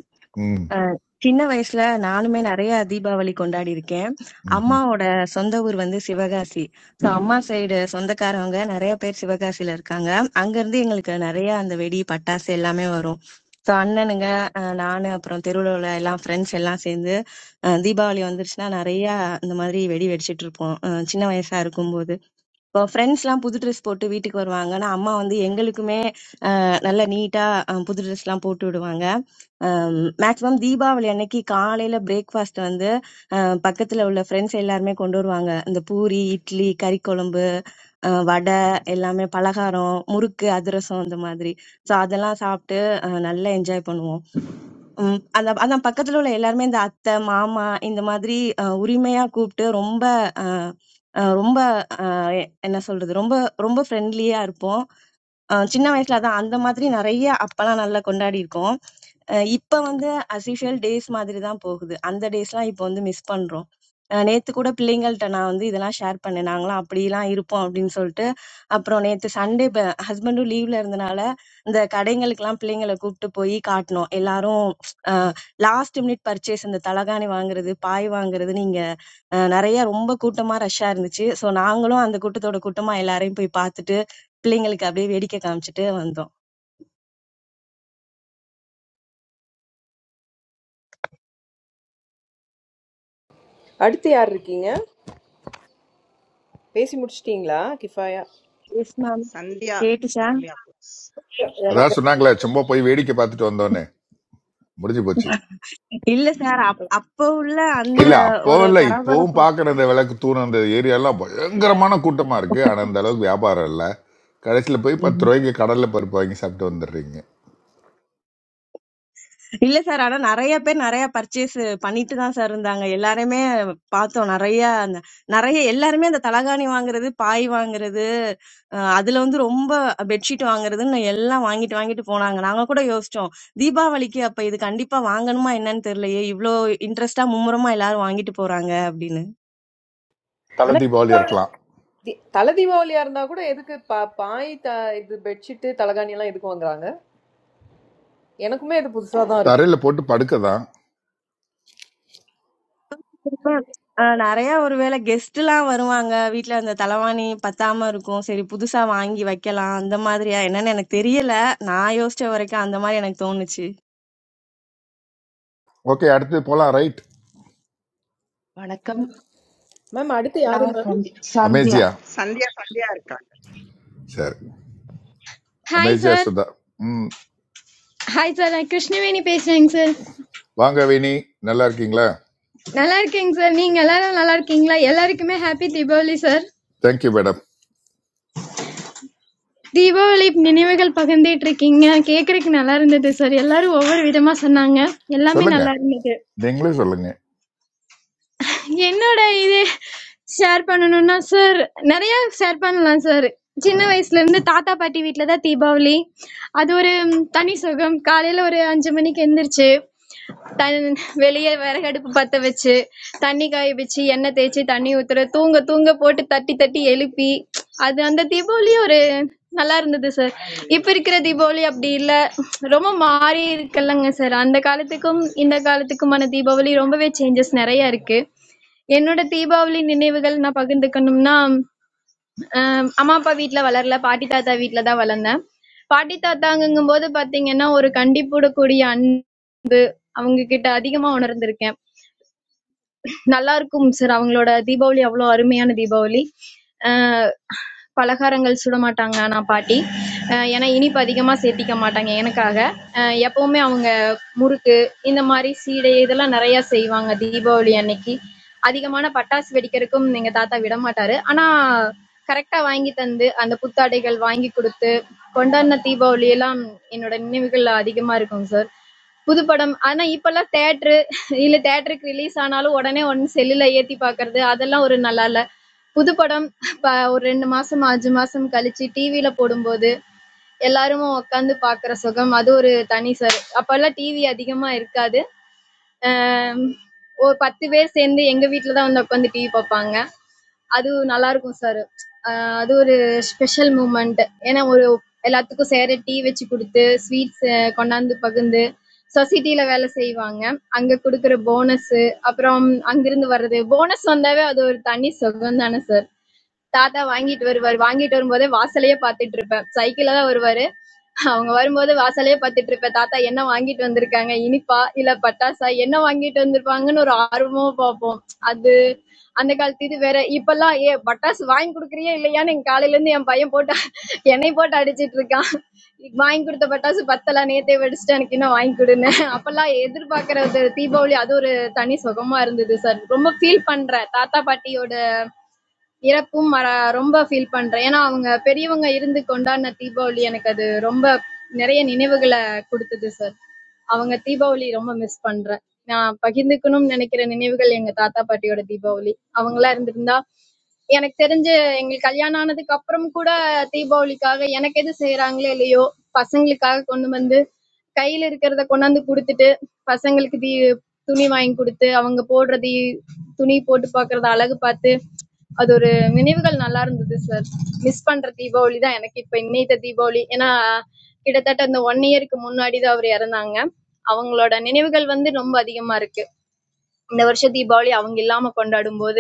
E: ம்
Q: அஹ் சின்ன வயசுல நானுமே நிறைய தீபாவளி கொண்டாடி இருக்கேன்
E: ம்
Q: அம்மாவோட சொந்த ஊர் வந்து சிவகாசி சோ அம்மா சைடு சொந்தக்காரவங்க நிறைய பேர் சிவகாசியில இருக்காங்க அங்க இருந்து எங்களுக்கு நிறைய அந்த வெடி பட்டாசு எல்லாமே வரும் சோ அண்ணனுங்க அஹ் நானு அப்புறம் தெருவுல உள்ள எல்லாம் ஃப்ரெண்ட்ஸ் எல்லாம் சேர்ந்து அஹ் தீபாவளி வந்துருச்சுன்னா நிறைய இந்த மாதிரி வெடி வெடிச்சிட்டு இருப்போம் அஹ் சின்ன வயசா இருக்கும்போது இப்போ ஃப்ரெண்ட்ஸ் எல்லாம் புது ட்ரெஸ் போட்டு வீட்டுக்கு வருவாங்க ஆனா அம்மா வந்து எங்களுக்குமே நல்ல நீட்டா அஹ் புது ட்ரெஸ் எல்லாம் போட்டு விடுவாங்க மேக்ஸிமம் தீபாவளி அன்னைக்கு காலையில பிரேக்ஃபாஸ்ட் வந்து அஹ் பக்கத்துல உள்ள ஃப்ரெண்ட்ஸ் எல்லாருமே கொண்டு வருவாங்க இந்த பூரி இட்லி கறி குழம்பு அஹ் வடை எல்லாமே பலகாரம் முறுக்கு அதிரசம் அந்த மாதிரி ஸோ அதெல்லாம் சாப்பிட்டு அஹ் நல்லா என்ஜாய் பண்ணுவோம் உம் அந்த அதான் பக்கத்துல உள்ள எல்லாருமே இந்த அத்தை மாமா இந்த மாதிரி அஹ் உரிமையா கூப்பிட்டு ரொம்ப அஹ் அஹ் ரொம்ப அஹ் எ- என்ன சொல்றது ரொம்ப ரொம்ப ஃப்ரெண்ட்லியா இருப்போம் அ சின்ன வயசுல அதான் அந்த மாதிரி நெறைய அப்பலாம் நல்லா கொண்டாடியிருக்கோம். அ இப்ப வந்து அஸ் யூசுவல் டேஸ் மாதிரி தான் போகுது. அந்த டேஸ்லாம் இப்ப வந்து மிஸ் பண்றோம். அ நேத்து கூட பிள்ளைங்கள்ட்ட நான் வந்து இதெல்லாம் ஷேர் பண்ணேன். நாங்கலாம் அப்படிலாம் இருப்போம் அப்படின்னு சொல்லிட்டு. அப்புறம் நேத்து சண்டே ப ஹஸ்பண்டும் லீவ்ல இருந்தனால, இந்த கடைங்களுக்கெல்லாம் பிள்ளைங்கள கூப்ட்டு போய் காட்டுனோம். எல்லாரும் அ லாஸ்ட் மினிட் பர்ச்சேஸ் இந்த தலகாணி வாங்குறது, பாய் வாங்குறதுன்னு அஹ் நிறைய ரொம்ப கூட்டமா ரஷ்ஷா இருந்துச்சு ஸோ நாங்களும் அந்த கூட்டத்தோட கூட்டமா எல்லாரையும் போய் பார்த்துட்டு பிள்ளைங்களுக்கு அப்படியே வேடிக்கை காமிச்சிட்டு வந்தோம்
B: அடுத்து யார் இருக்கீங்க பேசி முடிச்சிட்டீங்களா கிஃபாயா
Q: எஸ் மேம்
C: சந்தியா
Q: கேட்டுச்சா
C: யாமியா books.
E: அதான் சொன்னாங்களே சும்மா போய் வேடிக்கை பார்த்துட்டு வந்தோன்னே முடிஞ்சு போச்சு
Q: இல்ல சார் அப்ப உள்ள அந்த
E: இல்ல அப்பவும்
Q: ஒரு
E: இல்ல இப்பவும்
Q: பரபரப்பு
E: பாக்குற அந்த விளக்கு தூண் அந்த ஏரியாலாம் பயங்கரமான கூட்டமா இருக்கு ஆனா அந்த அளவுக்கு வியாபாரம் இல்ல கடைசியில போய் பத்து ரூபாய்க்கு கடல்ல பருப்பு வாங்கி சாப்பிட்டு வந்துடுறீங்க
Q: இல்ல சார் ஆனா நிறைய பேர் நிறைய பர்ச்சேஸ் பண்ணிட்டு தான் சார் இருந்தாங்க எல்லாருமே பார்த்தோம் நிறைய அந்த நிறைய எல்லாருமே அந்த தலகாணி வாங்குறது பாய் வாங்குறது அஹ் அதுல வந்து ரொம்ப பெட்ஷீட் வாங்குறதுன்னு எல்லாம் வாங்கிட்டு வாங்கிட்டு போனாங்க நாங்க கூட யோசிச்சோம் தீபாவளிக்கு அப்ப இது கண்டிப்பா வாங்கணுமா என்னன்னு தெரியலையே இவ்ளோ இன்ட்ரெஸ்டா மும்முரமா எல்லாரும் வாங்கிட்டு போறாங்க அப்படின்னு
E: தலை
B: ஆனா
E: தீபாவளி இருக்கலாம்
B: தி- தலை தீபாவளியா இருந்தா கூட எதுக்கு பா- பாய் த- இது பெட்ஷீட் தலகாணி எல்லாம் எதுக்கு வாங்குறாங்க எனக்குமே இது புதுசா தான் இருக்கு
E: தரையில போட்டு படுக்க தான்
Q: ma'am, ஆ, நிறைய ஒருவேளை கெஸ்ட் எல்லாம் வருவாங்க வீட்ல அந்த தலவாணி பத்தாம இருக்கும் சரி புதுசா வாங்கி வைக்கலாம் அந்த மாதிரியா என்னன்னு எனக்கு தெரியல நான் யோசிச்ச வரைக்கும் அந்த மாதிரி எனக்கு தோணுச்சு
E: ஓகே அடுத்து போலாம் ரைட்
R: வணக்கம்.
B: மேம் அடுத்து யாரு
R: நான்
B: மேம்?
R: சந்~ சந்தியா.
E: அமேசியா
C: சந்தியா சந்தியா இருக்காங்க
E: சரி
S: ஹாய்
E: அமேசியா
S: சார்
E: சுதா ம்
S: ஹாய் சார் நான் கிருஷ்ணவேணி பேசுறேங்க சார்
E: வாங்க வேணி நல்லா இருக்கீங்களா
S: நல்லா இருக்கேங்க சார் நீங்க எல்லாரும் நல்லா இருக்கீங்களா எல்லாருக்குமே happy Deepavali sir
E: thank you madam
S: Deepavali நினைவுகள் பகிர்ந்துட்டு இருக்கீங்க கேக்குறதுக்கு நல்லா இருந்தது சார் எல்லாரும் ஒவ்வொரு விதமா சொன்னாங்க எல்லாமே
E: சொல்லுங்க
S: நல்லா இருந்தது
E: நீங்களும் சொல்லுங்க
S: என்னோட இது ஷேர் பண்ணணும்னா சார் நிறைய ஷேர் பண்ணலாம் சார் சின்ன வயசுல இருந்து தாத்தா பாட்டி வீட்டில் தான் தீபாவளி அது ஒரு ம், தனி சுகம் காலையில ஒரு அஞ்சு மணிக்கு எந்திரிச்சு தன் வெளியே விறகடுப்பு பத்த வச்சு தண்ணி காய வச்சு எண்ணெய் தேய்ச்சி தண்ணி ஊத்துற தூங்க தூங்க போட்டு தட்டி தட்டி எழுப்பி அது அந்த தீபாவளி ஒரு நல்லா இருந்தது சார் இப்ப இருக்கிற தீபாவளி அப்படி இல்ல ரொம்ப மாறி இருக்குல்லங்க சார் அந்த காலத்துக்கும் இந்த காலத்துக்குமான தீபாவளி ரொம்பவே சேஞ்சஸ் நிறைய இருக்கு என்னோட தீபாவளி நினைவுகள் நான் பகிர்ந்துக்கணும்னா அம், அம்மா அப்பா வீட்ல வளரல. பாட்டி தாத்தா வீட்ல தான் வளர்ந்தேன். பாட்டி தாத்தாங்கும்போது பாத்தீங்கன்னா, ஒரு கண்டிப்புடக்கூடிய அன்பு அவங்க கிட்ட அதிகமா உணர்ந்திருக்கேன். நல்லா இருக்கும் சார் அவங்களோட தீபாவளி அவ்வளோ அருமையான தீபாவளி அஹ் பலகாரங்கள் சுட மாட்டாங்க ஆனா பாட்டி அஹ் ஏன்னா இனிப்பு அதிகமா சேர்த்திக்க மாட்டாங்க எனக்காக அஹ் எப்பவுமே அவங்க முறுக்கு இந்த மாதிரி சீடை இதெல்லாம் நிறைய செய்வாங்க தீபாவளி அன்னைக்கு அதிகமான பட்டாசு வெடிக்கிறதுக்கும் எங்க தாத்தா விட மாட்டாரு ஆனா கரெக்டா வாங்கி தந்து அந்த புத்தாடைகள் வாங்கி கொடுத்து கொண்டாடின தீபாவளி எல்லாம் என்னோட நினைவுகள்ல அதிகமா இருக்கும் சார் புதுப்படம். ஆனா இப்பல்லாம் தியேட்டரு இல்ல தியேட்டருக்கு ரிலீஸ் ஆனாலும் உடனே ஒடனே செல்லுல ஏத்தி பாக்குறது, அதெல்லாம் ஒரு நல்லா இல்ல. புதுப்படம் இப்ப ஒரு 2 மாசம், 5 மாசம் கழிச்சு டிவில போடும்போது, எல்லாருமா உக்காந்து பாக்குற சுகம், அது ஒரு தனி ச அப்பல்லாம் டிவி அதிகமா இருக்காது. அம், ஒரு 10 பேர் சேர்ந்து எங்க வீட்ல தான் வந்து உட்காந்து டிவி பார்ப்பாங்க. அது நல்லாருக்கும் சார். அ அது ஒரு ஸ்பெஷல் மூமெண்ட். ஏன்னா, ஒரு எல்லாத்துக்கும் சேர டீ வச்சு குடுத்து, ஸ்வீட்ஸ் கொண்டாந்து பகிர்ந்து, சொசைட்டில வேலை செய்வாங்க. அங்க குடுக்குற போனஸு, அப்புறம் அங்கிருந்து வர்றது போனஸ் வந்தாவே அது ஒரு தனி சுகம் தான சார். தாத்தா வாங்கிட்டு வருவாரு. வாங்கிட்டு வரும்போதே வாசலையே பாத்துட்டு இருப்பேன். சைக்கிள்ல தான் வருவாரு. அவங்க வரும்போது வாசலையே பாத்துட்டு இருப்பேன். தாத்தா என்ன வாங்கிட்டு வந்திருக்காங்க? இனிப்பா? இல்ல பட்டாசா? என்ன வாங்கிட்டு வந்திருப்பாங்கன்னு ஒரு ஆர்வமா பார்ப்போம். அது அந்த காலத்து இது வேற. இப்பல்லாம் ஏ பட்டாசு வாங்கி கொடுக்குறியா இல்லையான்னு எங்க காலையில இருந்து என் பையன் போட்டு என்னை போட்டு அடிச்சிட்டு இருக்கான். வாங்கி கொடுத்த பட்டாசு பத்தல நேத்தே வெடிச்சிட்டு எனக்கு இன்னும் வாங்கி கொடுன்னு. அப்பெல்லாம் எதிர்பார்க்கறது தீபாவளி அது ஒரு தனி சுகமா இருந்தது சார். ரொம்ப ஃபீல் பண்றேன் தாத்தா பாட்டியோட இறப்பும் மற ரொம்ப ஃபீல் பண்றேன். ஏன்னா, அவங்க பெரியவங்க இருந்து கொண்டாடின தீபாவளி எனக்கு அது ரொம்ப நிறைய நினைவுகள குடுத்தது சார். அவங்க தீபாவளி ரொம்ப மிஸ் பண்றேன். நான் பகிர்ந்துக்கணும்னு நினைக்கிற நினைவுகள் எங்க தாத்தா, பாட்டியோட தீபாவளி. அவங்களா இருந்திருந்தா எனக்கு தெரிஞ்சு எங்களுக்கு கல்யாணம் ஆனதுக்கு அப்புறம் கூட தீபாவளிக்காக எனக்கு எது செய்றாங்களோ இல்லையோ பசங்களுக்காக கொண்டு வந்து கையில இருக்கிறத கொண்டாந்து கொடுத்துட்டு பசங்களுக்கு தீ துணி வாங்கி கொடுத்து அவங்க போடுற தீ துணி போட்டு பார்க்கறத அழகு பார்த்து அது ஒரு நினைவுகள் நல்லா இருந்தது சார் மிஸ் பண்ற தீபாவளி தான் எனக்கு இப்ப இன்னைத்த தீபாவளி ஏன்னா கிட்டத்தட்ட இந்த ஒன் இயருக்கு முன்னாடி தான் அவர் இறந்தாங்க அவங்களோட நினைவுகள் வந்து ரொம்ப அதிகமா இருக்கு இந்த வருஷ தீபாவளி அவங்க இல்லாம கொண்டாடும் போது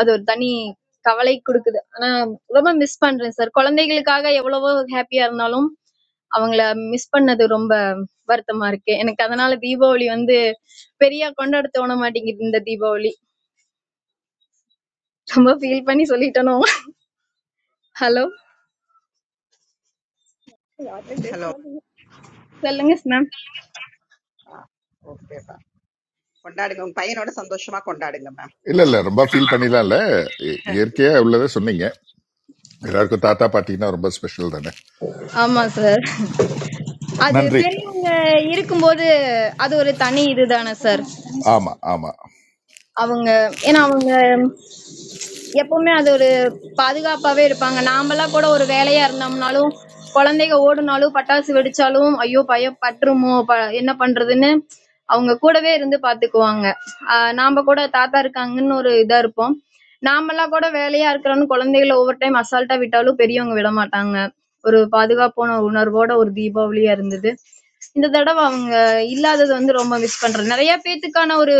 S: அது ஒரு தனி கவலை குடுக்குது. ஆனா ரொம்ப மிஸ் பண்றேன் சார். குழந்தைகளுக்காக எவ்வளவோ ஹேப்பியா இருந்தாலும், அவங்கள மிஸ் பண்ணது ரொம்ப வருத்தமா இருக்கு. எனக்கு அதனால தீபாவளி வந்து பெரியா கொண்டாட தோண மாட்டேங்குது இந்த தீபாவளி. ரொம்ப ஃபீல் பண்ணி சொல்லிட்டேனோ! ஹலோ! யாருமே பேச
C: ஹலோ
S: மாட்டேங்க. சொல்லுங்க மேம்.
C: மேம் ஓகே மேம் கொண்டாடுங்க உங்க பையனோட சந்தோஷமா கொண்டாடுங்க மேம்
E: இல்ல இல்ல ரொம்ப ஃபீல் பண்ணிடலாம் இல்ல இ- இயற்கையா உள்ளதை சொன்னீங்க எல்லாருக்கும் தாத்தா பாட்டிங்கன்னா ரொம்ப ஸ்பெஷல் தானே
S: ஆமா
E: ந-
S: சார். அது
E: நன்றி
S: பெரியவங்க இருக்கும்போது, அது ஒரு தனி இதுதானே சார்.
E: ஆமா ஆமா
S: அவங்க ஏன்னா அவங்க எப்பவுமே அது ஒரு பாதுகாப்பாவே இருப்பாங்க நாமெல்லாம் கூட ஒரு வேலையா இருந்தோம்னாலும் குழந்தைங்க ஓடுனாலும் பட்டாசு வெடிச்சாலும் ஐயோ பயம் பற்றுமோ ப என்ன பண்றதுன்னு அவங்க கூடவே இருந்து பாத்துக்குவாங்க ஆஹ் நாம கூட தாத்தா இருக்காங்கன்னு ஒரு இதா இருப்போம் நாமெல்லாம் கூட வேலையா இருக்கிறோம்னு குழந்தைகளை ஒவ்வொரு டைம் அசால்ட்டா விட்டாலும் பெரியவங்க விட மாட்டாங்க ஒரு பாதுகாப்பான உணர்வோட ஒரு தீபாவளியா இருந்தது இந்த தடவை அவங்க இல்லாதது வந்து ரொம்ப மிஸ் பண்றேன். நிறைய பேத்துக்கான ஒரு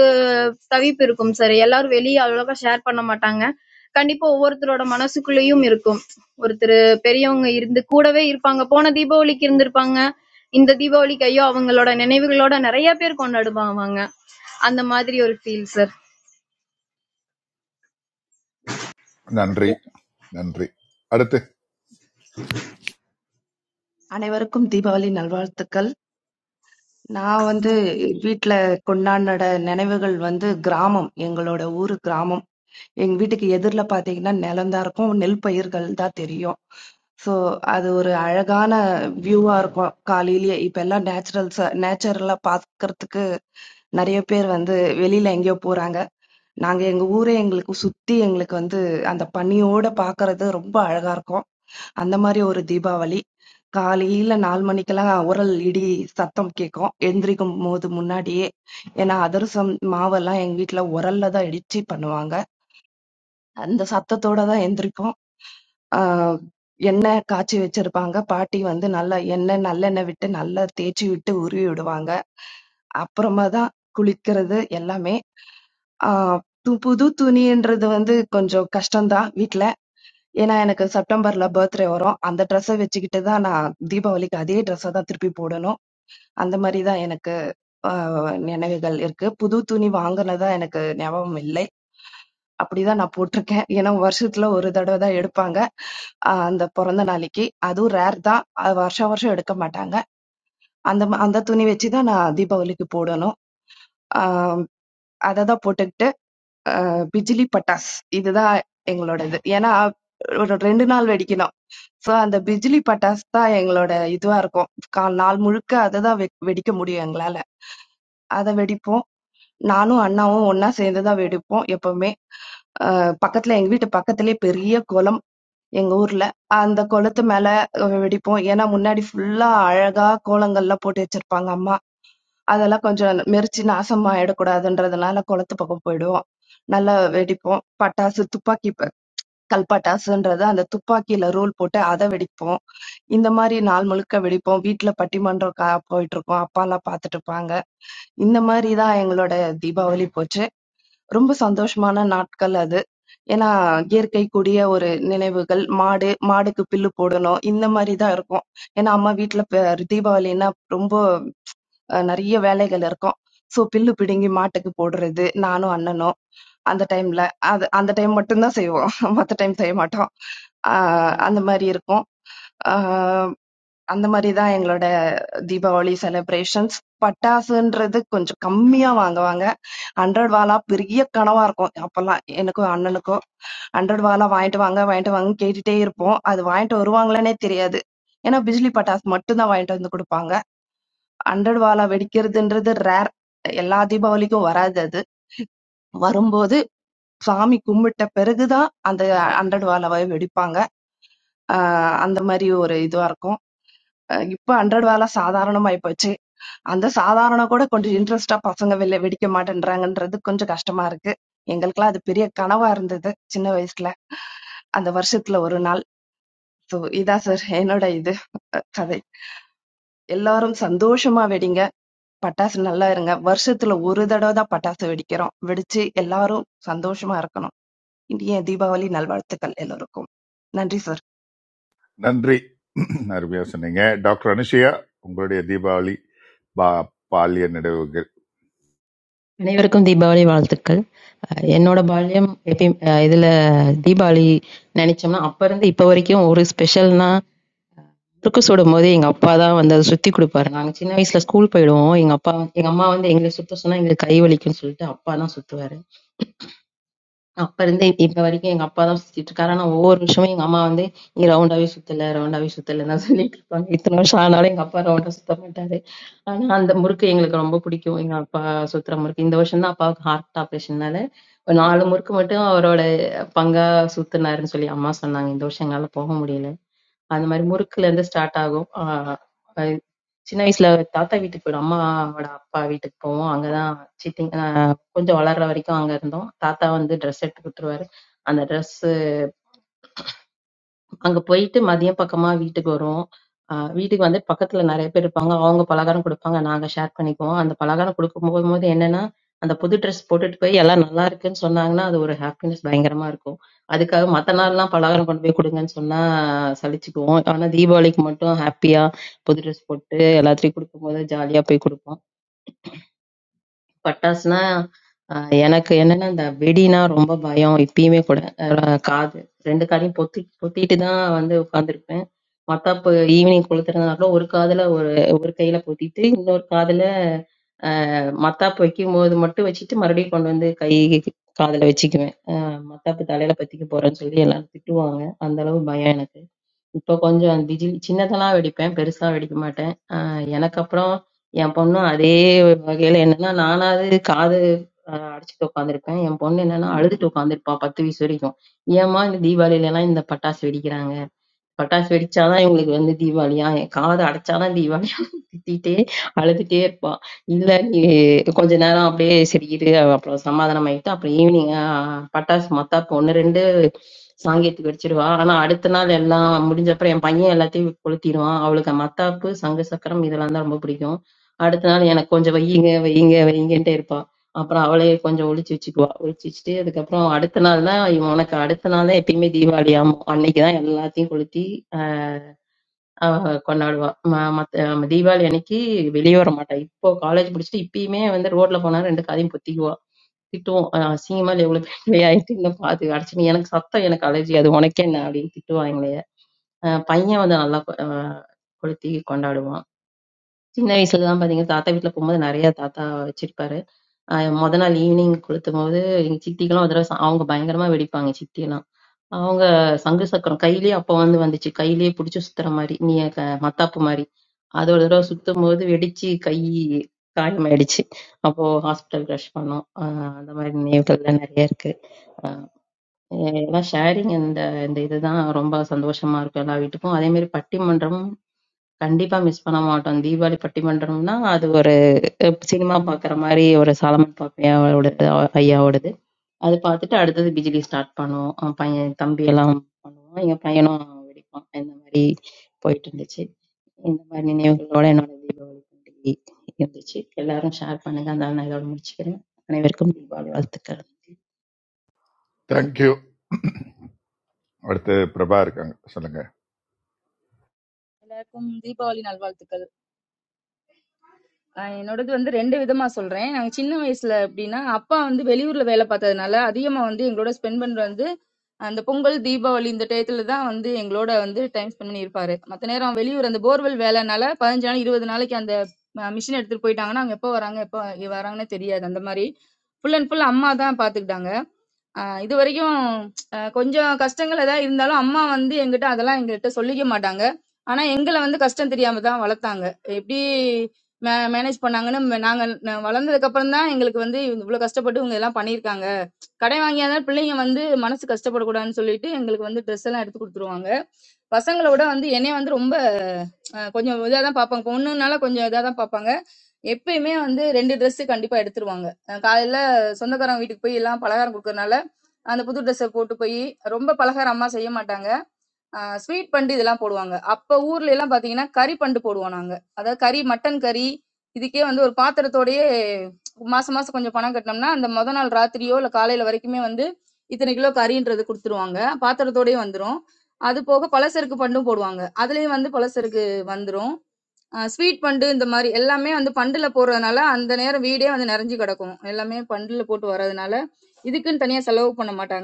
S: தவிப்பு இருக்கும் சார். எல்லாரும் வெளிய அவ்வளோக்கா ஷேர் பண்ண மாட்டாங்க. கண்டிப்பா ஒவ்வொருத்தரோட மனசுக்குள்ளேயும் இருக்கும். ஒருத்தரு பெரியவங்க இருந்து கூடவே இருப்பாங்க. போன தீபாவளிக்கு இருந்திருப்பாங்க. இந்த தீபாவளிக்கு ஐயோ! அவங்களோட நினைவுகளோட நிறைய பேர் கொண்டாடுவாங்க. அந்த மாதிரி ஒரு ஃபீல் சார்.
E: நன்றி நன்றி அடுத்து
R: அனைவருக்கும் தீபாவளி நல்வாழ்த்துக்கள். நான் வந்து வீட்ல கொண்டாடின நினைவுகள் வந்து கிராமம். எங்களோட ஊரு கிராமம். எங்க வீட்டுக்கு எதிர்ல பாத்தீங்கன்னா நிலம் தான் இருக்கும். நெல் பயிர்கள் தான் தெரியும். ஸோ அது ஒரு அழகான வியூவா இருக்கும் காலையிலேயே. இப்ப எல்லாம் நேச்சுரல்ஸா நேச்சுரலா பார்க்கறதுக்கு நிறைய பேர் வந்து வெளியில எங்கேயோ போறாங்க. நாங்க எங்க ஊரே எங்களுக்கு சுத்தி எங்களுக்கு வந்து அந்த பனியோட பார்க்கறது ரொம்ப அழகா இருக்கும். அந்த மாதிரி ஒரு தீபாவளி. காலையில 4 மணிக்கெல்லாம் உரல் இடி சத்தம் கேட்கும். எந்திரிக்கும்போது முன்னாடியே. ஏன்னா, அதிரசம் மாவெல்லாம் எங்க வீட்ல உரல்ல தான் இடிச்சு பண்ணுவாங்க. அந்த சத்தத்தோட தான் எந்திரிப்போம். ஆ எண்ணெய் காய்ச்சி வச்சிருப்பாங்க. பாட்டி வந்து நல்லா எண்ணெய் நல்லெண்ணெய் விட்டு நல்லா தேய்ச்சி விட்டு உருவி விடுவாங்க. அப்புறமா தான் குளிக்கிறது எல்லாமே. ஆ து- புது துணின்றது வந்து கொஞ்சம் கஷ்டம்தான் வீட்ல. ஏன்னா எனக்கு செப்டம்பர்ல பர்த்டே வரும். அந்த ட்ரெஸ்ஸ வச்சுக்கிட்டு தான் நான் தீபாவளிக்கு அதே ட்ரெஸ்ஸ தான் திருப்பி போடணும். அந்த மாரி தான் எனக்கு அ நினைவுகள் இருக்கு. புது துணி வாங்குனதா எனக்கு ஞாபகம் இல்லை. அப்படிதான் நான் போட்டிருக்கேன். ஏன்னா வருஷத்துல ஒரு தடவை தான் எடுப்பாங்க. அ அந்த பொறந்த நாளைக்கு. அதுவும் ரேர் தான். அது வருஷம் வருஷம் எடுக்க மாட்டாங்க. அந்த ம அந்த துணி வச்சு தான் நான் தீபாவளிக்கு போடணும். அ அததான் போட்டுக்கிட்டு அ பிஜிலி பட்டாஸ் இதுதான் எங்களோடது. ஏன்னா ஒரு 2 நாள் வெடிக்கணும். சோ அந்த பிஜிலி பட்டாஸ் தான் எங்களோட இதுவா இருக்கும். கால் நாள் முழுக்க அததான் வெ வெடிக்க முடியும் எங்களால. அத வெடிப்போம். நானும் அண்ணாவும் ஒன்னா சேர்ந்துதான் வெடிப்போம் எப்பவுமே அஹ் பக்கத்துல எங்க வீட்டு பக்கத்துலயே பெரிய குளம் எங்க ஊர்ல அந்த குளத்து மேல அஹ் வெடிப்போம் ஏன்னா முன்னாடி ஃபுல்லா அழகா கோலங்கள்லாம் போட்டு வச்சிருப்பாங்க அம்மா அதெல்லாம் கொஞ்சம் மெரிச்சு நாசமா ஆயிடக்கூடாதுன்றதுனால குளத்து பக்கம் போயிடுவோம் நல்லா வெடிப்போம் பட்டாசு துப்பாக்கி ப- கல் பட்டாசுன்றது அந்த துப்பாக்கியில ரோல் போட்டு அதை வெடிப்போம் இந்த மாதிரி நாள் முழுக்க வெடிப்போம் வீட்ல பட்டிமன்றம் கா- போயிட்டு இருக்கோம் அப்பா எல்லாம் பாத்துட்டு இருப்பாங்க இந்த மாதிரி தான் எங்களோட தீபாவளி போச்சு ரொம்ப சந்தோஷமான நாட்கள் அது. ஏன்னா இயற்கை கூடிய ஒரு நினைவுகள். மாடு மாடுக்கு புல்லு போடணும். இந்த மாதிரி தான் இருக்கும். ஏன்னா அம்மா வீட்ல ப தீபாவளின்னா ரொம்ப அஹ், நிறைய வேலைகள் இருக்கும். சோ புல்லு பிடுங்கி மாட்டுக்கு போடுறது நானும் அண்ணனும் அந்த டைம்ல அது அந்த டைம் மட்டும்தான் செய்வோம். மத்த டைம் செய்ய மாட்டோம். ஆஹ் அந்த மாதிரி இருக்கும். ஆஹ் அந்த மாதிரி தான் எங்களோட தீபாவளி செலிப்ரேஷன்ஸ். பட்டாசுன்றது கொஞ்சம் கம்மியா வாங்குவாங்க. 100 வாலா பெரிய கனவா இருக்கும். அப்பல்லாம் எனக்கும் அண்ணனுக்கும் 100 வாலா வாங்கிட்டு வாங்க, வாங்கிட்டு வாங்கன்னு கேட்டுட்டே இருப்போம். அது வாங்கிட்டு வருவாங்களான்னே தெரியாது. ஏன்னா பிஜ்லி பட்டாசு மட்டும் தான் வாங்கிட்டு வந்து குடுப்பாங்க. 100 வாலா வெடிக்கிறதுன்றது ரேர். எல்லா தீபாவளிக்கும் வராது அது. வரும்போது சாமி கும்பிட்ட பிறகுதான் அந்த 100 வாலாவை வெடிப்பாங்க. ஆஹ் அந்த மாதிரி ஒரு இதுவா இருக்கும். அஹ் இப்ப 100 வாலா சாதாரணமாயி போச்சு. அந்த சாதாரண கூட கொஞ்சம் இன்ட்ரெஸ்டா பசங்க வெள்ள வெடிக்க மாட்டேன்றாங்கன்றது கொஞ்சம் கஷ்டமா இருக்கு எங்களுக்கெல்லாம் அது பெரிய கனவா இருந்தது சின்ன வயசுல அந்த வருஷத்துல ஒரு நாள் ஸோ இதான் சார் என்னோட இது அஹ், கதை எல்லாரும் சந்தோஷமா வெடிங்க பட்டாசு நல்லா இருங்க வருஷத்துல ஒரு தடவை தான் பட்டாசு வெடிக்கிறோம் வெடிச்சு எல்லாரும் சந்தோஷமா இருக்கணும் இனிய தீபாவளி நல்வாழ்த்துக்கள் எல்லோருக்கும் நன்றி சார்
E: நன்றி அருமையா சொன்னீங்க டாக்டர் அனுஷியா உங்களுடைய தீபாவளி பா பாலிய நினைவுகள்
M: அனைவருக்கும் தீபாவளி வாழ்த்துக்கள் அஹ் என்னோட பால்யம் எப்பயும் அஹ் இதுல தீபாவளி நினைச்சோம்னா அப்ப இருந்து இப்ப வரைக்கும் ஒரு ஸ்பெஷல்னா துருக்கு சுடும் போது எங்க அப்பா தான் வந்து அதை சுத்தி கொடுப்பாரு நாங்க சின்ன வயசுல ஸ்கூல் போயிடுவோம் எங்க அப்பா எங்க அம்மா வந்து எங்களை சுத்த சொன்னா எங்களுக்கு கை வலிக்கும்னு சொல்லிட்டு அப்பா தான் சுத்துவாரு அப்ப இருந்து இப்ப வரைக்கும் எங்க அப்பா தான் சுத்திட்டு இருக்காரு. ஆனா ஒவ்வொரு விஷயமும் எங்க அம்மா வந்து நீ ரவுண்டாவே சுத்தல ரவுண்டாவே சுத்தலன்னு தான் சொல்லிட்டு இருப்பாங்க. இத்தனை வருஷம் ஆனாலும் எங்க அப்பா ரவுண்டா சுத்த மாட்டாரு. ஆனா அந்த முறுக்கு எங்களுக்கு ரொம்ப பிடிக்கும். எங்க அப்பா சுத்துற முறுக்கு. இந்த வருஷம் தான் அப்பாவுக்கு ஹார்ட் ஆபரேஷன்னால ஒரு நாலு முறுக்கு மட்டும் அவரோட பங்கா சுத்துனாருன்னு சொல்லி அம்மா சொன்னாங்க. இந்த வருஷம் எங்களால போக முடியல. அந்த மாதிரி முறுக்குல இருந்து ஸ்டார்ட் ஆகும். சின்ன வயசுல தாத்தா வீட்டுக்கு போயிடுவோம். அம்மாவோட அப்பா வீட்டுக்கு போவோம். அங்கதான் சித்தி அஹ் கொஞ்சம் வளர்ற வரைக்கும் அங்க இருந்தோம். தாத்தா வந்து ட்ரெஸ் எடுத்து குடுத்துருவாரு. அந்த ட்ரெஸ் அங்க போயிட்டு மதியம் பக்கமா வீட்டுக்கு வருவோம். அ வீட்டுக்கு வந்து பக்கத்துல நெறைய பேர் இருப்பாங்க. அவங்க பலகாரம் குடுப்பாங்க. நாங்க ஷேர் பண்ணிக்குவோம். அந்த பலகாரம் குடுக்கும்போது என்னன்னா, அந்த புது ட்ரெஸ் போட்டுட்டு போய் எல்லாம் நல்லா இருக்குன்னு சொன்னாங்கன்னா, அது ஒரு ஹாப்பினஸ் பயங்கரமா இருக்கும். அதுக்காக மத்த நாள்லாம் பலகாரம் கொண்டு போய் குடுங்கன்னு சொன்னா சலிச்சுக்குவோம். ஆனா தீபாவளிக்கு மட்டும் ஹாப்பியா புது ட்ரெஸ் போட்டு எல்லாத்தையும் குடுக்கும்போது ஜாலியா போய் குடுப்போம். பட்டாசுனா, அ எனக்கு என்னன்னா, இந்த வெடின்னா ரொம்ப பயம். இப்பயுமே கூட. அ காது 2 காதையும் பொத்தி பொத்திட்டு தான் வந்து உட்கார்ந்துருப்பேன். மத்தாப்பு ஈவினிங் கொளுத்துறதுனால ஒரு காதுல ஒரு ஒரு கையில பொத்திட்டு, இன்னொரு காதுல அ மத்தாப்பு வைக்கும்போது மட்டும் வச்சுட்டு, மறுபடியும் கொண்டு வந்து கை காதுல வச்சுக்குவேன். அ மத்தாப்பு தலையில பத்திக்க போறேன்னு சொல்லி எல்லாரும் திட்டுவாங்க. அந்த அளவு பயம் எனக்கு. இப்ப கொஞ்சம் டிஜில் சின்னதெல்லாம் வெடிப்பேன். பெருசா வெடிக்க மாட்டேன். எனக்கு அப்புறம் என் பொண்ணும் அதே வகையில என்னன்னா, நானாவது காது அ அடைச்சுட்டு உட்கார்ந்திருப்பேன். என் பொண்ணு என்னன்னா அழுதுட்டு உட்கார்ந்திருப்பா 10 வயசு வரைக்கும். ஏம்மா இந்த தீபாவளிலலாம் இந்த பட்டாசு வெடிக்கிறாங்க? பட்டாசு வெடிச்சா தான் இவங்களுக்கு வந்து தீபாவளியா? என் காது அடைச்சா தான் தீபாவளியா? திட்டிட்டே அழுதுட்டே இருப்பா. இல்ல நீ கொஞ்ச நேரம் அப்படியே சரி இரு, அப்புறம் சமாதானம் ஆயிட்டு, அப்புறம் ஈவினிங் அ பட்டாசு மத்தாப்பு 1, 2 சாங்கியத்துக்கு வச்சிருவா ஆனா அடுத்த நாள் எல்லாம் முடிஞ்ச அப்புறம் என் பையன் எல்லாத்தையும் கொளுத்திடுவான் அவளுக்கு மத்தாப்பு சங்கு சக்கரம் இதெல்லாம் தான் ரொம்ப பிடிக்கும் அடுத்த நாள் எனக்கு கொஞ்சம் வையுங்க வையுங்க வையுங்கன்ட்டே இருப்பா அப்புறம் அவளே கொஞ்சம் ஒளிச்சு வச்சுக்குவா ஒளிச்சு வச்சுட்டு அதுக்கப்புறம் அடுத்த நாள் தான் இவன் உனக்கு அடுத்த நாள் தான் எப்பயுமே தீபாவளி ஆகும் அன்னைக்கு தான் எல்லாத்தையும் கொளுத்தி அவ கொண்டாடுவா ம- மத்த ம, தீபாவளி அன்னைக்கு வெளியே வர மாட்டா இப்போ காலேஜ் முடிச்சுட்டு இப்பயுமே வந்து ரோட்ல போனா ரெண்டு காதையும் பொத்திக்குவா திட்டுவோம். அ அசிங்கமா இல்ல இவ்ளோ பெரியவளாயிட்டு இன்னும் பாத்து அடிச்சுன்னு எனக்கு சத்தம் எனக்கு அலர்ஜி அது உனக்கென்ன? அப்படின்னு திட்டுவாங்களே. அ பையன் வந்து நல்லா கொ அ கொளுத்தி கொண்டாடுவான். சின்ன வயசுல தான் பாத்தீங்க, தாத்தா வீட்ல போம்போது நெறைய தாத்தா வச்சிருப்பாரு. அ மொத நாள் ஈவ்னிங் கொளுத்தும்போது, எங்க சித்திக்கெல்லாம் ஒரு தடவ ச அவங்க பயங்கரமா வெடிப்பாங்க சித்தியெல்லாம். அவங்க சங்கு சக்கரம் கையிலயே அப்ப வந்து வந்துச்சு. கையிலயே புடிச்சு சுத்துற மாரி, நீ க மத்தாப்பு மாரி. அது ஒரு தடவ சுத்தும்போது வெடிச்சு கை காயமாயிடுச்சு. அப்போ ஹாஸ்பிட்டல் ரஷ் பண்ணோம். அ அந்த மாரி நினைவுகள்லாம் நெறைய இருக்கு. எ எல்லாம் ஷேரிங் இந்த இந்த இதுதான் ரொம்ப சந்தோஷமா இருக்கும் எல்லா வீட்டுக்கும். அதே மாரி பட்டிமன்றமும் கண்டிப்பா மிஸ் பண்ண மாட்டோம். தீபாவளி பட்டிமன்றம்னா, அது ஒரு அஹ், சினிமா பாக்குற மாரி ஒரு சாலமன் பாப்பையாவோடது, அவ- ஐயாவோடது. அது பாத்துட்டு அடுத்தது பிஜிலி ஸ்டார்ட் பண்ணுவோம். அவன் பையன் தம்பியெல்லாம் பண்ணுவோம். எங்க பையனும் வெடிப்பான். இந்த மாரி போயிட்டு இருந்துச்சு. இந்த மாரி நினைவுகளோட என்னோட தீபாவளி பண்டிகை இருந்துச்சு. எல்லாரும் ஷேர் பண்ணுங்க. அந்த நான் இதோட முடிச்சுக்கிறேன். அனைவருக்கும் தீபாவளி வாழ்த்துக்கள்.
E: தேங்க்யூ அடுத்து பிரபா இருக்காங்க சொல்லுங்க
T: எல்லாருக்கும் தீபாவளி நல்வாழ்த்துக்கள் ஆஹ் என்னோடது வந்து ரெண்டு விதமா சொல்றேன் நாங்க சின்ன வயசுல எப்படின்னா அப்பா வந்து வெளியூர்ல வேலை பார்த்ததுனால அதிகமா வந்து எங்களோட ஸ்பெண்ட் பண்றது வந்து அந்த பொங்கல் தீபாவளி இந்த டயத்துல தான் வந்து எங்களோட வந்து டைம் ஸ்பெண்ட் பண்ணி இருப்பாரு மத்த நேரம் வெளியூர் அந்த போர்வெல் வேலைனால பதினஞ்சு நாள் இருபது நாளைக்கு அந்த மிஷின் எடுத்துட்டு போயிட்டாங்கன்னா அவங்க எப்போ வராங்க எப்போ வராங்கன்னு தெரியாது அந்த மாதிரி ஃபுல் அண்ட் ஃபுல் அம்மா தான் பாத்துக்கிட்டாங்க ஆஹ் இது வரைக்கும் ஆஹ் கொஞ்சம் கஷ்டங்கள் ஏதாவது இருந்தாலும் அம்மா வந்து எங்கிட்ட அதெல்லாம் எங்ககிட்ட சொல்லிக்க மாட்டாங்க ஆனா எங்களை வந்து கஷ்டம் தெரியாம தான் வளர்த்தாங்க எப்படி மேனேஜ் பண்ணாங்கன்னு ம- நாங்க ந- வளர்ந்ததுக்கு அப்புறம் தான் எங்களுக்கு வந்து இவ்வளவு கஷ்டப்பட்டு இவங்க எல்லாம் பண்ணியிருக்காங்க கடை வாங்கியாதான் பிள்ளைங்க வந்து மனசு கஷ்டப்படக்கூடாதுன்னு சொல்லிட்டு எங்களுக்கு வந்து ட்ரெஸ் எல்லாம் எடுத்து கொடுத்துருவாங்க பசங்களோட வந்து என்னைய வந்து ரொம்ப அஹ் கொஞ்சம் இதா தான் பார்ப்பாங்க பொண்ணுனால கொஞ்சம் இதா தான் பார்ப்பாங்க எப்பயுமே வந்து ரெண்டு Dress கண்டிப்பா எடுத்துருவாங்க அஹ் காலையில சொந்தக்காரங்க வீட்டுக்கு போய் எல்லாம் பலகாரம் கொடுக்கறனால அந்த புது ட்ரெஸ்ஸை போட்டு போய் ரொம்ப பலகாரம் அம்மா செய்ய மாட்டாங்க ஆஹ் ஸ்வீட் பண்டு இதெல்லாம் போடுவாங்க. அப்ப ஊர்ல எல்லாம் பாத்தீங்கன்னா, கறி பண்டு போடுவோம் நாங்க. அதாவது கறி, மட்டன் கறி இதுக்கே வந்து ஒரு பாத்திரத்தோடயே மாசம் மாசம் கொஞ்சம் பணம் கட்டுனோம்னா, அந்த மொத நாள் ராத்திரியோ இல்ல காலையில வரைக்குமே வந்து இத்தனை கிலோ கறின்றது குடுத்துருவாங்க. பாத்திரத்தோடயே வந்துரும். அது போக பலசருக்கு பண்டும் போடுவாங்க. அதுலயும் வந்து பலசருக்கு வந்துரும். அ ஸ்வீட் பண்டு இந்த மாரி எல்லாமே வந்து பண்டுல போடுறதுனால, அந்த நேரம் வீடே வந்து நெறஞ்சு கிடக்கும். எல்லாமே பண்டுல போட்டு வர்றதுனால, இதுக்குன்னு தனியா செலவு பண்ண மாட்டாங்க.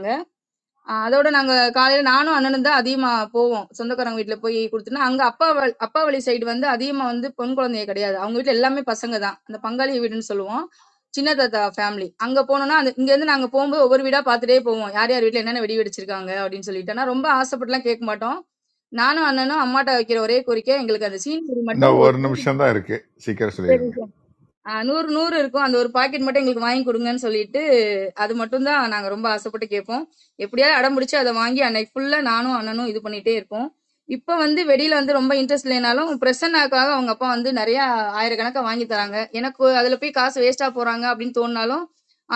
T: அ அதோட நாங்க காலையில நானும் அண்ணனும் தான் அதிகமா போவோம். சொந்தக்காரங்க வீட்ல போய் குடுத்துனா, அங்க அப்பா வ அப்பா வழி சைடு வந்து அதிகமா வந்து பெண் குழந்தைங்க கிடையாது. அவங்க வீட்ல எல்லாமே பசங்க தான். அந்த பங்காளி வீடுன்னு சொல்லுவோம். சின்ன தாத்தா ஃபேமிலி. அங்க போனோம்னா, அந்த இங்கேருந்து நாங்க போம்போது ஒவ்வொரு வீடா பார்த்துட்டே போவோம். யார் யார் வீட்ல என்னென்ன வெடி வெடிச்சிருக்காங்க அப்படின்னு சொல்லிட்டு. ஆனா ரொம்ப ஆசைப்பட்டுலாம் கேட்க மாட்டோம். நானும் அண்ணனும் அம்மாட்ட வைக்கிற ஒரே கோரிக்கை, எங்களுக்கு அந்த சீன் பூரி மட்டும்
E: இன்னும் ஒரு நிமிஷம் தான் இருக்கு சீக்கிரம்
T: ஒரு
E: சொல்லிடுங்க
T: ஆஹ் நூறு நூறு இருக்கும் அந்த ஒரு பாக்கெட் மட்டும் எங்களுக்கு வாங்கி கொடுங்கன்னு சொல்லிட்டு அது மட்டும் தான் நாங்க ரொம்ப ஆசைப்பட்டு கேட்போம் எப்படியாவது அடம் பிடிச்சு அதை வாங்கி அன்னைக்கு ஃபுல்லா நானும் அண்ணனும் இது பண்ணிட்டே இருப்போம் இப்ப வந்து வெளியில வந்து ரொம்ப இன்ட்ரெஸ்ட் இல்லைனாலும் பிரசன்னாக்காக அவங்க அப்பா வந்து நிறைய ஆயிரக்கணக்கா வாங்கி தராங்க எனக்கு அதுல போய் காசு வேஸ்டா போறாங்க அப்படின்னு தோணினாலும்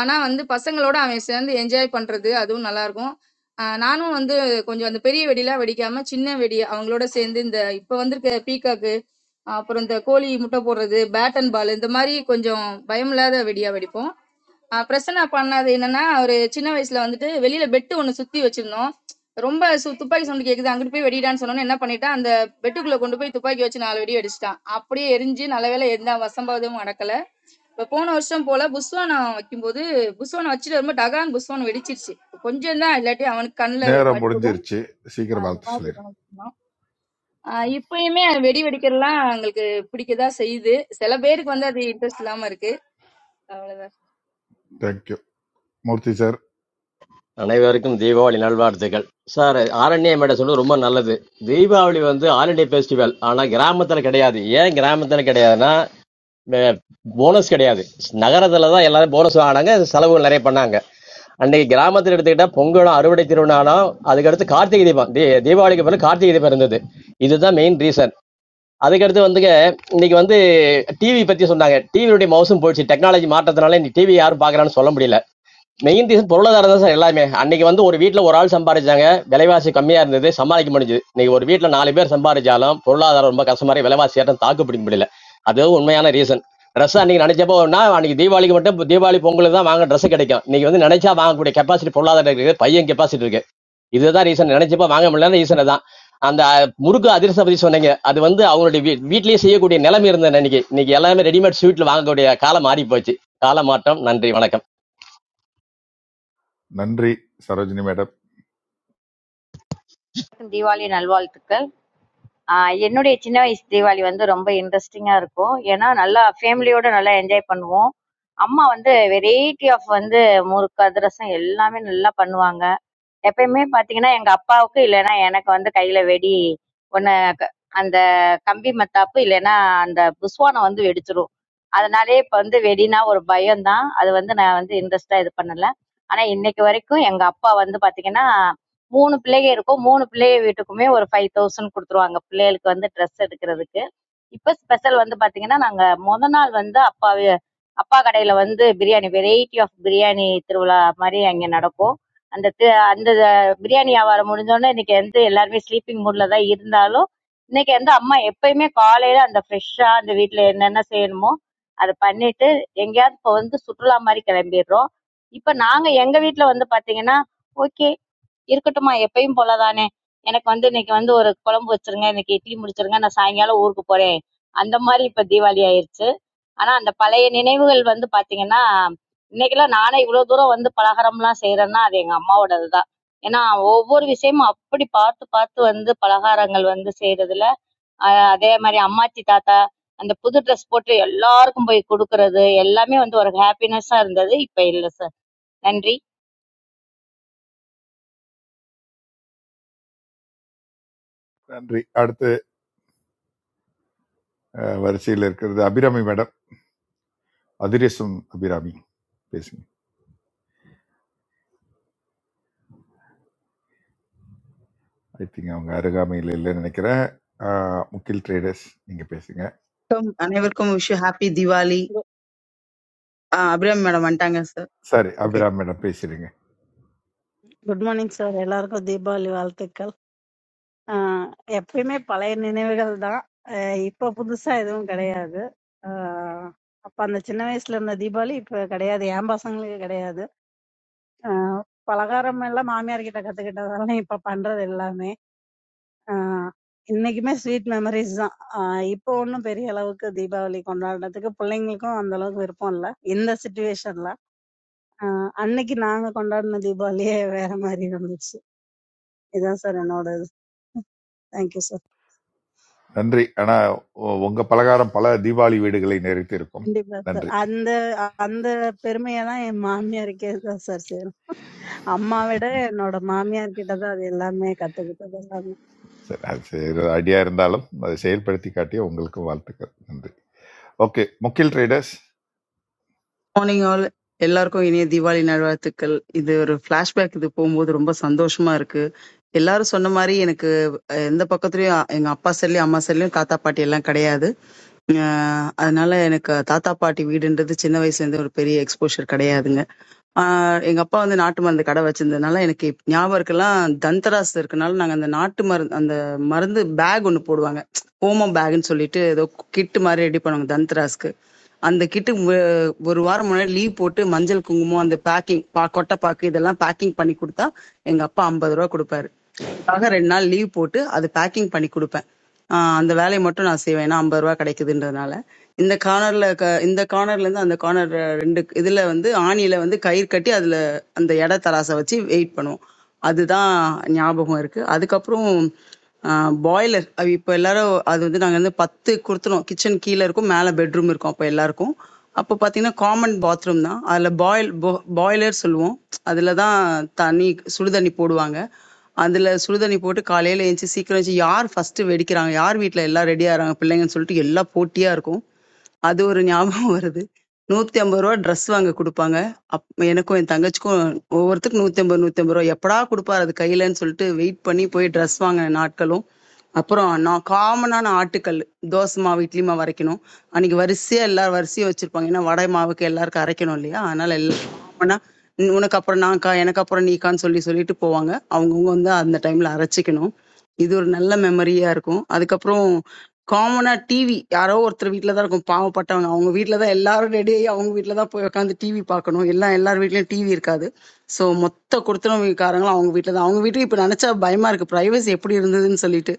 T: ஆனா வந்து பசங்களோட அவன் சேர்ந்து என்ஜாய் பண்றது அதுவும் நல்லா இருக்கும் ஆஹ் நானும் வந்து கொஞ்சம் அந்த பெரிய வெடிலாம் வெடிக்காம சின்ன வெடி அவங்களோட சேர்ந்து இந்த இப்ப வந்திருக்க பீகாக்கு அப்புறம் இந்த கோழி முட்டை போடுறது பேட் அண்ட் பால் இந்த மாதிரி கொஞ்சம் பயம் இல்லாத வெடியா வெடிப்போம் ஆஹ் பிரசன்னா பண்ணது என்னன்னா ஒரு சின்ன வயசுல வந்துட்டு வெளியில பெட்டு ஒண்ணு சுத்தி வச்சிருந்தோம் ரொம்ப சு துப்பாக்கி சவுண்ட் கேக்குது அங்கிட்டு போய் வெடிடான்னு சொன்னோன்னு என்ன பண்ணிட்டான் அந்த பெட்டுக்குள்ள கொண்டு போய் துப்பாக்கி வச்சு நாலு வெடி அடிச்சிட்டான் அப்படியே எரிஞ்சு நல்ல வேளை எந்த அசம்பாவிதமும் நடக்கல இப்ப போன வருஷம் போல புஸ்வானம் வைக்கும்போது புஸ்வானம் வச்சுட்டு வரும்போது டகான் புஸ்வானம் வெடிச்சிருச்சு கொஞ்சம் தான் இல்லாட்டி அவனுக்கு கண்ணில்
E: நேரம்
T: பட்டிருக்கும்
E: முடிஞ்சிருச்சு சீக்கிரம்
T: அந்த
E: வாழ்த்து
T: மாதிரி
E: சொல்லிடுங்க
T: வச்சுருந்தோம். ஆஹ் இப்பயுமே வெடி வெடிக்கிறதுலாம் எங்களுக்கு பிடிக்கதா செய்யுது சில பேருக்கு வந்து அது இன்ட்ரெஸ்ட் இல்லாம இருக்கு
E: தேங்க்யூ மூர்த்தி சார்
O: அனைவருக்கும் தீபாவளி நல்வாழ்த்துக்கள் சார். ஆரண்ய மேடை சொன்னது ரொம்ப நல்லது. தீபாவளி வந்து ஆல் இண்டியா ஃபெஸ்டிவல், ஆனால் கிராமத்தில் கிடையாது. ஏன் கிராமத்தில் கிடையாதுன்னா போனஸ் கிடையாது. நகரத்தில் தான் எல்லாரும் போனஸ் வாங்கினாங்க, செலவுகள் நிறைய பண்ணாங்க. அன்றைக்கி கிராமத்தில் எடுத்துக்கிட்டால் பொங்கலும் அறுவடை திருவிழானாலும், அதுக்கடுத்து கார்த்திகை தீபம், தீ தீபாவளிக்கு பிறகு கார்த்திகை தீபம் இருந்தது. இதுதான் மெயின் ரீசன். அதுக்கடுத்து வந்துங்க இன்னைக்கு வந்து டிவி பற்றி சொன்னாங்க. டிவியுடைய மவுசம் போயிடுச்சு. டெக்னாலஜி மாற்றத்தினால இன்னைக்கு டிவி யாரும் பார்க்குறான்னு சொல்ல முடியல. மெயின் ரீசன் பொருளாதாரம் தான் சார் எல்லாமே அன்னைக்கு வந்து ஒரு வீட்ல ஒரு ஆள் சம்பாதிச்சாங்க விலைவாசி கம்மியா இருந்தது சமாளிக்க முடிஞ்சது இன்னைக்கு ஒரு வீட்ல நாலு பேர் சம்பாதிச்சாலும் பொருளாதாரம் ரொம்ப கஷ்டமா இருக்கு விலைவாசி ஏற்றம் தாக்கு பிடிக்க முடியல அது உண்மையான ரீசன் ட்ரெஸ் அன்னைக்கு நினைச்சப்போனா அன்னைக்கு தீபாவளிக்கு மட்டும் இப்ப தீபாவளி பொங்கலுக்கு தான் வாங்க ட்ரெஸ் கிடைக்கும் இன்னைக்கு வந்து நினைச்சா வாங்கக்கூடிய கெப்பாசிட்டி பொருளாதாரம் இருக்கு பையன் கெப்பாசிட்டி இருக்கு இதுதான் ரீசன் நினைச்சப்ப வாங்க முடியல ரீசன் தான் அந்த முறுக்கு அதிரசம் பத்தி சொன்னீங்க அது வந்து அவங்களுடைய வீ- வீட்லயே செய்யக்கூடிய நிலைமை இருந்தது அன்னைக்கு இன்னைக்கு எல்லாமே ரெடிமேட் ஸ்வீட்ல வாங்கக்கூடிய காலம் மாறி போச்சு காலமாற்றம் நன்றி வணக்கம்
E: நன்றி சரோஜினி மேடம்
U: அனைவருக்கும் தீபாவளி நல்வாழ்த்துக்கள் ஆஹ் என்னுடைய சின்ன வயசு தீபாவளி வந்து ரொம்ப இன்ட்ரெஸ்டிங்கா இருக்கும் ஏன்னா நல்லா ஃபேமிலியோட நல்லா என்ஜாய் பண்ணுவோம் அம்மா வந்து வெரைட்டி ஆஃப் வந்து முறுக்கு அதிரசம் எல்லாமே நல்லா பண்ணுவாங்க எப்பயுமே பார்த்தீங்கன்னா, எங்க அப்பாவுக்கு இல்லன்னா எனக்கு வந்து கையில வெடி ஒண்ணு க அந்த கம்பி மத்தாப்பு இல்லன்னா அந்த புஸ்வானம் வந்து வெடிச்சிரும். அதனாலயே இப்ப வந்து வெடின்னா ஒரு பயம் தான். அது வந்து நான் வந்து இன்ட்ரெஸ்ட்டா இது பண்ணல. ஆனா இன்னைக்கு வரைக்கும் எங்க அப்பா வந்து பார்த்தீங்கன்னா, 3 பிள்ளைக இருக்கும். 3 பிள்ளைக வீட்டுக்குமே ஒரு 5000 குடுத்துருவாங்க. பிள்ளைகளுக்கு வந்து ட்ரெஸ் எடுக்கிறதுக்கு. இப்போ ஸ்பெஷல் வந்து பாத்தீங்கன்னா நாங்க முத நாள் வந்து அப்பா வே- அப்பா கடையில வந்து பிரியாணி வெரைட்டி ஆஃப் பிரியாணி திருவிழா மாதிரி அங்க நடக்கும் அந்த தி- அந்த பிரியாணி வியாபாரம் முடிஞ்சோடனே இன்னைக்கு வந்து எல்லாருமே ஸ்லீப்பிங் மூட்ல தான் இருந்தாலும் இன்னைக்கு வந்து அம்மா எப்பயுமே காலையில அந்த ஃப்ரெஷ்ஷா அந்த வீட்ல என்னென்ன செய்யணுமோ அதை பண்ணிட்டு எங்கேயாவது இப்போ வந்து சுற்றுலா மாதிரி கிளம்பிடுறோம் இப்போ நாங்க எங்க வீட்ல வந்து பாத்தீங்கன்னா ஓகே இருக்கட்டும்மா எப்பயும் போலதானே எனக்கு வந்து இன்னைக்கு வந்து ஒரு குழம்பு வச்சிருங்க இன்னைக்கு இட்லி முடிச்சிருங்க நான் சாயங்காலம் ஊருக்கு போறேன் அந்த மாதிரி இப்ப தீபாவளி ஆயிருச்சு ஆனா அந்த பழைய நினைவுகள் வந்து பாத்தீங்கன்னா இன்னைக்கெல்லாம் நானே இவ்வளவு தூரம் வந்து பலகாரம்லாம் செய்யறேன்னா அது எங்க அம்மாவோடது தான் ஏன்னா ஒவ்வொரு விஷயமும் அப்படி பார்த்து பார்த்து வந்து பலகாரங்கள் வந்து செய்யறதுல ஆஹ் அதே மாதிரி அம்மாச்சி தாத்தா அந்த புது ட்ரெஸ் போட்டு எல்லாருக்கும் போய் கொடுக்கறது எல்லாமே வந்து ஒரு ஹாப்பினஸ்ஸா இருந்தது இப்ப இல்ல சார் நன்றி
E: நன்றி அடுத்து அஹ், வரிசையில் இருக்கிறது அபிராமி மேடம் அதிரேசம் அபிராமி பேசுங்க ஐ திங்க் அவங்க அருகாமையில் இல்லைன்னு நினைக்கிறேன் அஹ், முகில் ட்ரேடர்ஸ் நீங்கள் பேசுங்க
V: வணக்கம் அனைவருக்கும் wish happy Diwali
W: good
V: Abhiram madam வந்துட்டாங்க சார்
E: சரி
V: ஓகே
E: அபிராமிடம் பேசுறீங்க
W: குட் மார்னிங் சார் எல்லாருக்கும் தீபாவளி வாழ்த்துக்கள் ஆஹ் எப்பயுமே பழைய நினைவுகள் தான் ஆஹ் இப்ப புதுசா எதுவும் கிடையாது ஆஹ் அப்ப அந்த சின்ன வயசுல இருந்த தீபாவளி இப்ப கிடையாது என் பசங்களுக்கு கிடையாது ஆஹ் பலகாரம் எல்லாம் மாமியார் கிட்ட கத்துக்கிட்டதால இப்ப பண்றது எல்லாமே ஆஹ் இன்னைக்குமே ஸ்வீட் மெமரிஸ் தான் ஆஹ் இப்போ ஒன்றும் பெரிய அளவுக்கு தீபாவளி கொண்டாடுறதுக்கு பிள்ளைங்களுக்கும் அந்த அளவுக்கு விருப்பம் இல்லை இந்த சுச்சுவேஷன்ல அன்னைக்கு நாங்க கொண்டாடின தீபாவளியே வேற மாதிரி இருந்துச்சு இதுதான் சார் என்னோட தேங்க்யூ சார்
E: நன்றி ஆனா உ- உங்க பலகாரம் பல தீபாவளி வீடுகளை நிறைத்து இருக்கும்
W: கண்டிப்பா சார்
E: நன்றி
W: அந்த அந்த பெருமையை தான் என் மாமியாருக்கே தான் சார் சேரும் அம்மா விட என்னோட மாமியார் கிட்ட தான் அது எல்லாமே கத்துக்கிட்டது
E: சரி அது செய்யற ஐடியா இருந்தாலும் அதை செயல்படுத்தி காட்டிய உங்களுக்கு வாழ்த்துக்கள் நன்றி ஓகே முக்கில் ட்ரேடர்ஸ்
V: மார்னிங் ஆல் எல்லாருக்கும் இனிய தீபாவளி நல்வாழ்த்துக்கள் இது ஒரு ஃபிளாஷ்பேக் இது போகும்போது ரொம்ப சந்தோஷமா இருக்கு எல்லாரும் சொன்ன மாரி எனக்கு அஹ், எந்த பக்கத்துலயும் அ- எங்க அப்பா சைட்லயும் அம்மா சைட்லயும் தாத்தா பாட்டி எல்லாம் கிடையாது அஹ், அதனால எனக்கு தாத்தா பாட்டி வீடுன்றது சின்ன வயசுல இருந்து ஒரு பெரிய எக்ஸ்போஷர் கிடையாதுங்க ஆஹ் எங்க அப்பா வந்து நாட்டு மருந்து கடை வச்சிருந்ததுனால எனக்கு இப்ப ஞாபகம் இருக்கலாம் தந்தராஸ் இருக்கனால நாங்க அந்த நாட்டு மருந்து அந்த மருந்து பேக் ஒன்னு போடுவாங்க ஓமம் பேக்னு சொல்லிட்டு ஏதோ கிட்டு மாதிரி ரெடி பண்ணுவாங்க தந்தராஸ்க்கு அந்த கிட்டு ஒரு வாரம் முன்னாடி லீவ் போட்டு மஞ்சள் குங்குமம் அந்த பேக்கிங் பா கொட்டை பாக்கு இதெல்லாம் பேக்கிங் பண்ணி கொடுத்தா எங்க அப்பா ஐம்பது ரூபா கொடுப்பாரு அதுக்காக ரெண்டு நாள் லீவ் போட்டு அது பேக்கிங் பண்ணி கொடுப்பேன் ஆஹ் அந்த வேலையை மட்டும் நான் செய்வேன் ஏன்னா ஐம்பது ரூபா கிடைக்குதுன்றதுனால இந்த கார்னர்ல இந்த கார்னர்ல இருந்து அந்த கார்னர் ரெண்டு இதுல வந்து ஆணியில வந்து கயிறு கட்டி அதுல அந்த எடை தராசை வச்சு வெயிட் பண்ணுவோம் அதுதான் ஞாபகம் இருக்கு அதுக்கப்புறம் பாய்லர் அது இப்போ எல்லாரும் அது வந்து நாங்கள் வந்து பத்து கொடுத்துருவோம் கிச்சன் கீழே இருக்கும் மேலே பெட்ரூம் இருக்கும் அப்போ எல்லாருக்கும் அப்போ பார்த்தீங்கன்னா காமன் பாத்ரூம் தான் அதில் பாயில் பாய்லர் சொல்லுவோம் அதில் தான் தண்ணி சுடுதண்ணி போடுவாங்க அதுல சுடுதண்ணி போட்டு காலையில எந்திச்சு சீக்கிரம் எந்திச்சு யார் ஃபர்ஸ்ட்டு வெடிக்கிறாங்க? யார் வீட்ல எல்லாம் ரெடி ஆகுறாங்க பிள்ளைங்கன்னு சொல்லிட்டு எல்லாம் போட்டியா இருக்கும். அது ஒரு ஞாபகம் வருது. ரூ. 150 ட்ரெஸ் வாங்க குடுப்பாங்க. அப் எனக்கும் என் தங்கச்சிக்கும் ஒவ்வொருத்தருக்கும் ரூ. 150, ரூ. 150 எப்படா குடுப்பாரு அது கையிலன்னு சொல்லிட்டு வெயிட் பண்ணி போய் ட்ரெஸ் வாங்குன நாட்களும் அப்புறம் நான் காமனான ஆட்டுக்கல் தோசை மாவு இட்லி மாவு அரைக்கணும் அன்னைக்கு வரிசையா எல்லாரும் வரிசையா வச்சிருப்பாங்க ஏன்னா வடை மாவுக்கு எல்லாருக்கும் அரைக்கணும் இல்லையா அதனால எல்லாம் காமனா "உன் உனக்கு அப்புறம் நான்க்கா எனக்கு அப்புறம் நீக்கான்னு சொல்லி சொல்லிட்டு போவாங்க அவங்கவுங்க வந்து அந்த டைம்ல அரைச்சிக்கணும் இது ஒரு நல்ல மெமரியா இருக்கும் அதுக்கப்புறம் காமனா டிவி யாரோ ஒருத்தர் வீட்ல தான் இருக்கும் பாவப்பட்டவங்க அவங்க வீட்ல தான் எல்லாரும் ரெடி ஆகி அவங்க வீட்ல தான் போய் உட்காந்து டிவி பார்க்கணும் எல்லாம் எல்லார் வீட்லயும் டிவி இருக்காது ஸோ மொத்த கொடுத்துருவீங்கக்காரங்களும் அவங்க வீட்ல தான் அவங்க வீட்டுக்கு இப்போ நினைச்சா பயமா இருக்கு ப்ரைவசி எப்படி இருந்ததுன்னு சொல்லிட்டு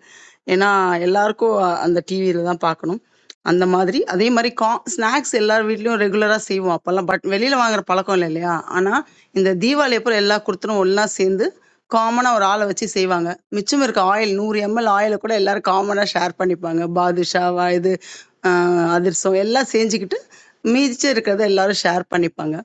V: ஏன்னா எல்லாருக்கும் அந்த டிவியில தான் பார்க்கணும் அந்த மாதிரி. அதே மாரி கா ஸ்நாக்ஸ் எல்லார் வீட்லயும் ரெகுலரா செய்வோம் அப்பல்லாம். பட் வெளில வாங்குற பழக்கம் இல்ல இல்லையா? ஆனா, இந்த தீபாவளி அப்ப எல்லா குடுத்தனும் ஒண்ணா சேர்ந்து, காமனா ஒரு ஆள வச்சு செய்வாங்க. மிச்சம் இருக்க ஆயில் 100 எம்எல் ஆயில கூட எல்லாரும் காமனா ஷேர் பண்ணிப்பாங்க. பாதுஷாவா இது அ அதிரசம் எல்லாம் செஞ்சுக்கிட்டு, மீதிச்ச இருக்கிறத எல்லாரும் ஷேர் பண்ணிப்பாங்க.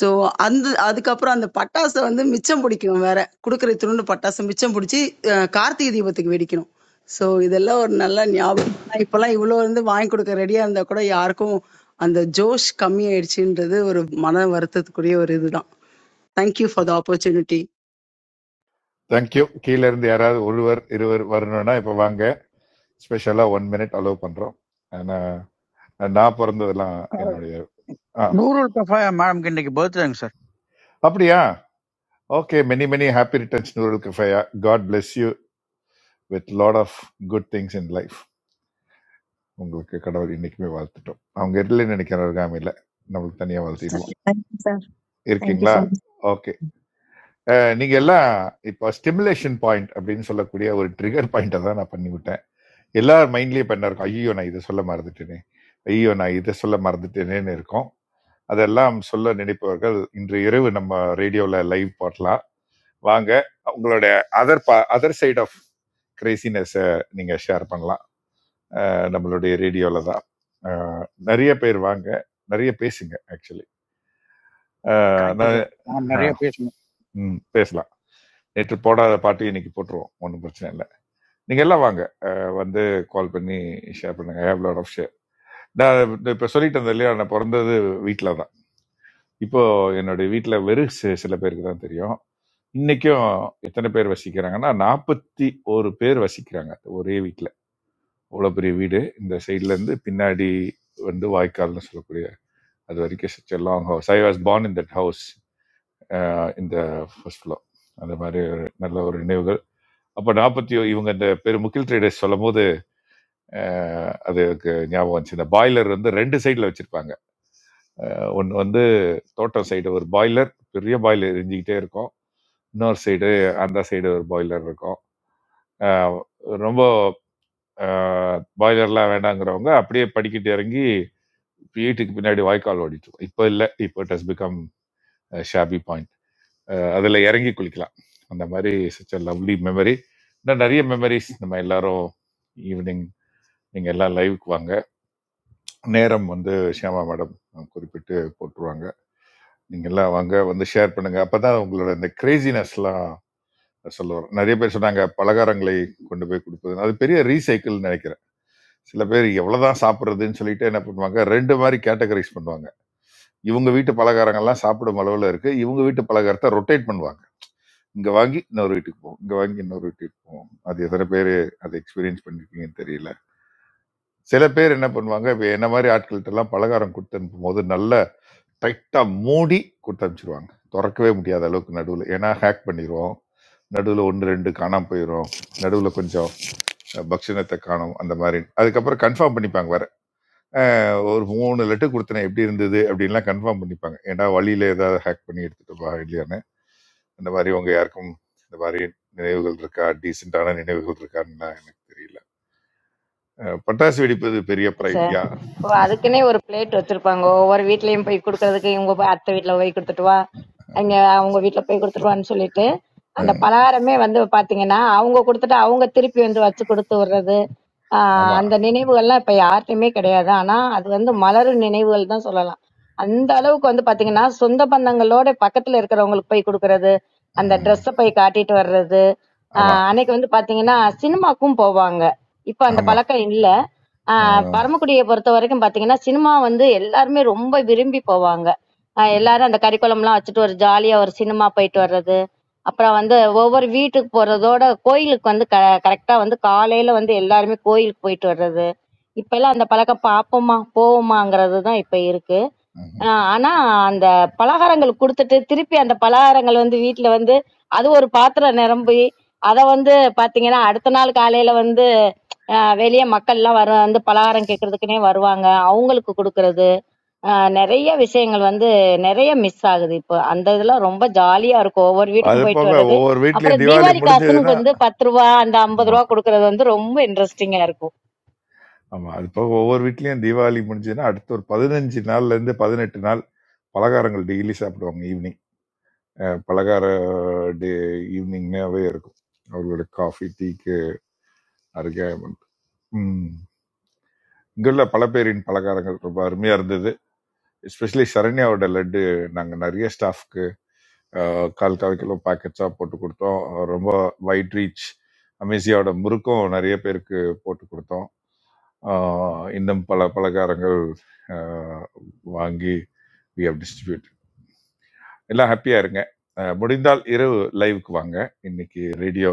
V: ஸோ, அந்த அதுக்கப்புறம் அந்த பட்டாச வந்து மிச்சம் பிடிக்கணும் வேற. குடுக்குற இத்துணூண்டு பட்டாசு மிச்சம் பிடிச்சு, அ கார்த்திகை தீபத்துக்கு வெடிக்கணும். ஸோ இதெல்லாம் ஒரு நல்ல ஞாபகம். ஆனா, இப்பலாம் இவ்ளோ வந்து வாங்கி குடுக்க ரெடியா இருந்தா கூட யாருக்கும் அந்த ஜோஷ் கம்மியாயிடுச்சுன்றது ஒரு மன வருத்தத்துக்குரிய ஒரு இதுதான். Thank you for the opportunity.
E: Thank you கீழே இருந்து யாராவது ஒருவர் இருவர் வரணும்னா இப்போ வாங்க ஸ்பெஷலாக ஒன் மினிட் அலோவ் பண்ணுறோம் ஆனால் நான் பிறந்ததெல்லாம் என்னுடைய ஆ
F: நூறு மேடம்க்கு இன்னைக்கு பர்த்டேங்க சார்
E: அப்படியா okay many many happy returns நூறு கஃபையா god bless you with lot of good things in life உங்களுக்கு கடவுள் இன்னைக்குமே வாழ்த்துட்டோம் அவங்க இல்லைன்னு நினைக்கிறவங்க இல்லை நம்மளுக்கு தனியா வாழ்த்திடுவோம்
Q: தேங்க்யூ சார்
E: இருக்கீங்களா
Q: தேங்க்யூ
E: ஓகே நீங்க எல்லாம் இப்போ ஸ்டிமுலேஷன் பாயிண்ட் அப்படின்னு சொல்லக்கூடிய ஒரு ட்ரிகர் பாயிண்ட்டை தான் நான் பண்ணி விட்டேன் எல்லார் மைண்ட்லயும் பண்ண இருக்கும் ஐயோ நான் இதை சொல்ல மறந்துட்டேனே ஐயோ நான் இதை சொல்ல மறந்துட்டேனேன்னு இருக்கும் அதெல்லாம் சொல்ல நினைப்பவர்கள் இன்று இரவு நம்ம ரேடியோல லைவ் போடலாம் வாங்க உங்களுடைய other other side of graciousness நீங்க ஷேர் பண்ணலாம் நம்மளுடைய ரேடியோவில் தான் அஹ், நிறைய பேர் வாங்க நிறைய பேசுங்க ஆக்சுவலி
F: தேங்க்யூ
E: நான்
F: சார் நிறைய
E: அஹ்,
F: பேசணும்
E: ம், பேசலாம் நேற்று போடாத பாட்டு இன்னைக்கு போட்டுருவோம் ஒன்றும் பிரச்சனை இல்லை நீங்கள் எல்லாம் வாங்க அஹ், வந்து கால் பண்ணி ஷேர் பண்ணுங்க I have lot of share நான் இப்போ சொல்லிட்டு இருந்தேன் இல்லையா நான் பிறந்தது வீட்டில் தான் இப்போ என்னுடைய வீட்டில் வெறும் சி- சில பேருக்கு தான் தெரியும் இன்னைக்கும் எத்தனை பேர் வசிக்கிறாங்கன்னா நாற்பத்தி ஒரு பேர் வசிக்கிறாங்க ஒரே வீட்டில் அவ்வளோ பெரிய வீடு இந்த சைட்ல இருந்து பின்னாடி வந்து வாய்க்கால்னு சொல்லக்கூடிய அது வரைக்கும் such a long house I was born in that house இந்த ஃபர்ஸ்ட் floor அந்த மாதிரி ஒரு நல்ல ஒரு நினைவுகள் அப்போ நாற்பத்தி இவங்க இந்த பெரு முக்கில் ட்ரேடர்ஸ் சொல்லும் போது அஹ், அது எனக்கு ஞாபகம் வந்துச்சு இந்த பாய்லர் வந்து ரெண்டு சைடில் வச்சுருப்பாங்க ஒன்று வந்து தோட்டம் சைடு ஒரு பாய்லர் பெரிய பாய்லர் எரிஞ்சிக்கிட்டே இருக்கும் இன்னொரு சைடு அந்த சைடு ஒரு பாய்லர் இருக்கும் அஹ், ரொம்ப பாய்லர்லாம் வேண்டாங்கிறவங்க அப்படியே படிக்கிட்டு இறங்கி வீட்டுக்கு பின்னாடி வாய்க்கால் ஓடிட்டு இருக்கும் இப்போ இல்லை இப்போ it has become shabby point ah அதுல இறங்கி குளிக்கலாம் அந்த மாதிரி such a லவ்லி மெமரி இன்னும் நிறைய மெமரிஸ் நம்ம எல்லாரும் ஈவினிங் நீங்க எல்லாம் லைவுக்கு வாங்க நேரம் வந்து ஷியாமா மேடம் குறிப்பிட்டு போட்டுருவாங்க நீங்க எல்லாம் வாங்க வந்து ஷேர் பண்ணுங்க அப்பதான் உங்களோட இந்த கிரேசினஸ்லாம் சொல்லுவார் நிறைய பேர் சொன்னாங்க பலகாரங்களை கொண்டு போய் கொடுப்பது அது பெரிய ரீசைக்கிள் நினைக்கிறேன் சில பேர் எவ்வளவுதான் சாப்பிட்றதுன்னு சொல்லிட்டு என்ன பண்ணுவாங்க ரெண்டு மாதிரி கேட்டகரைஸ் பண்ணுவாங்க இவங்க வீட்டு பலகாரங்கள்லாம் சாப்பிடும் அளவுல இருக்கு இவங்க வீட்டு பலகாரத்தை ரொட்டேட் பண்ணுவாங்க இங்க வாங்கி இன்னொரு வீட்டுக்கு போவோம் இங்க வாங்கி இன்னொரு வீட்டுக்கு போவோம் அது எத்தனை பேர் அதை எக்ஸ்பீரியன்ஸ் பண்ணிருக்கீங்கன்னு தெரியல சில பேர் என்ன பண்ணுவாங்க இப்ப என்ன மாதிரி ஆட்கள்கிட்ட எல்லாம் பலகாரம் கொடுத்து அனுப்பும் போது நல்ல டைட்டா மூடி கொடுத்து அனுப்பிச்சிருவாங்க திறக்கவே முடியாத அளவுக்கு நடுவில் ஏன்னா ஹேக் பண்ணிடுவோம் நடுவில் ஒன்று ரெண்டு காணாம போயிடும் நடுவில் கொஞ்சம் அஹ், பக்ஷணத்தை காணும் அந்த மாதிரி அதுக்கப்புறம் கன்ஃபார்ம் பண்ணிப்பாங்க வேற அஹ், ஒரு மூணு லெட்டு கொடுத்தனே எப்படி இருந்தது அப்படின்லாம் கன்ஃபார்ம் பண்ணிப்பாங்க ஏன்னா வழியில ஏதாவது ஹேக் பண்ணி எடுத்துட்டு வா இல்லையா இந்த மாதிரி உங்க யாருக்கும் இந்த மாதிரி நினைவுகள் இருக்கா டீசெண்டான நினைவுகள் இருக்கான்னு எனக்கு தெரியல அஹ் பட்டாசு வெடிப்பது பெரிய
U: இருக்கு
E: ப்ரைட்
U: சார்
E: யா
U: ஓ அதுக்குன்னே ஒரு பிளேட் வச்சிருப்பாங்க ஒவ்வொரு வீட்லயும் போய் கொடுக்கறதுக்கு இவங்க போய் அத்தை வீட்ல போய் கொடுத்துட்டு வா அங்க அவங்க வீட்ல போய் கொடுத்துட்டு வான்னு சொல்லிட்டு அந்த
E: அஹ்
U: பலகாரமே வந்து பாத்தீங்கன்னா அவங்க கொடுத்துட்டு அவங்க திருப்பி வந்து வச்சு கொடுத்து விடுறது ஆஹ்
E: ஆமா
U: அந்த நினைவுகள்லாம் இப்ப யார்கிட்டயுமே கிடையாது ஆனா அது வந்து மலரும் நினைவுகள் தான் சொல்லலாம் அந்த அளவுக்கு வந்து பாத்தீங்கன்னா சொந்த பந்தங்களோட பக்கத்துல இருக்கிறவங்களுக்கு போய் கொடுக்கறது அந்த
E: அஹ்
U: ட்ரெஸ்ஸை போய் காட்டிட்டு வர்றது
E: ஆமா
U: ஆஹ் அன்னைக்கு வந்து பாத்தீங்கன்னா சினிமாக்கும் போவாங்க இப்ப அந்த
E: ஆமா
U: பழக்கம் இல்ல ஆ
E: அஹ்
U: பரமக்குடிய பொறுத்த வரைக்கும் பார்த்தீங்கன்னா, சினிமா வந்து எல்லாருமே ரொம்ப விரும்பி போவாங்க. அ எல்லாரும் அந்த கறிக்குழம்புலாம் வச்சுட்டு ஒரு ஜாலியா ஒரு சினிமா போயிட்டு வர்றது, அப்புறம் வந்து ஒவ்வொரு வீட்டுக்கு போறதோட கோயிலுக்கு வந்து க கரெக்ட்டா வந்து காலையில வந்து எல்லாருமே கோயிலுக்கு போயிட்டு வர்றது. இப்பல்லாம் அந்த பழக்கம் பார்ப்போமா, போவோமாங்கிறது தான் இப்ப இருக்கு. அ
E: உம்.
U: ஆனா அந்த பலகாரங்கள் குடுத்துட்டு, திருப்பி அந்த பலகாரங்கள் வந்து வீட்ல வந்து அது ஒரு பாத்திரம் நிரம்பி, அத வந்து பார்த்தீங்கன்னா, அடுத்த நாள் காலையில வந்து வெளிய மக்கள் எல்லாம் வர வந்து பலகாரம் கேட்கறதுக்குன்னே வருவாங்க அவங்களுக்கு கொடுக்கறது ஆஹ் நிறைய விஷயங்கள் வந்து நிறைய மிஸ் ஆகுது இப்போ அந்த இதெல்லாம் ரொம்ப ஜாலியா இருக்கும் ஒவ்வொரு
E: அது
U: வீட்டுக்கும் போயிட்டு
E: போக
U: வர்றது
E: ஒவ்வொரு வீட்லயும்
U: அப்புறம்
E: தீபாவளி
U: தீபாவளி காசுன்னு
E: முடிஞ்சதுன்னா
U: வந்து பத்து ரூபா அந்த ஐம்பது
E: ஆமா
U: ரூபா கொடுக்கறது வந்து ரொம்ப இன்ட்ரெஸ்டிங்கா இருக்கும்
E: ஆமா அது போக ஒவ்வொரு வீட்லயும் தீபாவளி முடிஞ்சதுன்னா அடுத்த ஒரு பதினஞ்சு நாள்ல இருந்து பதினெட்டு நாள் பலகாரங்கள் டெய்லி சாப்பிடுவாங்க ஈவினிங் பலகார டே ஈவினிங்னாவே இருக்கும் அவர்களோட காஃபி டீக்கு அருகே இங்குள்ள பல பேரின் பலகாரங்கள் ரொம்ப அருமையா இருந்தது எஸ்பெஷலி சரண்யாவோட லட்டு நாங்க நிறைய ஸ்டாஃப்க்கு கால் கால் கிலோ பேக்கெட்ஸா போட்டு கொடுத்தோம் அஹ் ரொம்ப வைட் ரீச் அமேசியாவோட முறுக்கும் நிறைய பேருக்கு போட்டு கொடுத்தோம் அஹ் இன்னும் பல பலகாரங்கள் அஹ், வாங்கி we have distributed எல்லாம் ஹாப்பியா இருங்க அஹ், முடிந்தால் இரவு லைவுக்கு வாங்க இன்னைக்கு radio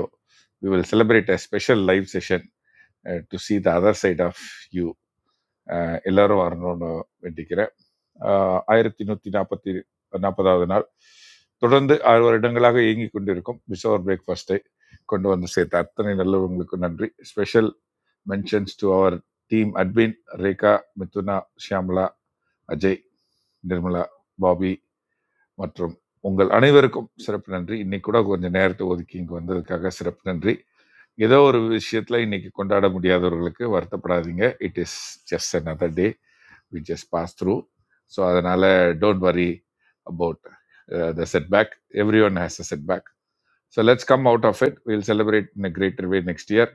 E: we will celebrate a special live session to see the other side of you எல்லாரும் வரணும்னு வேண்டிக்கிறேன் ஆஹ் ஆயிரத்தி நூற்றி நாற்பத்தி நாற்பதாவது நாள் தொடர்ந்து ஆறு வருடங்களாக இயங்கிக் கொண்டிருக்கும் பிசோர் பிரேக்ஃபாஸ்ட்டை கொண்டு வந்து சேர்த்த அத்தனை நல்லவங்களுக்கு நன்றி special mentions to our team Edwin Rekha Mithuna Shyamala Ajay Nirmala Bobby மற்றும் உங்கள் அனைவருக்கும் சிறப்பு நன்றி இன்னைக்கு கூட கொஞ்சம் நேரத்தை ஒதுக்கி இங்கே வந்ததுக்காக சிறப்பு நன்றி ஏதோ ஒரு விஷயத்துல இன்னைக்கு கொண்டாட முடியாதவர்களுக்கு வருத்தப்படாதீங்க it is just another day we just pass through so adanale don't worry about uh, the setback everyone has a setback so let's come out of it we'll celebrate in a greater way next year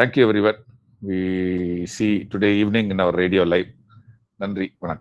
E: thank you everyone we see today evening in our radio live நன்றி வணக்கம்